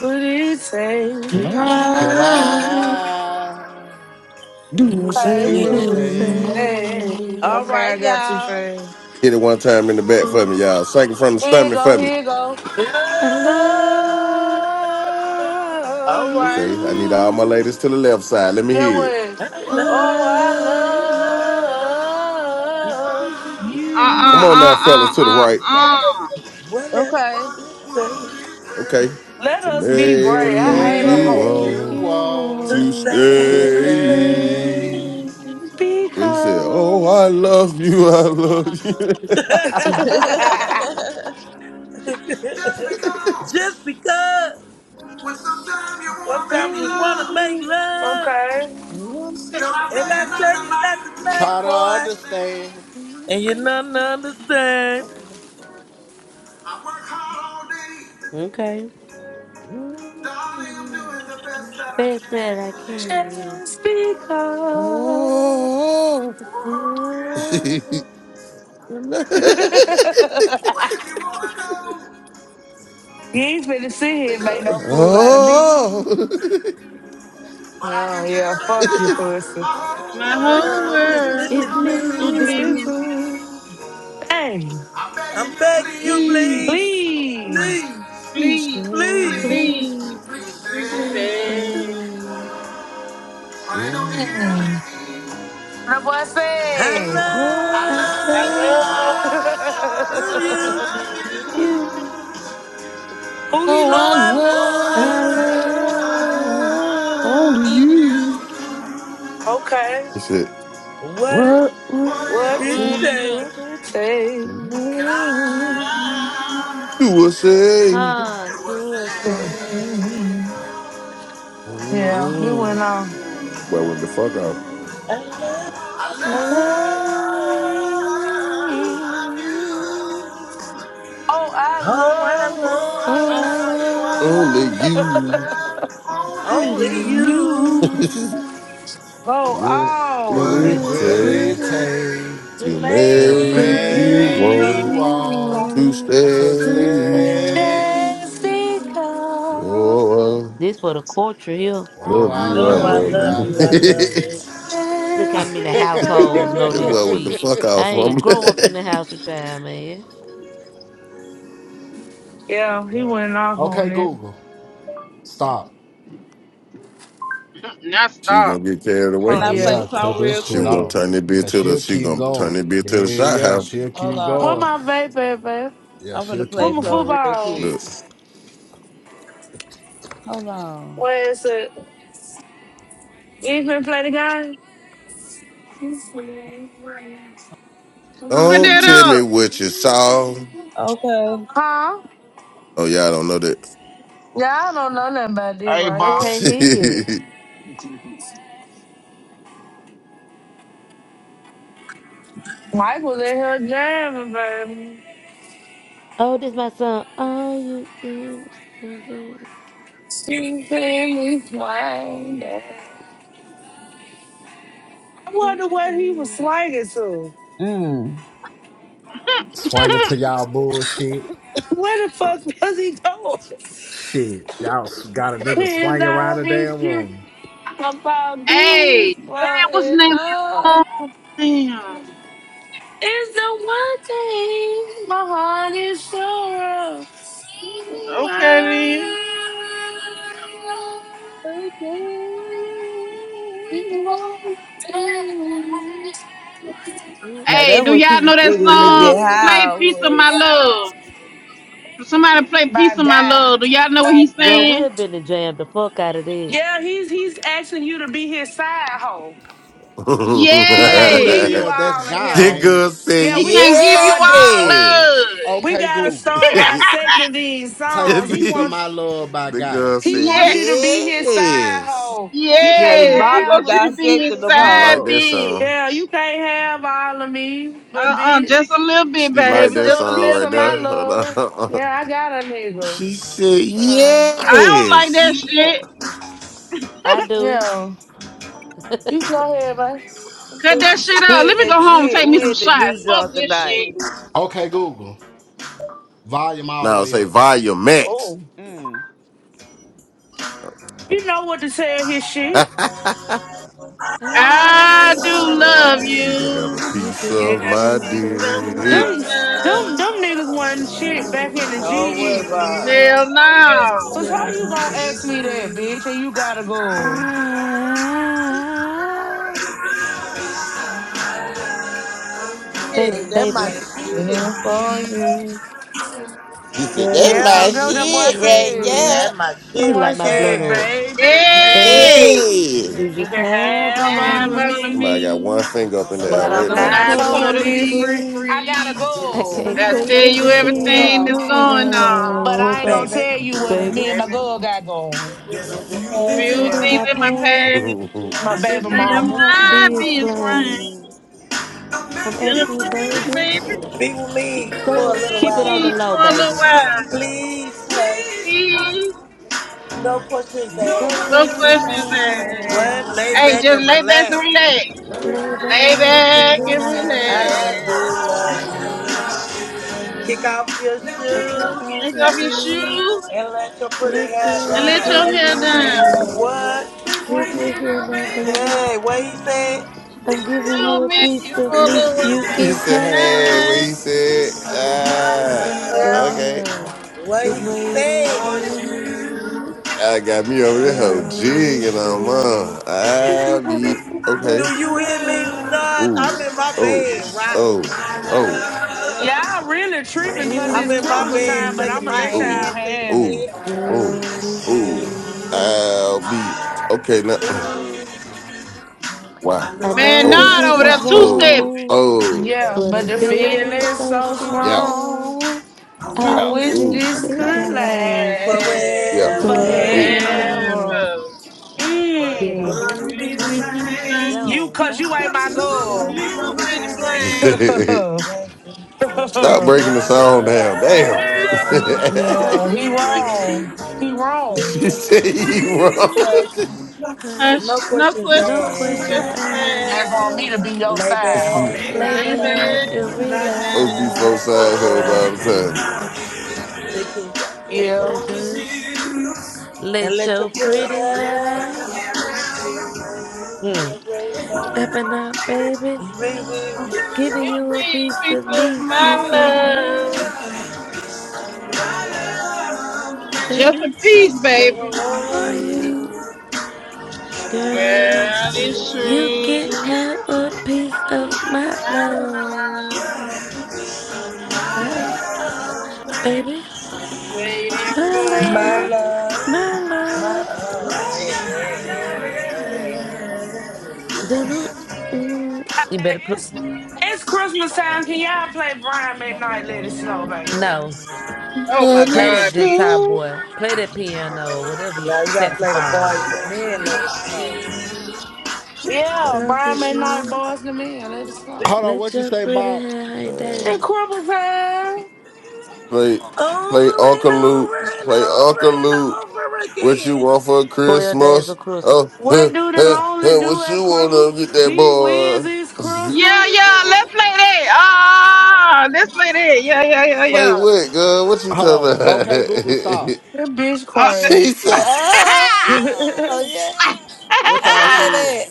Love,
could
And
I
I
I
do
Say,
do a
say?
do the
do
say?
say.
All
same.
Okay, I
right,
got you,
y'all.
fame.
hit it one time in the back for me, y'all. Second from the
Here you
stomach
go,
for me.
here you go.
I
I
love,
love
All right.
Okay, I need all my ladies
you.
to the left side. Let me
Get
hear it.
what?
I
oh,
Oh,
I
I
love love
love
love
Uh
Come
uh
on
you.
now,
uh
fellas, to the
uh uh
right.
uh.
whatever
Okay.
What
it takes
would
Okay.
it
Let
To
us be
take to
great. I
to
make
hate a
you
make
hoe.
you
make
want
you
want
to
to
want
to
to
stay.
stay?
stay.
stay.
Well, he said, Oh,
Because.
I love you. I love you.
Just
Just
because
because
when sometimes you wanna
sometimes
make
you want to make
love,
love,
I'm so
girl, I tell
and I
you not
tell you not
tonight.
tonight,
Try to
boy.
understand.
And you don't understand.
I work hard all day,
Okay,
darling. I'm doing the best that I can.
best that I can.
Just because.
Oh.
Oh yeah,
Oh,
but if you wanna go,
You ain't finna sit here
it's
and make
up to
no fool out of me.
you.
oh.
But I
Oh,
can tell
yeah,
you right
fuck you,
now,
pussy.
my whole
My whole
Well,
world
it's
is
world
misty
it's
gonna be
misty
gonna
Mr.
blue.
Please
be
do,
misty.
blue.
Blue.
please. Dang.
I'm begging
I'm begging you,
you,
Please,
please,
Please,
Please.
please,
please
please,
please, please,
stay.
please.
please.
please,
Please,
please
We
please stay.
stay.
say,
Honey, don't you
Mm.
hear me?
That boy said.
Oh,
I
I
I
love you.
love
love
I love you.
you.
Who he
Oh,
I
I
love?
Oh,
you.
I
love
I
love.
only
love
you.
you.
you.
Okay.
He said,
love what
What
it,
would
What
What
it
it
else
What
take
is
would
takes.
it take?
can I
to love?
love?
Do I say?
Hard
do? a
do a thing.
thing?
Mhm. Yeah, he went
mm
on.
Well, when the fuck off.
I love.
I love you. Oh,
Oh, I
I
Oh,
Oh,
Oh,
I
I
love you.
love
I
Only
love
love
you.
love
you.
only
Only
you
you.
you.
you. Oh,
what would
What
oh.
it
It
What
will
takes.
it
take
words
take
to
to
Make
to
to
make you
you
make
make
you
uh,
want
me.
you
want
to
want
to
to
stay?
stay?
stay?
Just because.
Oh.
This for the culture here.
Oh,
Love
I
you, I
Oh,
love
I
Uh-huh.
you,
love
I
love
you.
you. I
love
Look
you.
love you.
that
how many households
Jessica.
know this
boy with the
shit.
fuck
I
off from
ain't
me.
grow up in the house with y'all, man.
Yeah, he went off
okay,
on it.
Google, stop.
Now
She was
stop.
gonna get carried
can
away.
Oh
I
Hell
yeah.
yeah,
play
cut
some real
this
She
shit
was gonna
off.
quick?
turn that bitch
Cause
to the
she'll
she was
keep
gonna turn
going.
that bitch
Hell
to the shot
yeah,
house.
she'll
Hold
keep
Where
on.
going.
my vape at, babe?
Yeah,
I'm gonna
she'll
Where
play
keep
my
some
going.
real
football?
quick.
Look.
Hold on.
Where is it? You ain't finna play the game?
Cut
Don't
that
tell me
up.
what you saw.
Okay.
Huh?
Oh y'all don't know that.
Yeah, I don't know nothing about this
Hey,
right
I
Bob.
here.
can't hear it.
Mike was in here jamming, baby.
Oh, this my song. All you did was thinking.
She playing me swinging. I wonder what he was
something.
swinging to.
Mm.
Swinging to y'all bullshit.
Where the fuck was he going?
Shit, y'all got a nigga
And
swinging around
I
the damn
with you.
room.
about
Hey,
deep
man, what's the
in
name of that
love.
song? Damn.
It's the one thing my heart is sure of.
Okay then.
Okay.
It
Now
Hey,
that's
do
what you
was
y'all
can
know
see
that
when you
worth
get
song? Play
high.
it.
Piece of
Mm.
with.
My Love. Somebody play
My
Piece of My
God.
Love. Do y'all know what he's
Girl,
saying?
we've been to jam the fuck out of that.
Yeah, he's he's asking you to be his side hoe. He
Hey,
can't
who that
give
Yes.
you
the
is? That's
all of
guy.
him.
Ain't it?
girl said
Yeah,
He
Hold
we
can
gotta
give you
start
all
on. Okay,
yes.
love.
we
okay,
gotta
Google.
start dissecting these
Play
songs. He
"Piece of
the
wants
My Love" by Guy.
girl
he
said
wants
yeah,
you to be his side
yes.
hoe. You
Yeah,
can't
yes. He
Bobby
wants
have
you to be his
dissected them
She liked
side
hoes.
that song.
yeah, you
bitch.
can't have all of me, but
Uh-uh,
bitch.
just a little bit,
She
Just
liked
baby.
a
that
Just
little
a
song
piece
little
right
of
there.
my
bit.
Hold
love.
on.
Yeah, I got a nigga.
she said
Yeah.
I don't like that
yes.
shit.
I do.
yeah.
I
You go ahead, man.
Cut that shit out.
We
Let
at
me go
the
home and
we
take me
we
some
at the
shots.
juice
Fuck
jar
this
tonight.
shit.
Okay, Google. Volume all the
Now
way
say
up.
volume max.
Oh.
Mm.
You know what to tell his shit.
I
do
do
love
love
you.
you can have a
you.
You
piece
can
You
of
have a
have a
my
piece
piece
of
of
my
my
dick.
Them them
love
them
love.
niggas wasn't shit back
waiting
in the G
for
Don't worry
either.
about. it.
Hell
you.
no.
Cause how you gonna
Girl,
ask
it's
me that,
true.
bitch, and you gotta go.
Ah, baby,
Shit, that my
baby.
shit.
Waiting for you.
She said that's
Yeah,
my
Girl,
go what that
it's
boy
shit right
said.
true.
there.
That my
Let me
shit
Someone
light
right
my blunt
said,
there,
up.
baby,
Baby,
Hey.
Hey,
you
you
just
can
have
have
all I
And
all of
need,
follow
me.
somebody got
me.
one finger up in the
but
air
But
Cause
I'm
right
I'm
I'm
not
now.
not
not
totally
totally
totally
free. I
free.
got a
free.
I
goal.
can't
I
tell you
tell you
everything that's
everything
Yeah.
that's
going
going
But I
on.
ain't gonna
on.
baby.
tell you what me
Baby,
and my
Every
girl got going.
We're
There's a
there's
in
a
your
few
few
things in
past.
few
things in
things
Yeah.
my
life
in my past,
past
If you
My
have
that
to
that
should
baby
be
I
should
am
mama.
not
not
be.
not
be
being frank.
explained.
I'm
I'm
asking
Still a
asking
you,
you,
piece of you,
baby,
good.
baby.
Be with
baby,
me
be
stay
for a
with,
little
keep
Still
it
with
on the
me
me.
while.
low,
for a little
baby.
while.
Please
Please,
hush.
Please,
No questions
no
No
asked.
no
questions
questions
questions
asked.
asked.
What? Lay
Hey,
back
asked.
just
and
lay back and
relax.
relax.
Lay back
Lay
and
back and relax.
I
relax.
do love you. Kick off your
Now
Now
kick
take
shoes
off
off
Take
the
your
off your
shoes.
shoes.
shoes
and let your pretty
Let
Lift
hair
and
up
your
the
let
down.
your
pretty
man.
hair
hair
down.
down.
What?
It's free
Here's we
here
here
now,
now,
baby.
baby.
Hey, what he said?
I'm
Give me your
giving
Feel
you a
love.
me
piece
for
of
a
me
little
You
you
can
she
can
while.
said,
have
"Hey,
it.
have.
what
Bye.
he said?
I
Ah,
Yeah.
okay."
Yeah,
What
it's
he
waiting
said?
for
want you.
you,
I got me over there whole jig
girly
and I'm
shoe.
on.
You can
I
have a
be
piece of
okay.
Do you
my
hear me?
love.
Not. I'm
Ooh,
in my
oh,
bed, right?
oh, oh,
Y'all really
It's
tripping because
I'm
it's
waiting
in my
Christmas
for
bed
time, but I'm
shaking
gonna let y'all
you,
my
oh,
ass and
have it.
oh,
shit.
oh,
girly
oh.
shoe.
I'll be okay now. mm,
Ooh,
Why?
I
I
love the
Man,
know that
Oh,
not
this
over
is
there two stepping.
oh,
wrong.
oh,
Yeah,
But
but
a
the
feeling
feeling's
so
so
yeah,
song.
strong.
strong.
I
I
I
wish
yeah,
wish
wish
this
this
ooh,
this
could
could
last
last
yeah,
Yes,
forever.
ooh.
forever.
forever.
forever.
But I
Mmm.
world to be
Sing,
wouldn't
the
sing,
be.
sing,
same.
sing.
You,
Yo,
cause you
God,
ain't my
Cause
it could
girl.
who would be
not be
the
You'll
the
be to
plan.
man?
blame.
Making
If
it
Stop
Every
you
breaking the
was
song
mother.
to
hurt
down. Damn.
Girl,
hurt
all over
up
Yeah,
again.
he
over again,
wrong. He wrong.
she said
Please
you
Please,
please
wrong.
hush.
hush.
No
Hush, no
questions
no
No
questions,
questions
questions
asked.
questions
asked.
That's
asked.
on
asked.
me to be your
Lay
side, hoe.
Supposed
Lay
back and
Lay
back.
Lay back,
back and
relax.
relax.
to be four
I
relax.
do
size hoes
love
Uh,
all
you.
the
Take it off your
yeah.
shoes and
Let
let your
your
pretty
pretty
hair
head
down.
out. Hmm.
Yeah, baby, baby.
Up and up, baby.
You may be
You
Giving you a
need a
piece
piece
of
of
me you
my
can have,
love. Just a
baby,
piece, baby.
for you. Girl,
Girl, it's
you can
true.
have a piece of my
My
love.
love.
My love, baby.
Waiting
My
for
my
love.
you.
love,
My
my
love.
honey. Yeah, yeah,
Dunno. Mm. You better put,
It's it's Christmas time. Can y'all play Brian McKnight, Let It Snow, baby?
no.
time.
Oh my
Shit.
Play
Nothing
that
God,
good time,
bitch.
slow.
boy. Play that piano or whatever you
yeah. Now you gotta play the boys to
saxophone.
men, let it snow.
Put
Yeah,
off
Brian
your
McKnight,
shoes.
Boys to Men, Let It Snow.
Hold on,
Let
what you
your
say
pretty
about?
hair hang
It's
down.
Christmas time.
Play, play
Over
Uncle
and
Luke.
over and
Play
over
Uncle
and
Luke.
over
What you
again.
want for
12 days
Christmas?
of
Oh,
Christmas.
huh,
What do the
huh,
lonely
huh,
do
what
at
you want
Christmas?
to get that
Gee whiz,
boy?
it's
Yeah,
Christmas.
yeah, let's play that. Ah, let's play that. Yeah, yeah, yeah,
play
yeah.
what, girl? What you
Hold on.
talking about?
Okay, Google, stop,
That bitch
Uh, th-
she
crazy.
said,
stop.
oh,
that
yeah.
What
let
y'all said?
play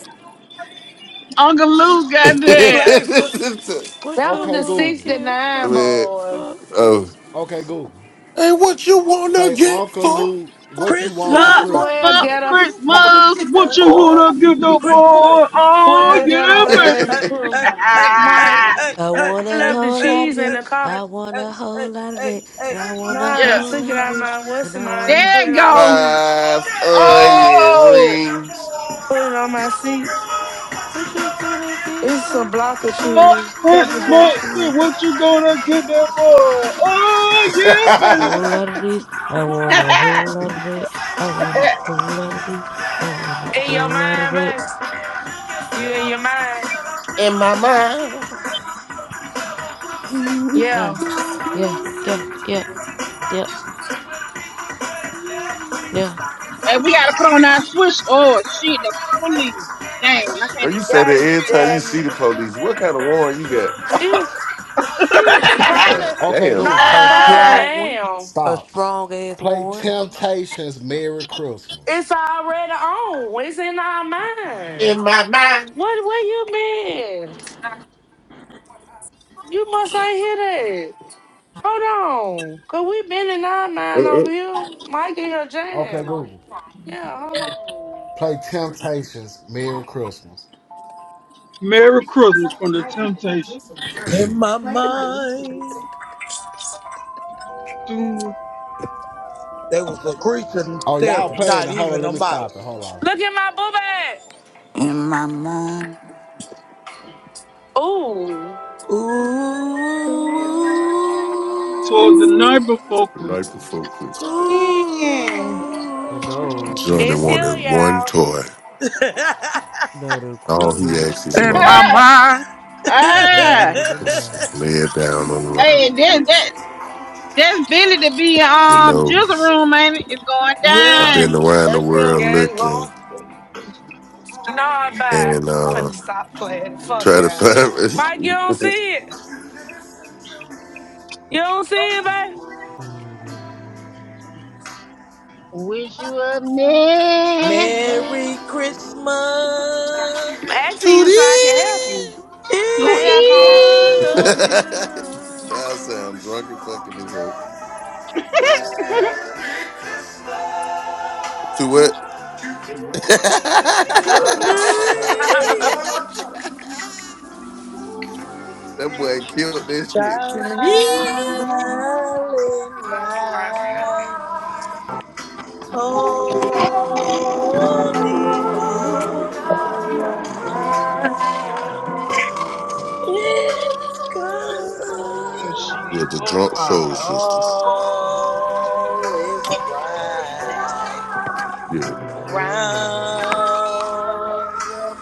Uncle Lou, goddamn.
Play
that.
for
This is-
What you
was
Okay,
the
wanna
Google.
get
69
for
Man,
boy.
for
oh.
Okay,
Christmas?
Google.
And what you want to
Play
get
Uncle
for?
Luke.
for
What you want for
Christmas?
Christmas.
Huh?
What
Square
Christmas?
Fuck
ghetto,
you want to
Christmas.
get that
What
Uh,
you wanna give the
Chri-
boy? Oh,
square
yeah,
ghetto
Hey, hey,
days of
hey,
baby.
crew.
hey, hey,
My,
boy?
hey,
I
hey,
want
I
a
hey,
left the
whole
hey, hey,
lot of
cheese in
this.
the car.
hey, hey,
I want
hey,
a whole
hey,
lot of
hey,
it, and I
No,
want a
I
yeah,
whole
took it
lot of
out of
this,
my what's
and
the
I want
name,
a.
there
put
you
it on the
go.
seat,
Five onion
Oh,
rings
put it on my seat.
What you wanna get
It's a
for
block of
for
fuck
cheese, pepper
Christmas?
jack
Christmas.
cheese.
What you gonna get that boy? Oh,
in
yeah,
A
baby.
whole lot of this. I want a whole lot of it. I want a whole lot of this. I want a
In your
whole lot of
mind,
it.
baby. You in your mind.
my mouth.
Yeah,
Yeah.
yeah, yeah, yeah, yeah, yeah.
and we gotta put on our switch. Oh shit, the police. Damn, I
Well,
can't
you
even
say
stop
that
at the
God
every
green
time you
damn
see
it.
the police. What kind of warrant you got?
She, she
Ah,
probably,
Okay,
damn.
Google.
no,
A
probably
light.
strong one.
now.
A
Stop.
strong ass
Play Temptations Merry Christmas.
It's already on. It's in our mind.
In my mind.
What, where you been? You must ain't hear that. Hold on. Cause we been in our mind over
Uh-uh.
here. Mike in your
Okay,
jam.
Google.
Yeah, hold on.
Play Temptations Merry Christmas.
Merry Christmas from the Temptations.
hey. In my mind, there was a creature
Oh, y'all
staring,
playing
not
it. Hold on,
even
let
a
me stop it.
mouse.
Hold on.
Look at my boo bag. Ooh.
Ooh,
one.
Toward the night before
The night
Christmas.
before
ooh,
Christmas,
Mm.
and all
Johnny
through the
It's
ooh.
here,
wanted
house.
one
y'all.
toy.
Not a
All
creature
he
was
asked his
In my
stirring,
mom
ah,
mind.
and not
Ah.
even a
was to lay
mouse.
it down on the line.
hey, that that that's Billy to be
You
um
know,
Jizzle room, ain't it? It's going
I've
yep,
been
down.
around the
that's him.
world
Yeah, it's gone.
looking
Nah, bye.
and
I'm
uh
finna stop playing. Fuck
try to
y'all. Mike, you don't
find
see it. You don't see it, babe.
Wish you a merry
They're
Merry Christmas.
I'm asking you
Tootie!
so I can help you.
to
Okay, here I
Each
come.
one
eat.
of
That'll
you
sound drunk and fucking this hell. To what?
to me.
that boy killed this shit.
Silent
Black,
night, holy night, it's
Oh
come.
shit,
Yeah,
it's
the
12
drunk
o'clock.
soul sisters.
All is bright
Yeah.
round
alright.
your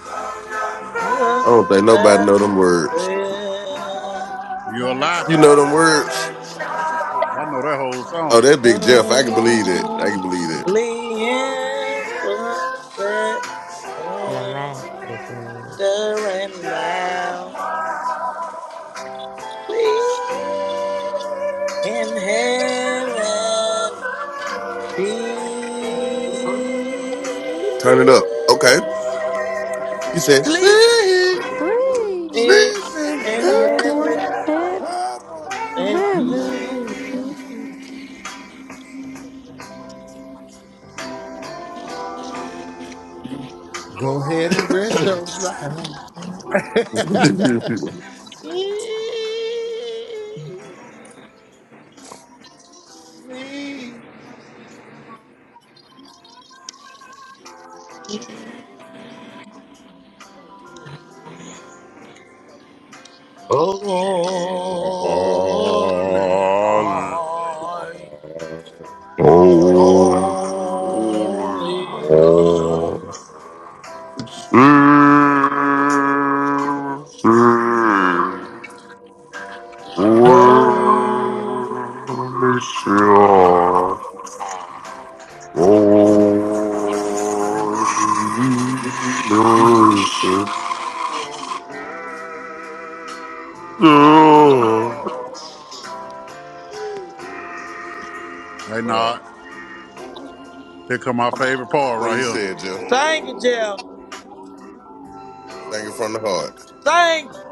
I don't think nobody know them words.
You a lie.
You
blood.
know them words?
I know that whole
Oh,
song.
that Big Jeff. I can believe that. I can believe that.
Only emphasis
Your laugh, it says.
tender and mild. sweet in heaven
Turn it up. Okay.
peace.
He said,
Sleep
"Sing."
Sweet,
in
Sleeping
in
sleeping,
cowboy,
heaven
and
I'm
and
on
heavenly
peace.
beings,
Go ahead and rest your
the
life. Sleep. Sleep.
All
Holy
in
night.
my-
Holy night. Oh.
oh, Oh.
Hey,
What up?
not. Here come my favorite part
What
right
he
here.
said, Jeff?
Sing it, Jeff.
Singing from the heart.
Sing it.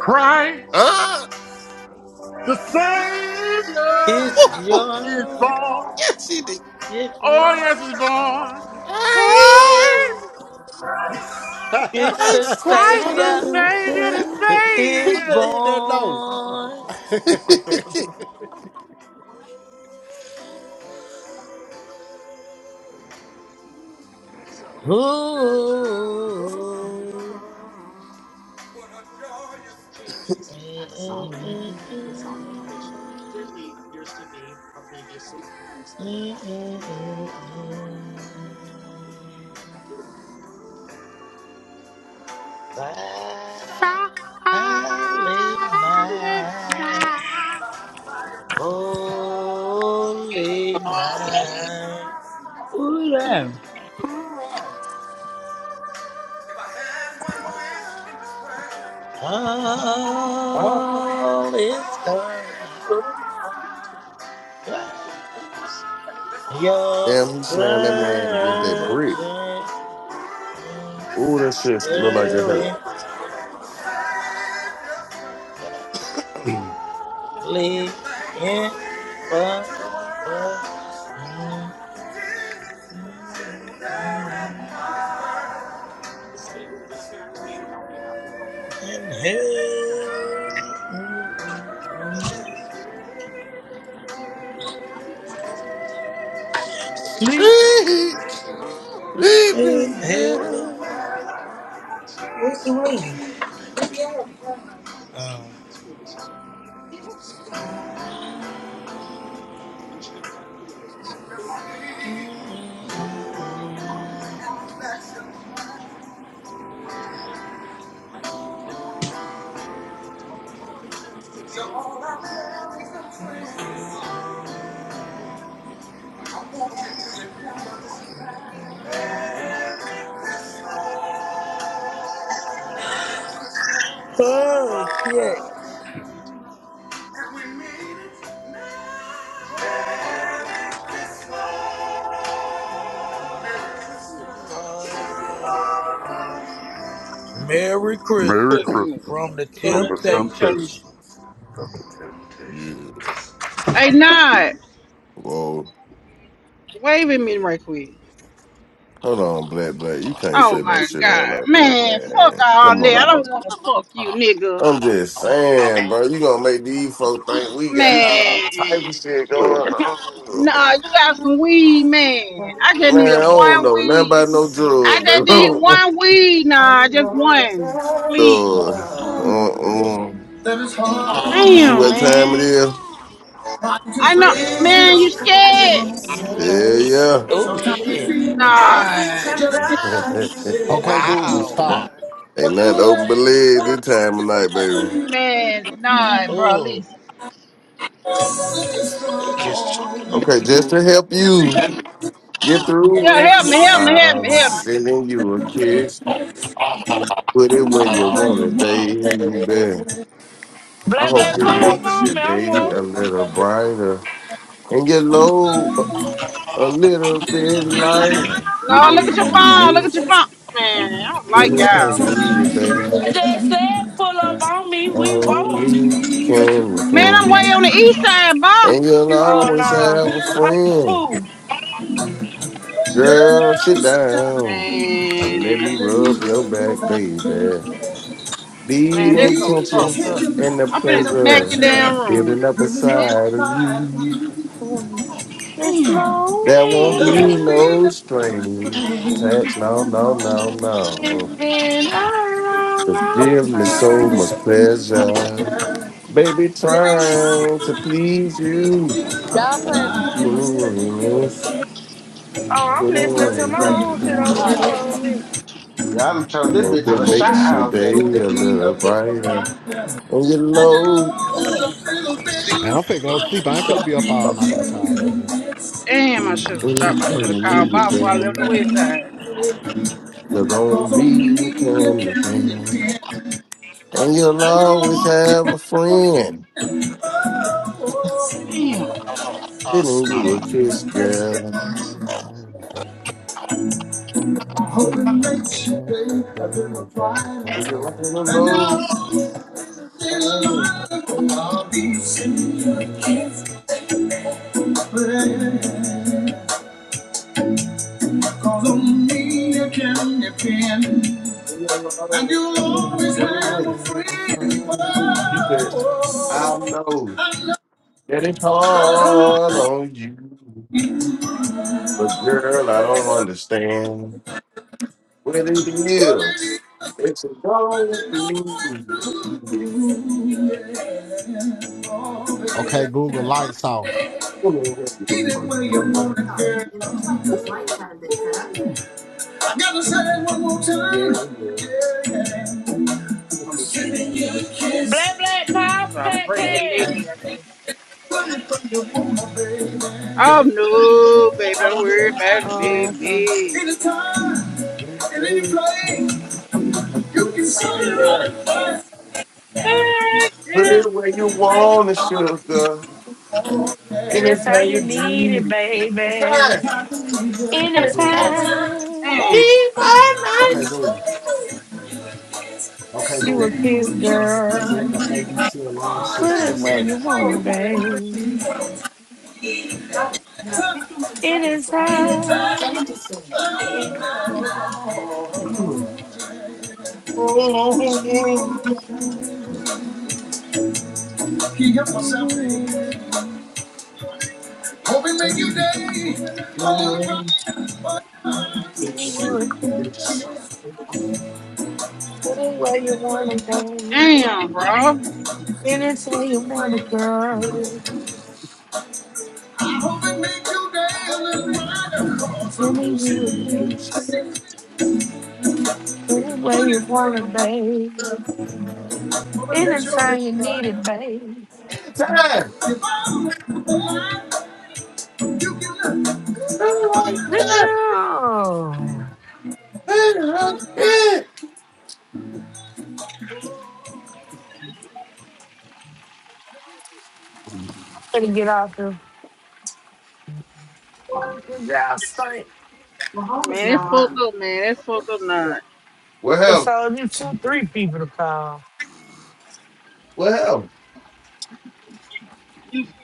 Christ,
Ah!
the
It's
Savior, is
your,
born.
it's
Oh,
your,
yes, he's born. Christ.
it's the
Christ
Christ
the
Savior
the
Savior, the
Savior.
Who
is
just
Savior.
hit that note?
born. Ooh. Mm-mm-mm-mm. Mm-mm-mm-mm.
Silent
Silent night.
night.
Holy night,
Who that?
all is gone. Your
Damn, he slammed that man against that brick.
virgin
Ooh, that shit look like it hurt.
willingly in but and who sleep in heaven was the rain. Um,
To all our parents and friends, I want you to remember this last.
oh, shit. Merry
Merry
Christmas
Christmas
Christmas
from the
from
from
the
the Temptations.
Temptations.
Temptations.
yeah.
Hey, nah.
Whoa.
Wave at me right quick.
Hold on, Black Black. You can't
Oh
say no
my
shit out
god,
like that,
man, fuck
man.
all
Come
that.
on,
I
bro.
don't want to fuck you,
Oh.
nigga.
I'm just saying, bro. You gonna make these folks think we got all
Man,
type of shit going on,
nah, you
bro.
got some weed, man. I just need
Man, I don't
one
know nothing
weed.
about no
I
drugs, baby.
just
I
need
don't know.
one weed, nah, just one, please.
Duh. Uh-uh.
That is hard on
You see
Damn,
what
you.
time it
man.
is?
Trying to
I know,
phrase it
man.
This
You
all
scared?
wrong.
Christmas,
Yeah,
Oh,
Sometimes you
shit.
feel
as we
Nah,
you
tender
just can't
yeah.
to you. Okay, Google,
Wow.
stop.
Ain't
want to
nothing open but
let it
leg this time of night, baby.
man, nah, bro.
Oh,
Listen,
let it
they just chunking
strong.
them
Okay, just
people.
to help
Just to
you
get
get
it
yeah,
through it,
help me,
through
help
it
me, help me,
I'm
help me.
sending you a kiss. Put it where you want it, baby. I hope
black,
it
pull up
makes your
on me. I'm
day
woke.
a little brighter and your load a little bit
little bit
lighter.
No, look at your
Giving
phone.
you
Look at your
this
phone, man. I don't like
anything
y'all.
you needed, baby.
I just said pull up on me. We woke.
Oh, me, you can
like
Man,
it
I'm way
friend.
on the
can.
east side, Bob.
And you'll
You'll
Oh
always
always
no.
have a
have
friend.
Kapu.
Girl,
Girl,
sit
sit down
down and let me
and let
Man,
me
rub your
rub your
back,
back,
baby.
baby.
man,
The
this so
Ease the
fucked
intentions
up.
and the
I'm
tension
finna
and the
smack the
pleasure
damn
pressure
room.
building up
building up
inside of
inside of
you.
you.
It's
Damn,
snowing.
There won't
There will
be
be
no
no
strings
pain.
attached. No,
No,
no,
no,
no,
no,
no.
It's
no.
been a long,
Just
long
give me so much
time.
pleasure. Baby,
They've been trying
trying to
to
please
beat
you.
you.
I'm
I'm
getting this.
Oh, I'm
Getting
listening
sorry
to
on
my
for
own
one,
shit.
baby.
Oh, I'm
Huh?
going mute.
you.
Y'all done
I
turned this
hope
bitch to
I
it
the
hope it
shot
makes your
house,
moves
day
baby.
a
today a
little
Yeah.
little
brighter.
brighter.
And you
And the
low
road a little bit
Man, I'm finna go to
longer.
sleep. I ain't finna
I'll
be up
Charge
all
be
my
night with
giving
phone
y'all,
you
up.
man.
this,
damn, I should have stopped. I
anytime
should have
you
called
need it,
Bob before I
giving
left the
baby.
you
west side.
that.
Cause
Cause
on me
on me
you
you
can
can
depend.
depend.
And you'll
And you'll
always
always
have
have
a friend.
a
Damn,
Giving you a
sending you
kiss,
a
girl.
kiss. I'm hoping that you be a little brighter.
And you're looking
I
alone.
know it's a little
Oh,
lighter from all these silly kids. Cause on me you can depend.
you're
And
alone
you'll
without a
always have a
friend.
friend. Oh,
He said, I know
I know
that it's
that's how-
hard on you. But girl, I don't understand what it
what it
is.
is
It's a
that
dog
you're
for you.
going through. Yeah. Oh, baby.
Okay, Google lights off.
Anyway, you're
Get it
going
where you want
girl.
it,
Woo!
girl. I gotta say it one more time.
Yeah, yeah.
Yeah. I'm
You
sending you a
Black,
kiss.
black, pop,
so i was
fat
breaking his leg.
cab.
Running from your woman, baby.
Oh
Yeah.
no, baby,
I
don't
want you to
worry about
have
it,
it.
Oh, okay.
Yeah.
baby.
Anytime, in any place,
can
you
put it
can send
right
it
there.
right back.
Alright,
Put
yeah.
it where you want it, sugar.
And that's
Yeah.
how
Anytime
you
you
need
need
it,
it. Anytime.
baby.
I'm
Anytime. You
Anytime
Damn,
need my nights.
you a
sending you
kiss,
a kiss.
girl,
tonight.
put it where
Anytime.
you
Any
want
way you
it,
Right
want
there.
it, baby.
baby.
Take time.
Anytime.
Yeah. Keep up
Give
myself,
your
baby. Hope it make you day. I'm gonna ride for
a kiss. Get it where you wanna
you, want.
go.
damn, bro.
And it's where
put
you
it where
wanna
you.
go.
want I hope it make you day a little brighter. Cause
Give
I'm
me you a
chilling,
kiss. Get it where
put
you
it where
wanna,
you.
babe.
want Hope it
And
makes
it's
your
how
day
you need
brighter.
it, babe.
If I'm alive, you can look.
No.
Right there.
Gotta get out there. Good job, Spank.
Man, it's fucked up, man. That's fucked up, not.
It's
Well,
all you two, three people to call.
well.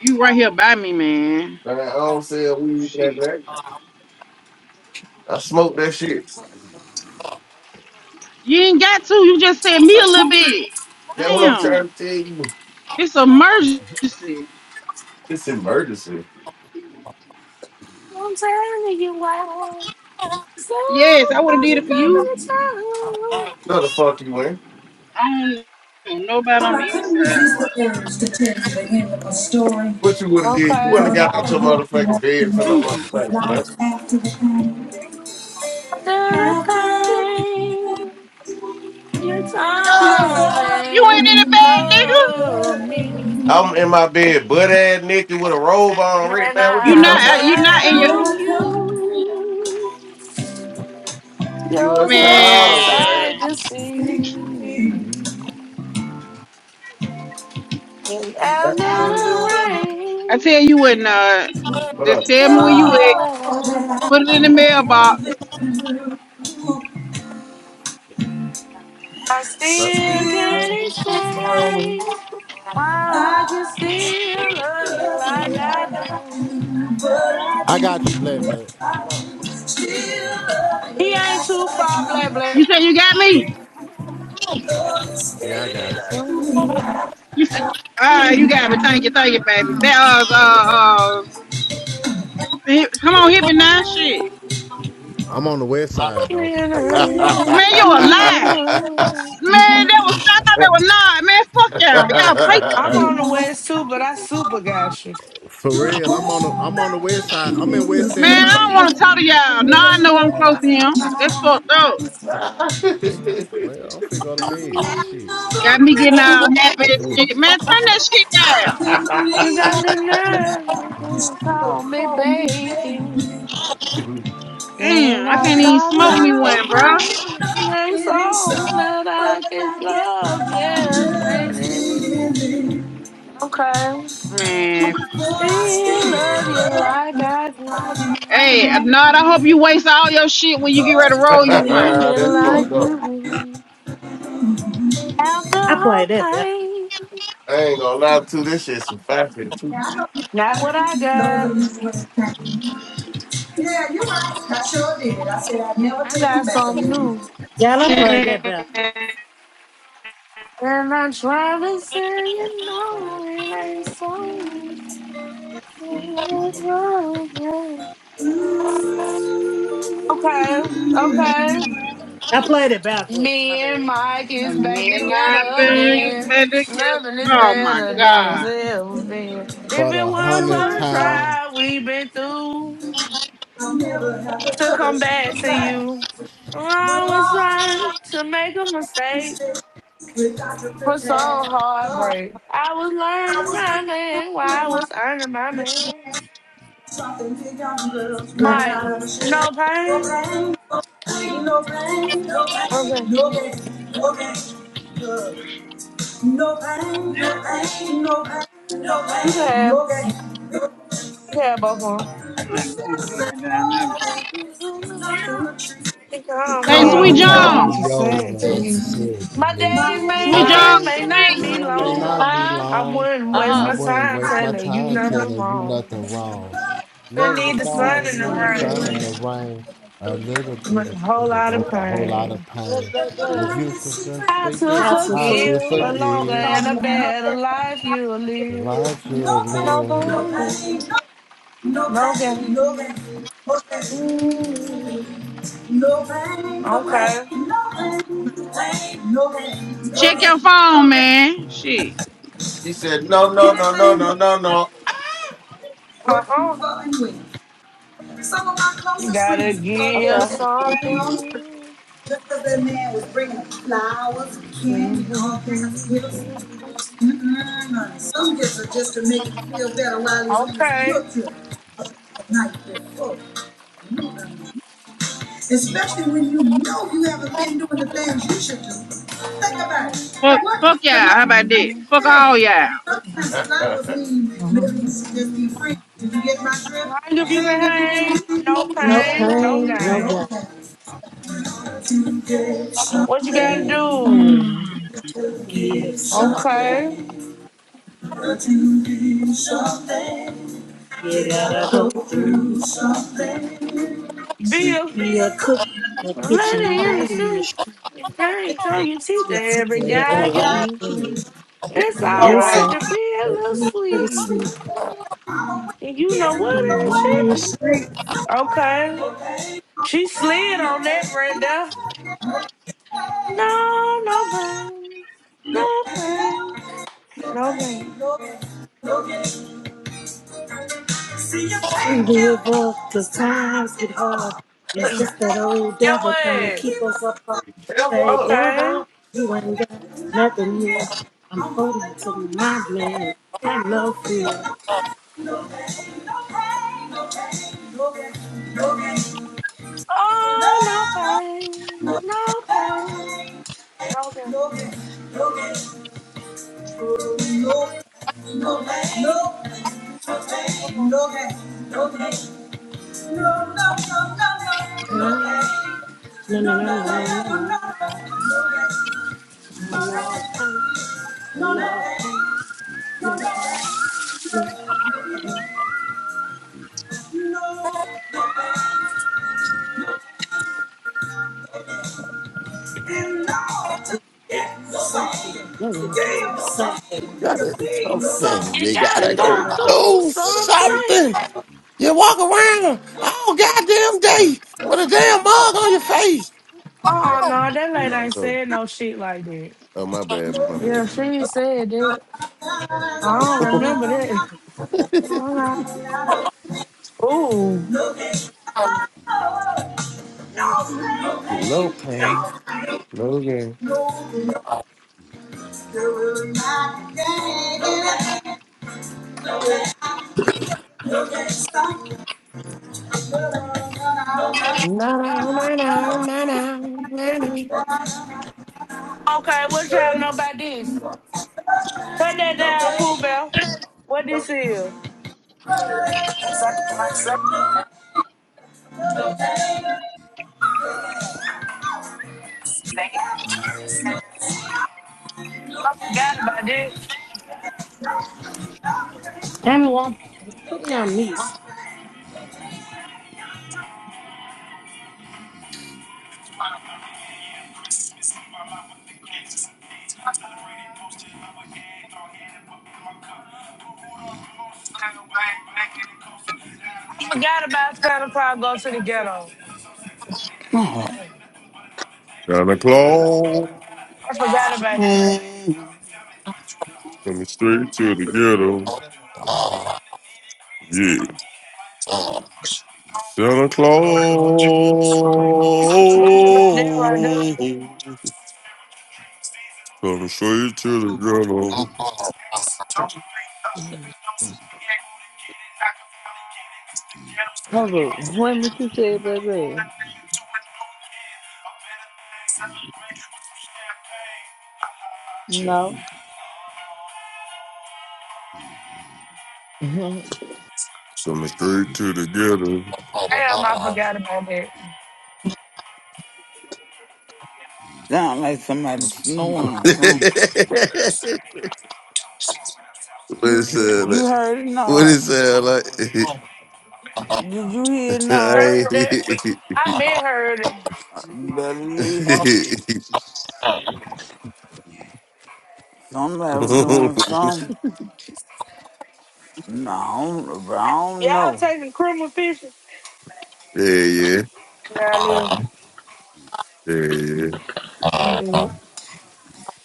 You right here by me, man.
Man, I don't sell weed like
Shit.
that. I smoke that shit.
You ain't got to. You just said me a little bit.
That's what I'm
Damn.
trying to tell you.
It's an emergency.
It's emergency.
I'm telling you why.
Yes,
Santa
I would have
Claus
did
is
it for you.
coming to
No, the fuck you ain't.
I don't know nobody on the
Well, I
east
couldn't
side.
resist the urge to tell you the end of my story.
What you would
town.
have did? You
Okay.
wouldn't
For
have got
all
out your
of what we
motherfucking
want to
bed for no
know their
motherfucking blunt.
life after the pain.
Through the
After the pain,
pain, you
you
No.
told
come,
You ain't in
me,
a bad nigga.
love me,
I'm in my bed, butt ass naked with a robe on right
and
now. What the
You
I
fuck?
not. uh, You not in your
welcome
miracle,
you.
You a
Yours
you're a
last
dog,
blessing.
man.
sight to
man.
see, and after
After
the
the
I
rain,
tell you what, uh,
What
just
up?
tell
pain,
me where you at.
all
all
that
that I
I
Put it in the
have been
have
through,
mailbox.
been through,
I still
still
can't
man?
explain why I can
God
still love you
loves you,
like
but
I
I
I
do.
got you, Black Black.
do.
Still love you,
He ain't too far, blah, blah.
You said you got me.
Yeah, I got you.
You said. All right, you got me. Thank you, thank you, baby. That was uh uh. hi- Come on, hit me now, shit.
I'm on the west side though.
succeeding.
Man, you a lie. Man, that was not. That was not. Man, fuck y'all. Y'all
I'm
play.
on the west too, but I super got you.
For
to
real, I'm on the
hold
I'm on the
back
west
The home that took
side. I'm
me
in
is
West
from
End
Man, I
Mountain.
don't want to
falling
talk to y'all.
with a
Now I know I'm close to
pleasant
him. That's
smile.
fucked up.
Well, I'm finna go to bed. Shit.
After
All
Got
right.
the
me getting
pain,
all happy and shit. Man, turn that shit
I
down.
can't
You
believe
got
you
the
got
nerve to
to
call me
call me
baby.
baby.
And
Damn, I
I'm
can't even
sorry when
smoke
I
me
I'm
one, bro.
tell you
wrong. It
no,
ain't
it ain't so,
so that
but
I can
I guess
love,
I'm
yes,
just
baby.
feeling it.
Okay.
Man.
But I
Still
still
love you
love you,
like I do.
Hey, Nod, I hope you waste all your shit when you get
for
ready to roll
you
you
Do
still
one.
me
That's
do
fucked
like
me.
up.
you do. After
I play
her
that better.
pain.
I ain't gonna lie to you, this shit's some fact shit too.
Yeah, I don't think
Not
I
what
really
I
know the
got.
reason what's happening. Yeah, you're right. I sure did. I said I'd never
I
take him
got
back
something
again.
new.
Yeah, I played that backwards.
And I'm trying to say, you know, it ain't so Okay, okay.
I played it backwards.
Me
My
and
bad.
Mike is
And
back
me and my
together
baby,
again.
baby, yeah.
Nothing is
Oh my
better than it's
God.
ever been. If
For
it
the
weren't for
hundredth
the
time.
trial we've been through to come back to you, I was trying to make a mistake.
Dr.
for so
Prepare. Oh,
heartbreak. I was
I
learning
was
my man while I
pretending when I was
was earning my man.
something big young girls running
Mike,
out of the shade.
no
No
pain.
pain, no pain, no pain, no
Okay,
pain, no pain, no pain. Good. No pain, no pain, no pain, no
you can
pain,
have,
no pain.
you can have both of
I'm
them.
not going to
Just
give it
an
down there,
old
bro.
lady sitting under a tree.
She called
Hey,
me
Sweet
Don't
Calling.
over
Call
John.
and she
me over,
said to
as she
me,
said to
My
me.
My
days may
days
My
Sweet
left
John,
here
days
you
may
in
not
speak.
be
here may
long.
not be
I
long.
Huh?
wouldn't
and
waste
Uh-uh.
my
I wouldn't
time
waste my
telling you
time
in the
nothing
telling you
wrong.
nothing wrong.
We
Love is a
need the
flower beneath the
sun
flower,
and the
needs
sun
the
and the
sun
rain.
rain,
and the rain. A little
but
bit
a
of this
whole
is
lot of
worth a whole lot
pain.
of
Good,
pain.
If
good,
you
If
good.
learn
you
this
could learn
secret,
the
How to
secret
how to
how to
forgive a
forget.
longer
I'm
forgive
and a
calling
better life
and
you'll
the
live.
life you
No
have
No
lived?"
pain, no
pain,
pain, no No
no
pain, no gain,
gain.
no gain.
Mm,
No pain, no pain, no
Okay.
pain, no pain, no gain, no
Check your
gain.
phone, man. Shit.
She said, no, no, no, no,
Anything
no,
worth
no,
having
no.
is
Uh
working
huh.
for and with. Some of my
You
closest
gotta
friends have thought they
give
Okay.
had everything on the
something.
street. Just as that man was bringing them flowers and candy and all kinds of
Mhm.
gifts. Mm-mm, honey. Some gifts are just to make him feel better while he's on his
Okay.
guilt trip.
Fuck, fuck y'all. How about that? Fuck all y'all.
Mhm. Hang if you can hang. No
No
pain, no
pain, no gain.
gain. What you gotta do? Okay.
You gotta go
See,
Bill,
be a cook in the
a
kitchen, you
lady in the
ready to
street. You can't show your teeth to every
shoot
guy
wherever
you
I
meet.
it's
It's all
all
It's
right
right.
all,
to be a
but
little
you can
sleep. And you know what is she? Okay. She slid on that right there. No, no pain. No pain. No pain.
be unbelievable, cause times get hard. It's just that old
Yeah,
devil trying to
what?
keep us apart.
Hell no.
Hey,
Okay.
devil, you ain't got nothing here. I'm holding to my man, got no fear.
Oh, no pain. No pain. No pain.
No, no, no, no, no, no.
You
Say,
gotta do something.
You
You gotta
gotta
you
go
go
gotta go.
through
do
something.
something. You walk around all goddamn day with a damn mug on your face.
Oh, no, that lady ain't
Oh,
said no shit like that.
oh my bad, my bad.
Yeah, she ain't said that. I don't remember that. Ooh.
no pain, no gain. No, no, no, no, no, no, no. no.
Okay, what y'all know about this? Cut that down, Pooh Bell. What this is? I forgot about this.
Anyone, put me on mute.
I forgot about Santa Claus go to the ghetto. I
Santa Claus
forgot about that.
coming straight to the ghetto. Yeah, Santa Claus
I forgot about that right now.
coming straight to the ghetto.
Hold on. When did you say black baby? No.
Coming straight to the ghetto.
Damn, I forgot about that.
Sound like somebody snoring or something.
what is that?
You
Like?
heard it
What
not.
is that? Like?
Did you hear it
I
not?
ain't-
Heard that. I been heard it.
Uh, You better listen. Somebody was doing something. No, I don't- but I don't
Y'all taking criminal pictures?
yeah, yeah,
Yeah, I live.
yeah, yeah.
You do it.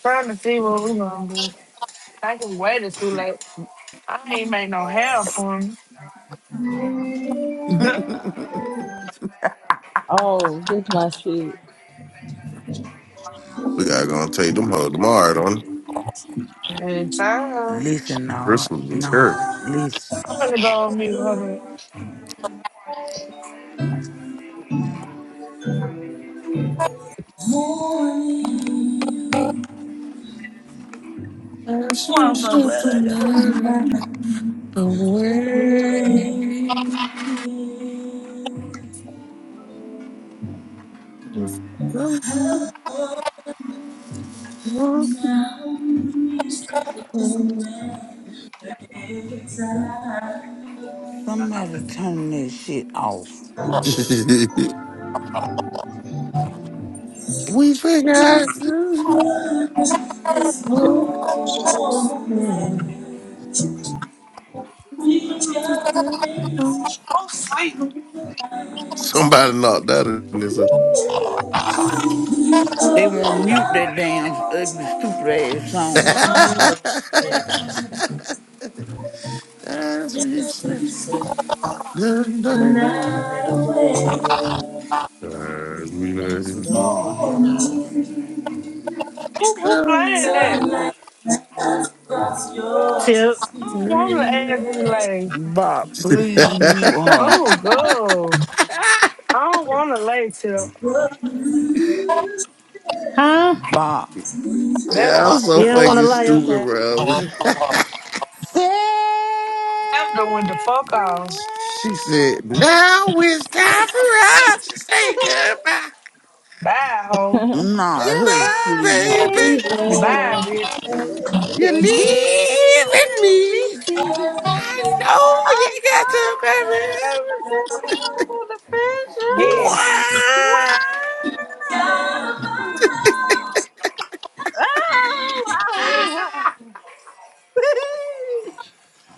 Trying to see what we gonna do. I can wait too late. I ain't make no hair for me.
know.
Oh, this is my shit.
We gotta go and take them home tomorrow on
It's time.
listen, Nod.
Christmas is
Nod.
here.
Listen.
I'm finna go on mute. Hold on.
I
Oh, I'm
switched
so
up
glad
the
I got.
night away. Just don't you
Somebody turn that shit off.
we forgot to one Somebody knocked that in.
They won't mute that
This.
damn ugly, stupid ass song.
as we slip, Good night. As we lay.
Lord have mercy.
Who, who playing that?
Tip.
I don't want to ask me. lay.
Bob, please mute her.
Oh, God. I don't want to lay tip.
Huh?
Bob,
That's
yeah, I'm
I
so
You don't want to
fucking
lie,
stupid,
okay?
bro.
them doing the fuck off.
she said,
Everywhere. Oh.
Now it's time for us to say goodbye.
Bye, hoe.
nah, hush,
Goodbye,
please.
We
Goodbye,
baby.
baby.
Bye,
have
bitch.
You're
You
leaving
leave me.
me.
be.
I
I
know you got
know
to
the
go.
picture.
Yes.
Why?
Wow. Oh, oh, oh.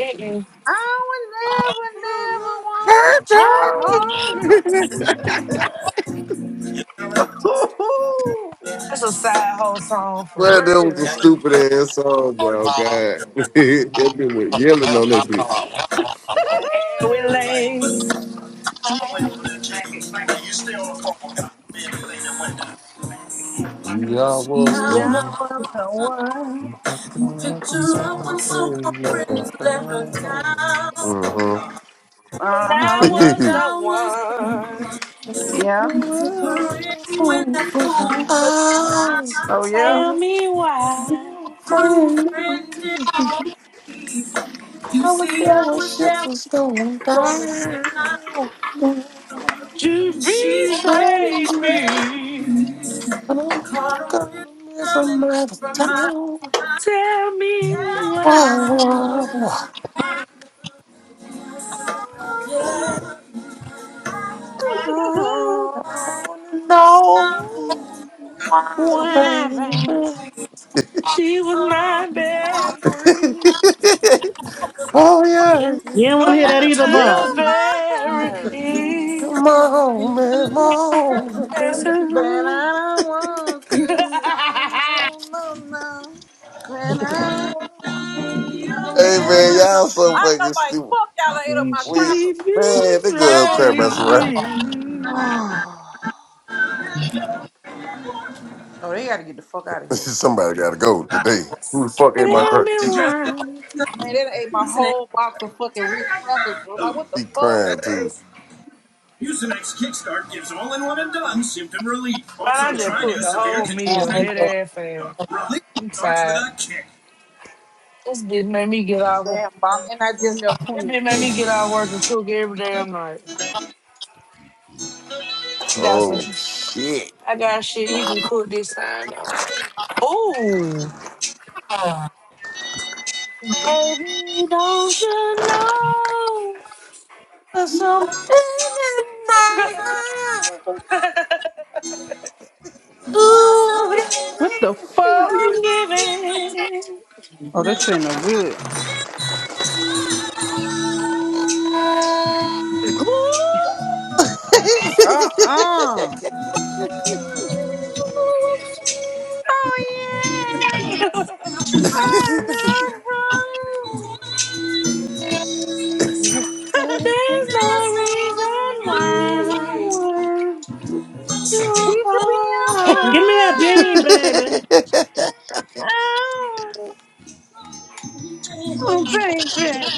Mm-mm.
I would never, never wanna hurt her.
That's a side hoe song for
Well, that was a
real.
stupid ass song. Well, God, everyone was yelling on that bitch.
And we lay. And
We all
See,
was
I
Yeah,
was
I
doing.
was the one.
Uh
a picture of one so called friends let her down.
huh.
Uh
I
huh.
And
was the
I was the
one.
one
Yeah.
who took her in when that fool put her out.
Oh yeah.
Tell me why
True friend, indeed. you
I was
see
there
how
when
I
ships
will
was going down.
you
I
be changed.
betrayed me.
don't wanna come here from out of town. Whoa,
Tell me why.
whoa, whoa. I wanna know why, baby.
Why, babe?
She was my best friend to
oh yeah,
You don't want to
oh
hear that
yeah.
either,
You
the
Bob.
are my
very
husband,
end.
Come
yeah.
on, man, come on,
That's
baby.
but
her.
I don't want to. No, no, no, no. But I don't want to. No,
Hey man,
no, no.
y'all so
I know,
fucking
like
stupid.
fuck y'all. I Ate up
and
my
Wait,
she
crackers.
man, they good crap
betrayed
messing around.
me.
Oh, oh, they got to get the fuck out of here.
Somebody gotta go today. Who the fuck ate my
Tell me
crutch?
Congestion,
why.
Man, that ate my whole box of fucking Reese crackers, bro. Like, what the
She
fuck?
crying too.
headache? Mucinex Kickstart gives all-in-one and done symptom relief.
But
This
I
Also,
shit
just
don't
try
make
cooked
new
no
the
sense.
severe
whole
congestion
meal,
and
ain't
dead
doing
cough
ass fast.
drop. Relief
I'm
starts with
tired.
a kick.
This bitch made me get out. of-
Damn, Bob. And I just left
This
20
bitch made me
too.
get out of work and cook every damn night. I got some.
Oh
sh-
shit.
I got shit he can cook this time though. Ooh. Baby, don't you know
There's something in my heart.
Give
There's
What the fuck?
I'm giving
Oh, this shit ain't no good. Uh-uh. Oh, yeah. I love you. Me someone. We should be
me a bean,
apart.
baby.
Oh, oh, baby.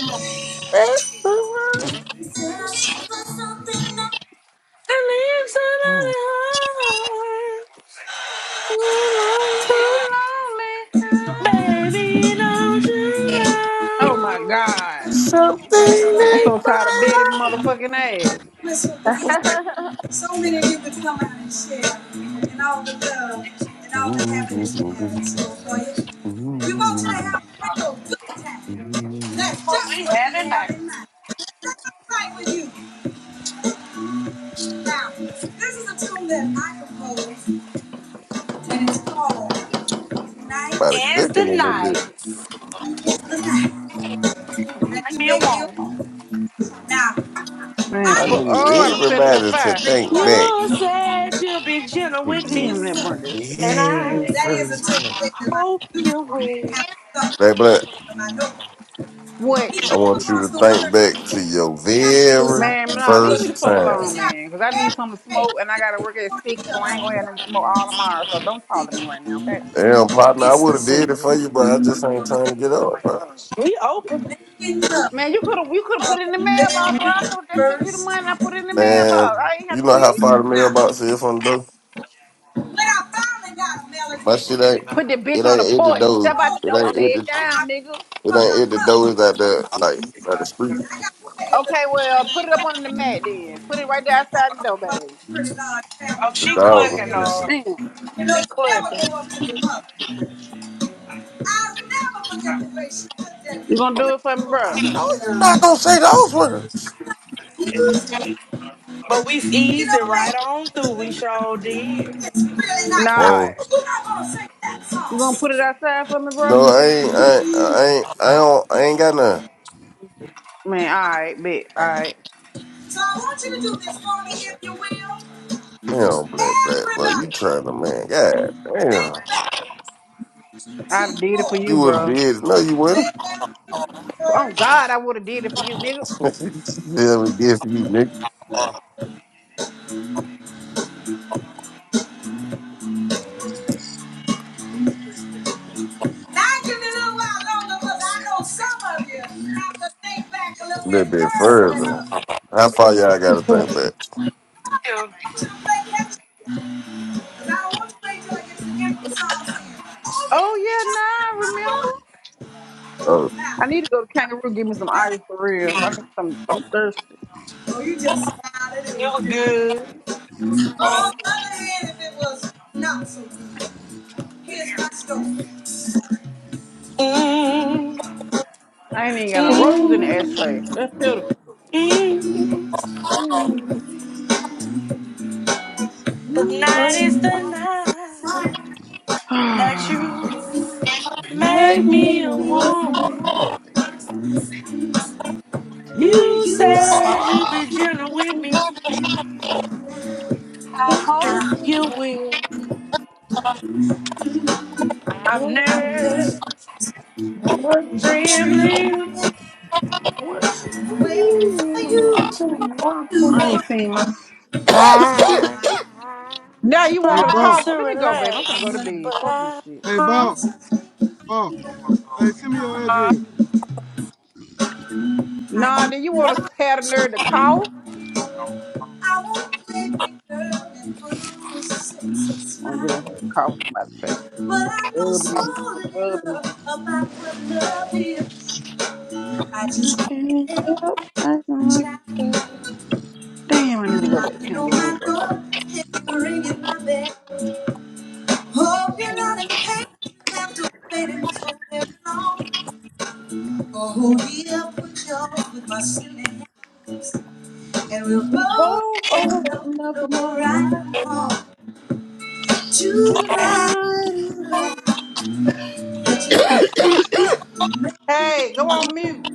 the lips of the
that.
Lord.
Too lonely, huh?
Baby, don't you
Oh,
know
my God.
Something in
I'm so tired of Betty
my
motherfucking ass.
So many people come out and share, and all the love and all the happiness we have in
heart.
store for you. We want you to have a real good time. That's just what we have in mind. That's right with you. Now, this is a tune that I composed, and it's called Tonight
About a
is
cooking in there,
the Night. That you big deal? Now,
Man,
I
I
fu
need
never
Oh, I done set
intended
it on
everybody to
fire.
think
recording
back
this song,
to your
Damn, that burned that shit up.
very
Damn.
that is a
first
tune
time.
that my producer
you
happened
will.
to thought
Black
was the
Black,
page of my notebook.
What?
He
I
came
want you
across
to
the
think
words and
back
he
to
said,
your
You gotta do
very
Man,
something with
nah,
these
leave me the
first
fuck
words.
time.
alone,
It's happening
man. Because I need
every
something to
day,
smoke and I
and
got to
people
work at
want to
six,
hear
so I ain't
about
going to have
it.
nothing to smoke all tomorrow. So don't
Every
talk to
day.
me right now, okay?
Damn, partner, I
It's the
would have
story
did
Please.
it for you, but I just ain't
of the
trying to get up, bro.
We open.
Dominican love.
Man, you could have you could have
of
put it in the
the
mailbox, bro. I
very
could have just sent you the money
first
and I put it
time.
in the
Man,
mailbox. I ain't have
you
to
know
see
how
you.
far the
Now,
mailbox is from the door?
when I finally got a
My
melody,
shit ain't,
Put that bitch
it
on the
ain't at the
porch. Step
door.
out
oh,
the
It
door and
ain't at
lay it
the,
I
down, nigga.
played it
it
for
ain't
my
at the
mother.
door. It's out there, like, by the street.
I got to tell you a little
Okay,
bit about
well, put it
my
up on the mat then. Put it right
mother.
there
You see, I
outside the
come from
door,
one
baby.
those pretty large
Oh,
families,
The
and
she
I'm the
dog
baby
clucking
went
of the
get you.
on.
Damn.
family. You know,
She
you never
clucking.
grow up to your mother. I'll never forget the way she looked at
You
me.
gonna do it for me,
I
bro?
She
know
said,
you
uh,
not gonna say those words.
music,
But we
you
eased
know,
it
baby,
right on.
the melody is really nice.
Nah.
Whoa.
You're not going to sing that
You gonna put it outside for me, bro?
No, I ain't, I ain't, I ain't, I don't, I ain't got none.
Man, all right, bet. All
song.
right.
So I want you to do this for me, if you will.
Damn, black, black,
Everybody,
bro, you trying to man? God
think
damn,
back
I'd
to
have did it for you,
you
your
would have
bro.
did. No, you wouldn't.
very
Oh
first.
God, I would have did it for you, nigga.
yeah, we did for you, nigga.
Now, I give me a little while longer because I know some of you have to think back a little
A
bit
little bit
further than
further.
others.
How far y'all got to think back?
I want you to play catch up because I don't want you to wait till I get to the end for song saying, oh,
Oh yeah,
yeah.
nah, I
I
remember?
remember."
Oh,
Now,
I need to go to Kangaroo, give me some
another-
ice for real. I need some I'm thirsty.
Oh, you just smiled and it was good. On the other hand, if it was not so good, here's my story.
I ain't even got no roaches in the ashtray. That's pitiful.
you like
I
make me
You
Lately,
won't.
lonely. You
You
you
say.
said.
said you'd be gentle with me. I hope you will. I'm nerve
After
I'm running
I'm
around,
trembling.
trembling,
waiting for
waiting for
you
you
to walk on.
ain't
to
seen my
Ah.
now you
Hey,
wanted to
Try
Bob.
call.
to
Let me go, babe. I'm finna go
relax,
to bed.
but
Fuck this
I,
shit.
Hey,
huh?
Bob. Bob. Hey, send me your
know.
address.
I
Nah,
can't,
then you wanna have the nerve to call?
I won't play big girl and put on a sexy
Oh, you don't
smile.
have to call somebody face.
But I know
Rubbing, it
so
in.
little
it
about what love is. I just
I
can't
can't
help
help. I don't
my
like
child
that. Damn, I need to go to the
knocking on
kangaroo
my door
bar.
and ringing my bell. Hope you're
Okay.
not impatient after waiting so very long. Oh, hold me up, put you off with my silly hand, and we'll
We
both.
both owe
Lord,
nothing on
I
right from wrong.
want to
Good
cry.
night, Eva. Hey, go on mute.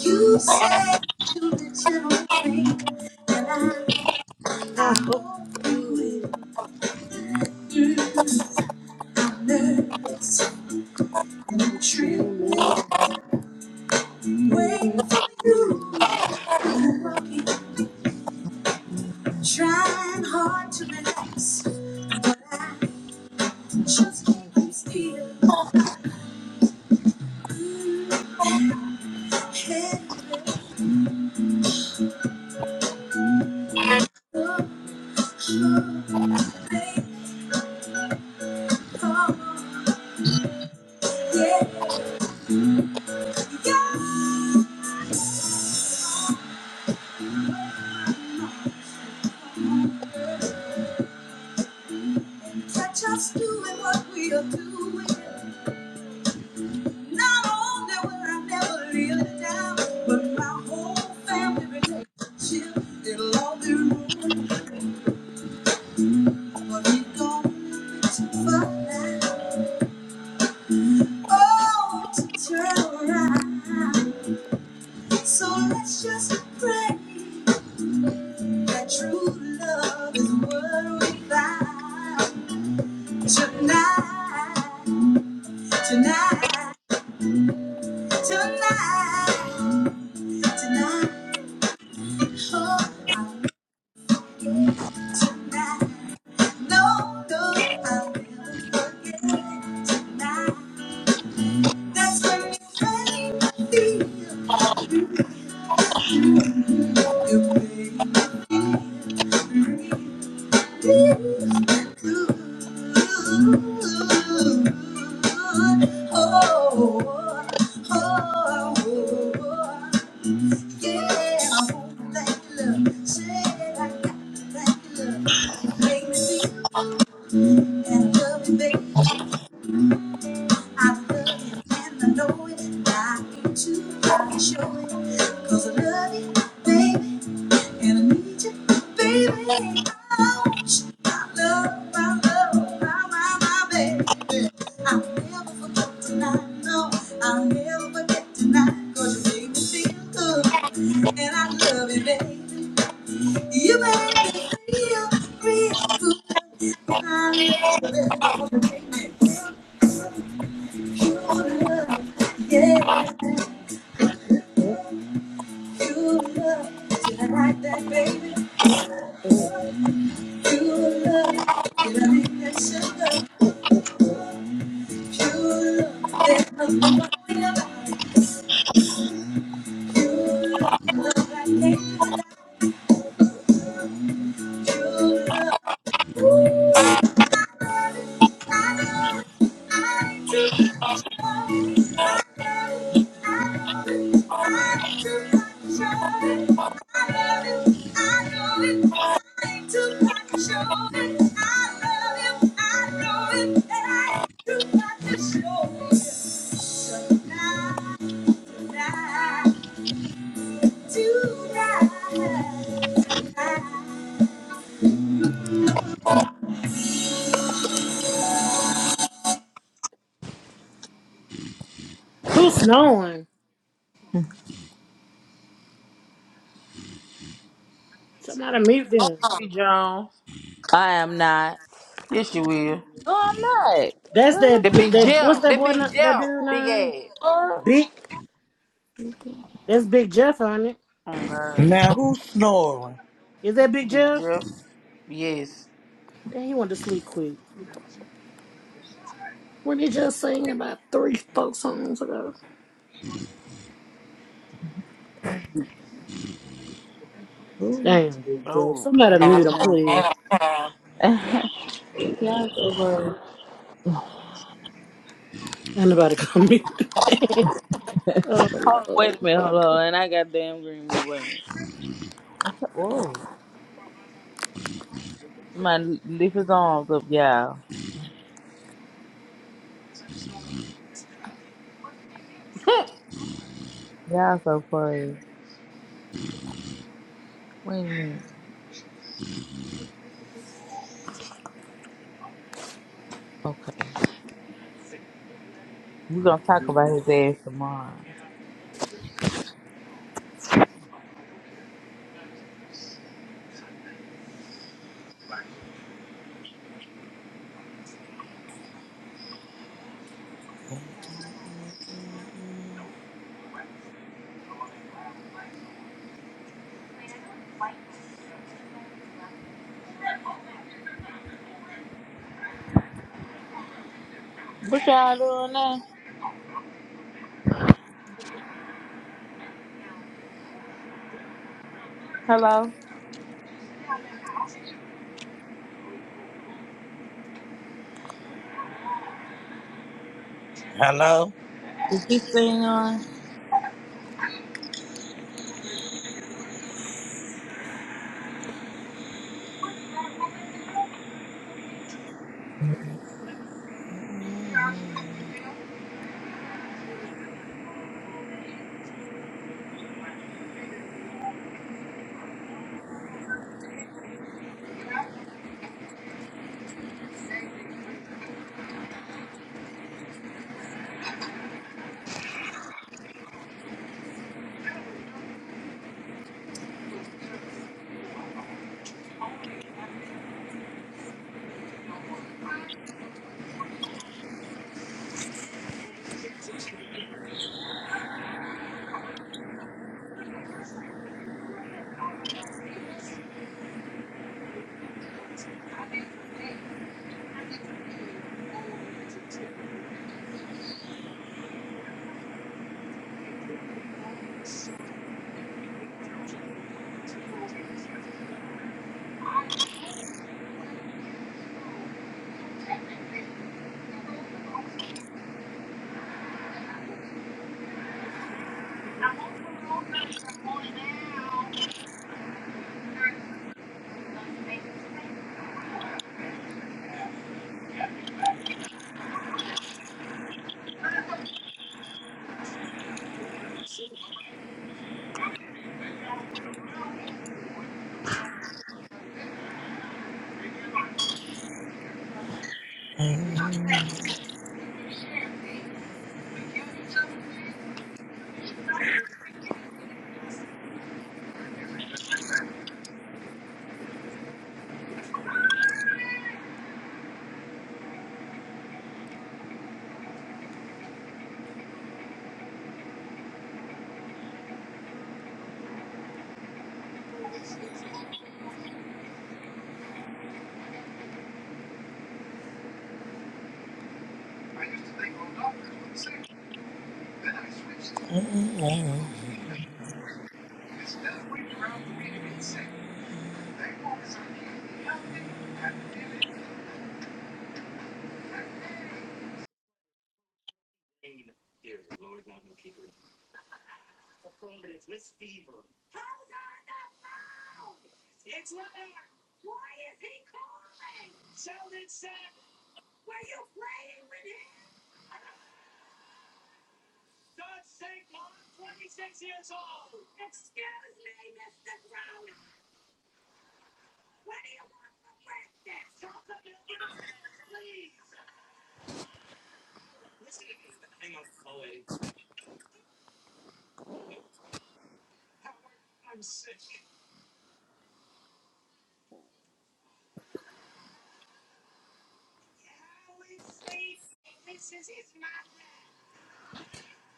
You say to the gentle thing that I, I won't do I'm nervous and I'm trembling, waiting for you to come walking, trying hard to relax, but I just can't keep still. Mm, Can't let go, baby, come on, yeah. Catch us doing what we are doing. Not only will I never live it down, but my whole family relationship it'll all be ruined. But we gone too far now. Oh, to turn around. So let's just pray that true love is what we find tonight, tonight. Tonight, tonight, oh, tonight, no, no, I will forget tonight. That's when you made me feel feel good. Oh, oh, oh, yeah, I hope that love, said I got that love, you make me feel that love, baby. I love you and I know it. I ain't too proud to show it. Cause I love you, baby, and I need you, baby. I want you, I love, I love, my, my, my baby. I'll never forget tonight, no. I'll never forget tonight. Cause you made me feel good. And I love you, baby. You made me feel real good. And I love you, pure love, yeah. You love, did I like that, baby? You love, did I make that sugar? You love, there's nothing going about it. You love, love, I can't do without you. Love, Who's snowing? Somebody mute them.
Sweet Jones.
I am not.
Yes, you will.
No, I'm not.
That's
What
The
that.
big
That what's
Jeff.
that
The
boy?
big
na- That
Jeff.
dude
Big
name?
ass.
the fuck?
Big. That's Big Jeff on it.
Oh, God.
Now, who's snoring?
Is that Big
Big
Jeff?
Jeff. Yes.
Damn, he went to sleep quick. When he just sang about three, four songs ago. Damn, Big Jeff.
Oh,
Somebody
yeah,
mute
that's
him,
him.
please.
Y'all so gross.
Ain't nobody gonna mute. him. oh,
Hold on,
Lord.
wait a minute, hold on. And I got damn green me. Wait a minute. My leaf is on, up, y'all. Y'all so funny. Wait a minute. Okay. We're gonna talk about his ass tomorrow. What y'all doing now? Hello?
Hello?
Is this thing on?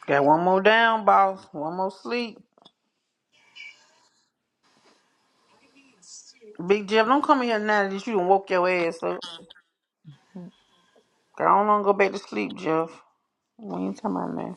Got one more down, boss. One more sleep. Big Jeff, don't come in here now that you done woke your ass up. Girl, I don't wanna go back to sleep, Jeff. We ain't talking about that.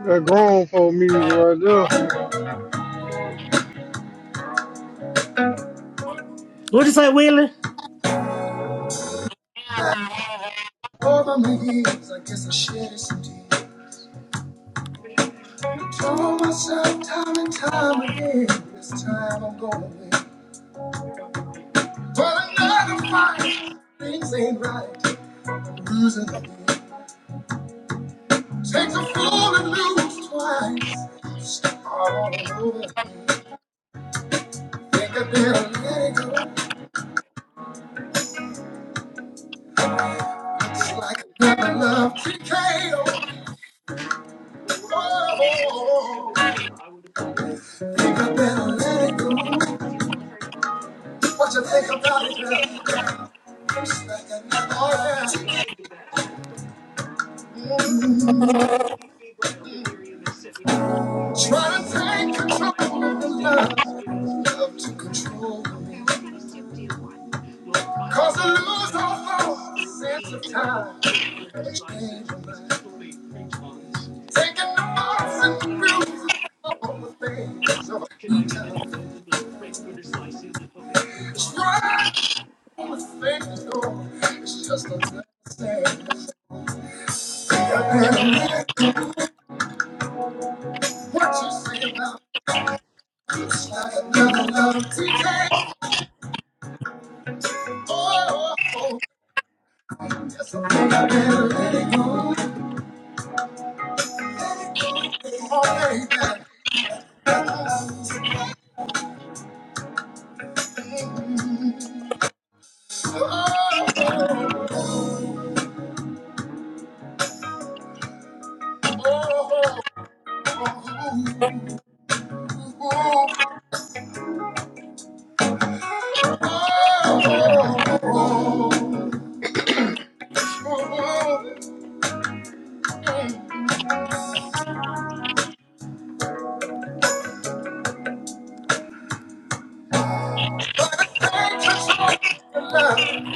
That grown folk music right there.
what you say, Willie? Over my years, I guess I shed it some tears. Told myself time and time again, this time I'm going to win. But another fight, things ain't right. I'm losing again. Takes a fall and lose twice. All over. Think I better let it go. Looks like another love loved TKO. Oh, think I better let it go. What you think about it, girl? Looks like I never TKO. Try to take control of the love. Love to control me. Cause I lose all thought, sense of time. Change my mind. Taking the marks and the bruises of all the things of a new time. Stride on the things though, it's just a last thing. I've been What you say about me, it's like another love TK, baby. Oh, oh, oh, oh, oh. oh. Your Love,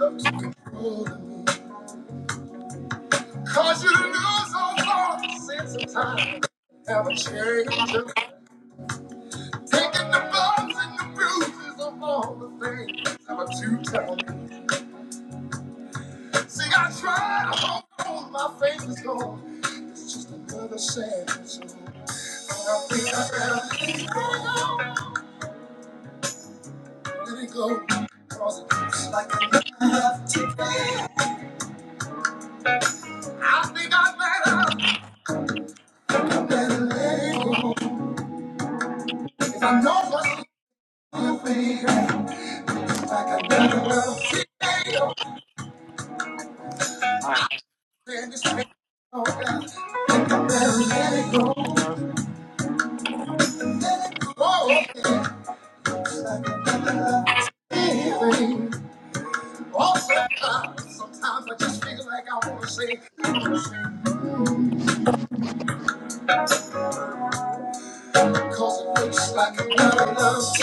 love to control me. Cause you lose all thought, sense of time. Have a change. of Taking the bumps and the bruises of all the things I'm a 2 See, I tried to hold my faith is gone. It's just another sad song. And I think I better let it go, let it go, 'cause it looks like a knife. I think I better better let it go. If I know what's going to be, like I never will. See, hey, oh,
I didn't. Oh,
man, this ain't okay. Better let it go,
'cause I was-
let it go. yeah. Anyway, also, sometimes I just feel like I want to say, because it looks like I'm not enough.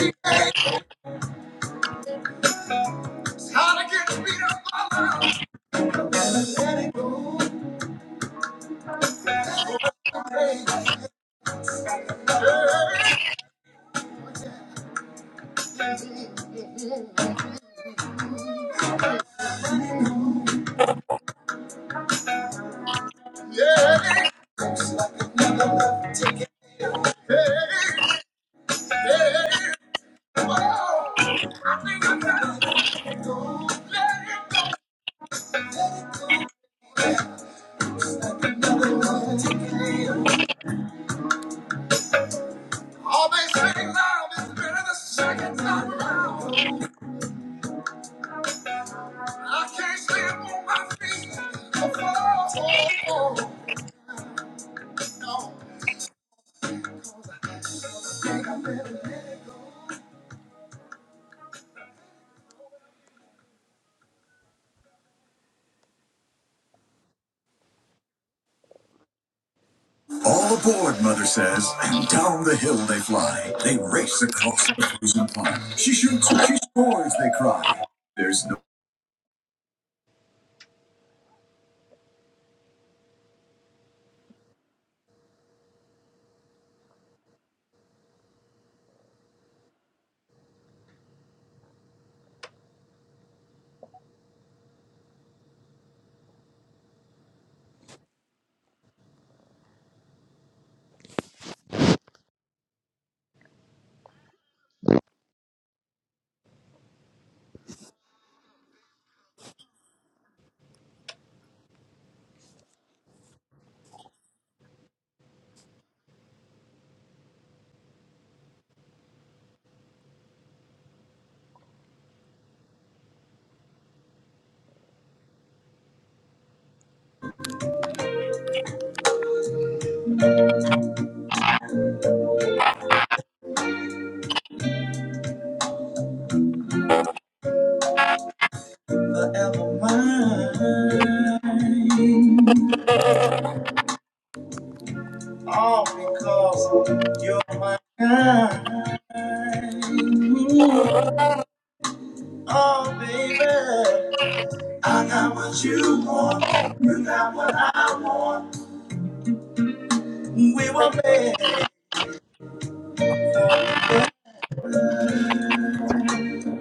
All aboard, Mother says, and down the hill they fly. They race across the frozen pond. She shoots, she scores, they cry. There's no forever mine, all because you're my kind. Oh, baby. I got what you want, you got what I want. We were made for each other,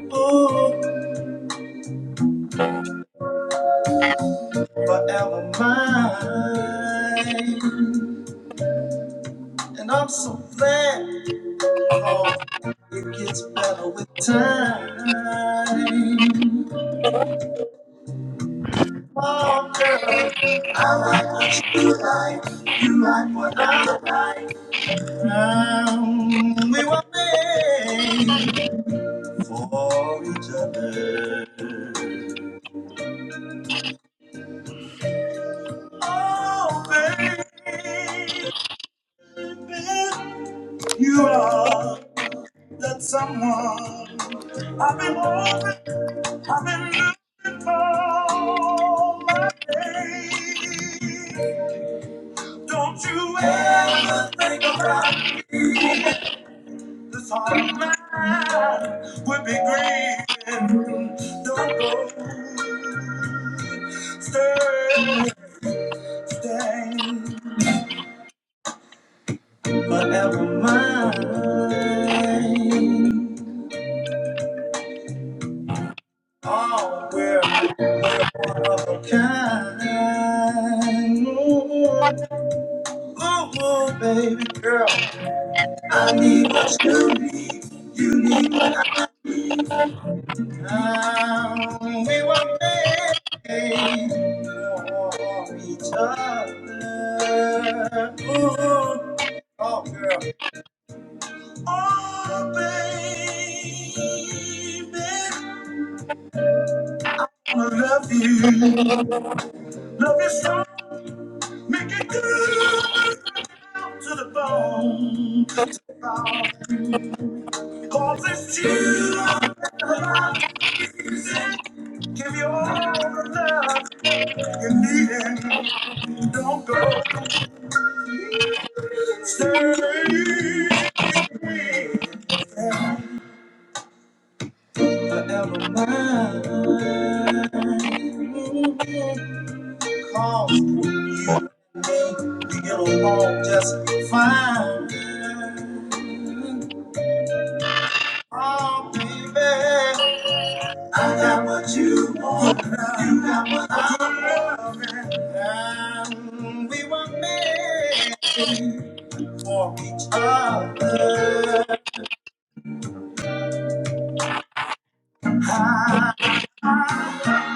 oh, forever mine. And I'm so glad, cause it gets better with time. Oh, girl, I like what you like, you like what I like. Um, we were made for each other. Oh, baby, you are that someone I've been hoping, I've been looking for my day. Don't you ever think about leaving this heart of mine would be grieving. Don't go Thursday. forever mine. Oh, we're, we're one of a kind. Ooh, ooh, ooh, baby girl, I need what you need. You need what I need. We were made for each other. Ooh, oh, girl. Oh, baby. wanna love you. Love you strong, make it good to the bone. To the bone. Cause it's you on my music. Give you all the love you need it. Don't go, stay forever mine. Cause you and me, we get along just fine. Oh baby, I got what you want You got what I'm loving. And we were made for each other.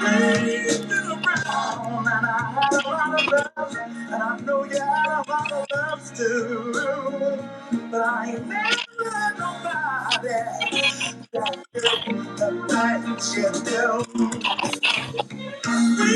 Things been around, and I had a lot of love, and I know you had a lot of loves too. But I ain't never had nobody like you, the night you do. Forever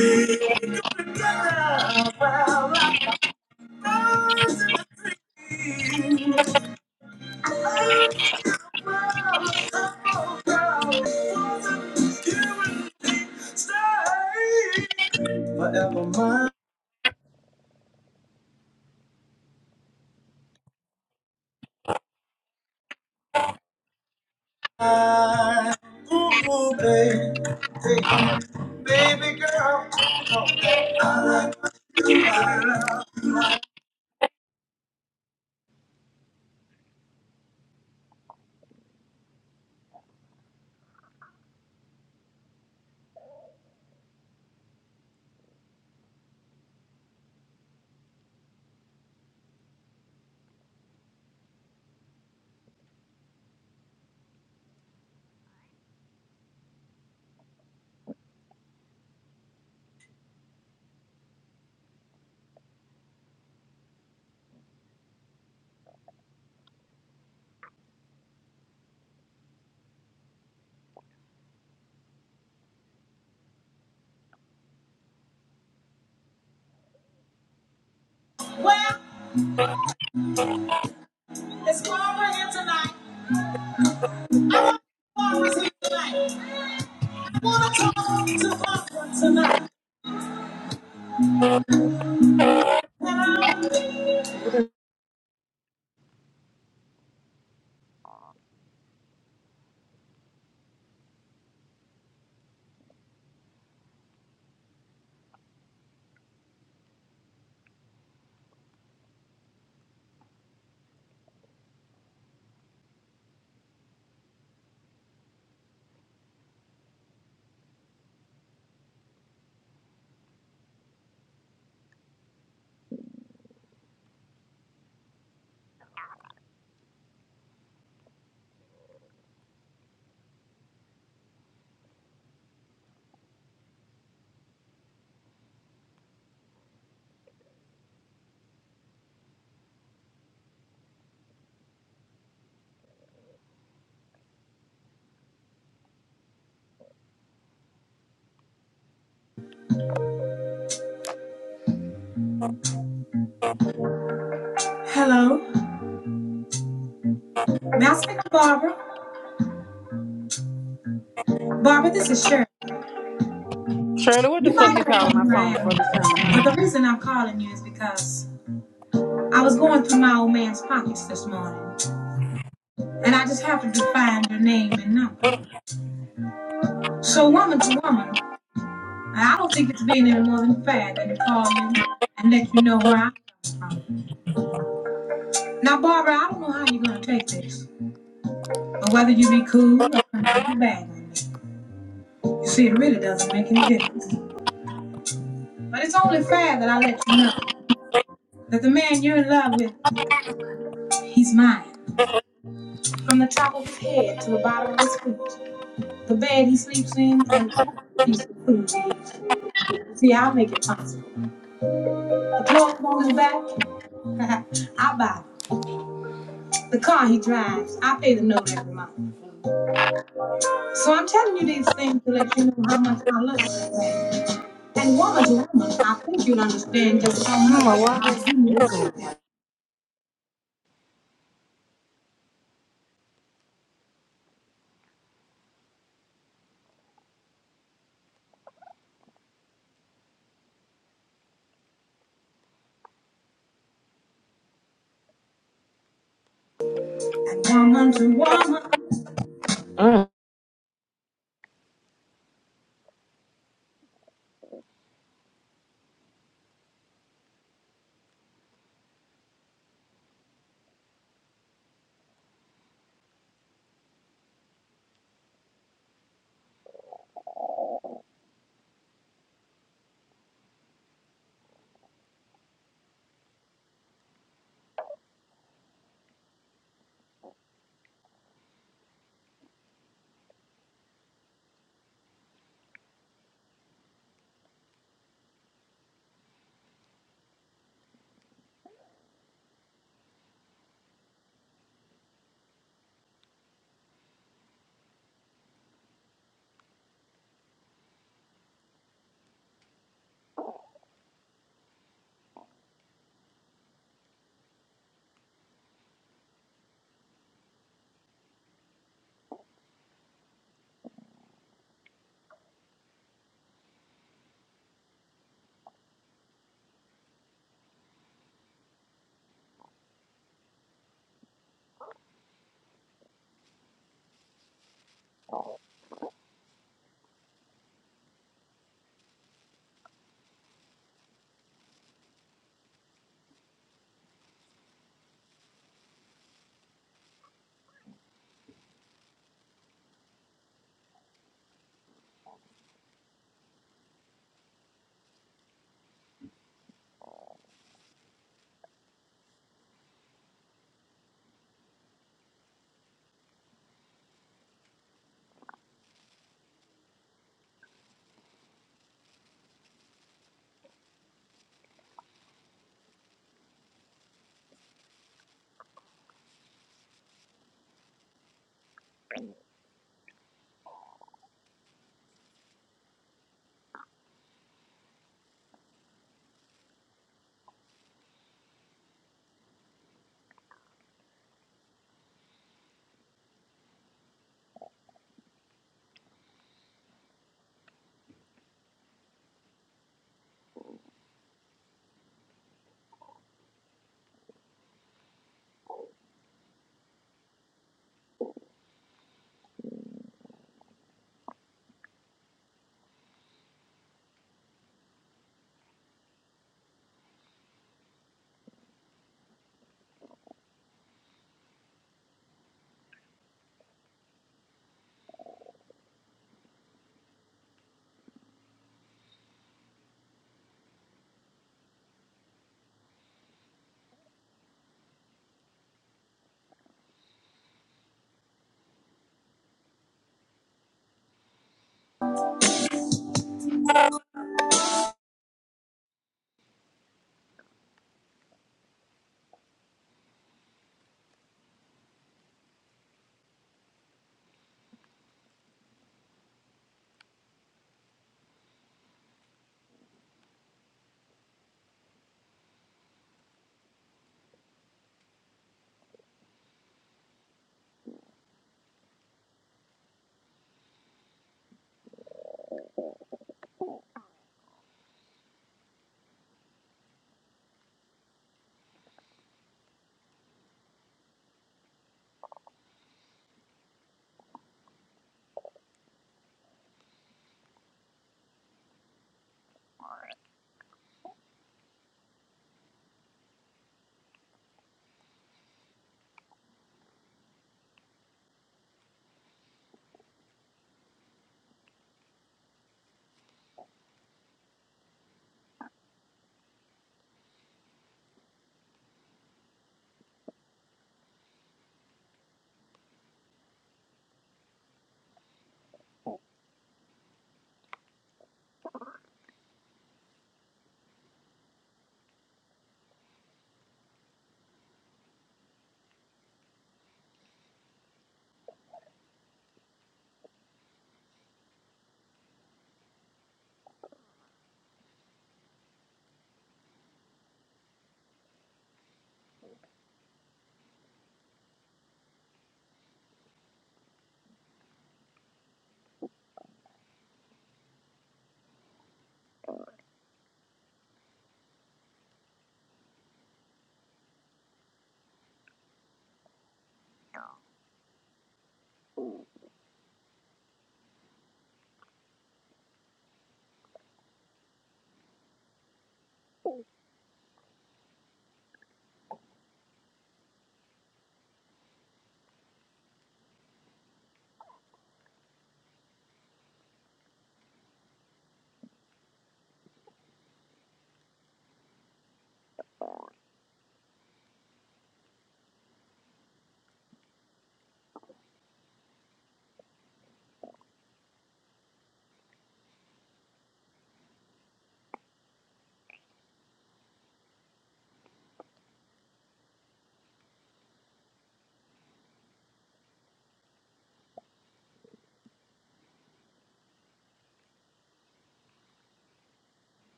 mine, ooh, baby, take me, baby girl, you know that. It's Barbara here tonight. I want Barbara's here tonight. I want to talk to Barbara tonight. May I speak to Barbara? Barbara, this is Sharon.
Shirley, what the
You
fuck
might
you
not know
calling my
who I
phone for
am,
this time of night?
but the reason I'm calling you is because I was going through my old man's pockets this morning, and I just happened to find your name and number. So, woman to woman, I don't think it's being any more than fair that I call you and let you know where I'm from. Now, Barbara, I don't know how you're going to take this, or whether you be cool or come out your bag on me. You see, it really doesn't make any difference. But it's only fair that I let you know that the man you're in love with, he's mine. From the top of his head to the bottom of his feet, the bed he sleeps in, and every piece of food he eats. See, I'll make it possible. The clothes on his back, I buy. it. The car he drives, I pay the note every month. So I'm telling you these things to let you know how much I love you. And woman to woman, I think you'll understand just how much I do you.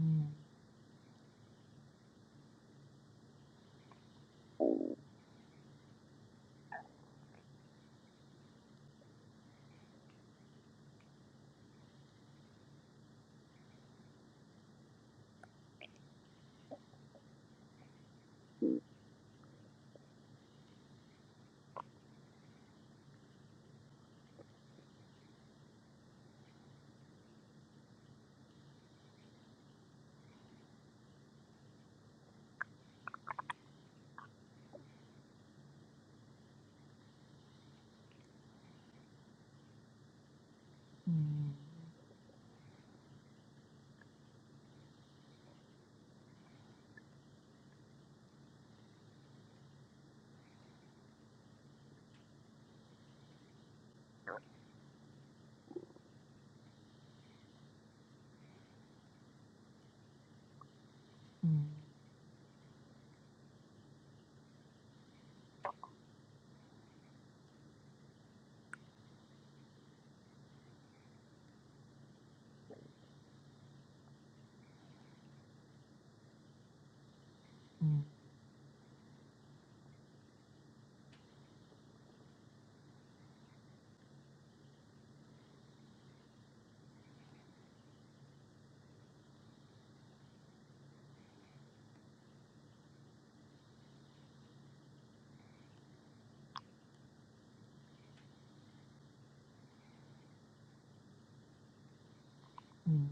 Mm, mm, mm, mm,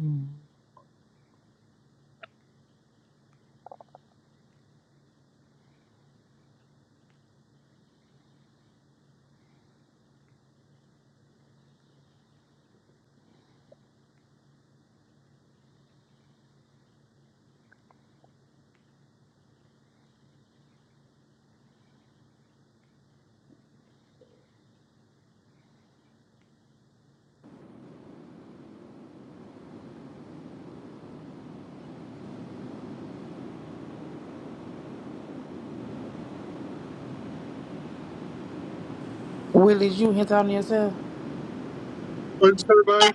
mm.
Willie, you here talking to yourself?
What you say, baby?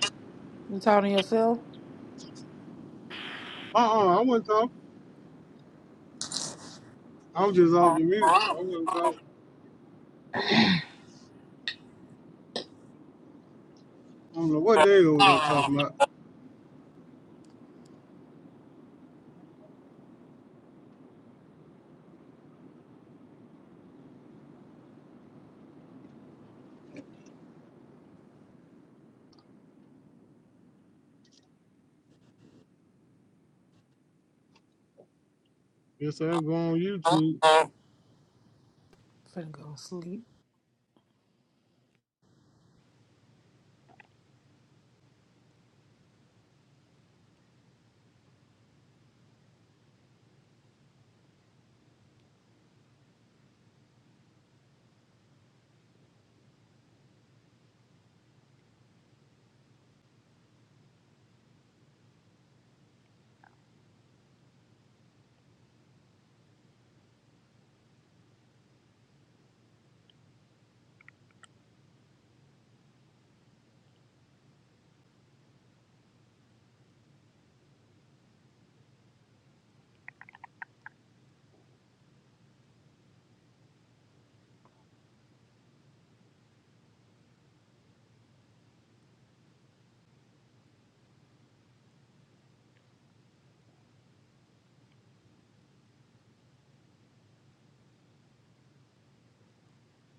You talking to yourself?
Uh-uh. I wasn't talking. I was just off
Oh,
the mute.
oh,
I wasn't talking. I don't know what they over there
oh,
talking about. Yes, I go on
oh,
YouTube.
oh.
Finna go to sleep.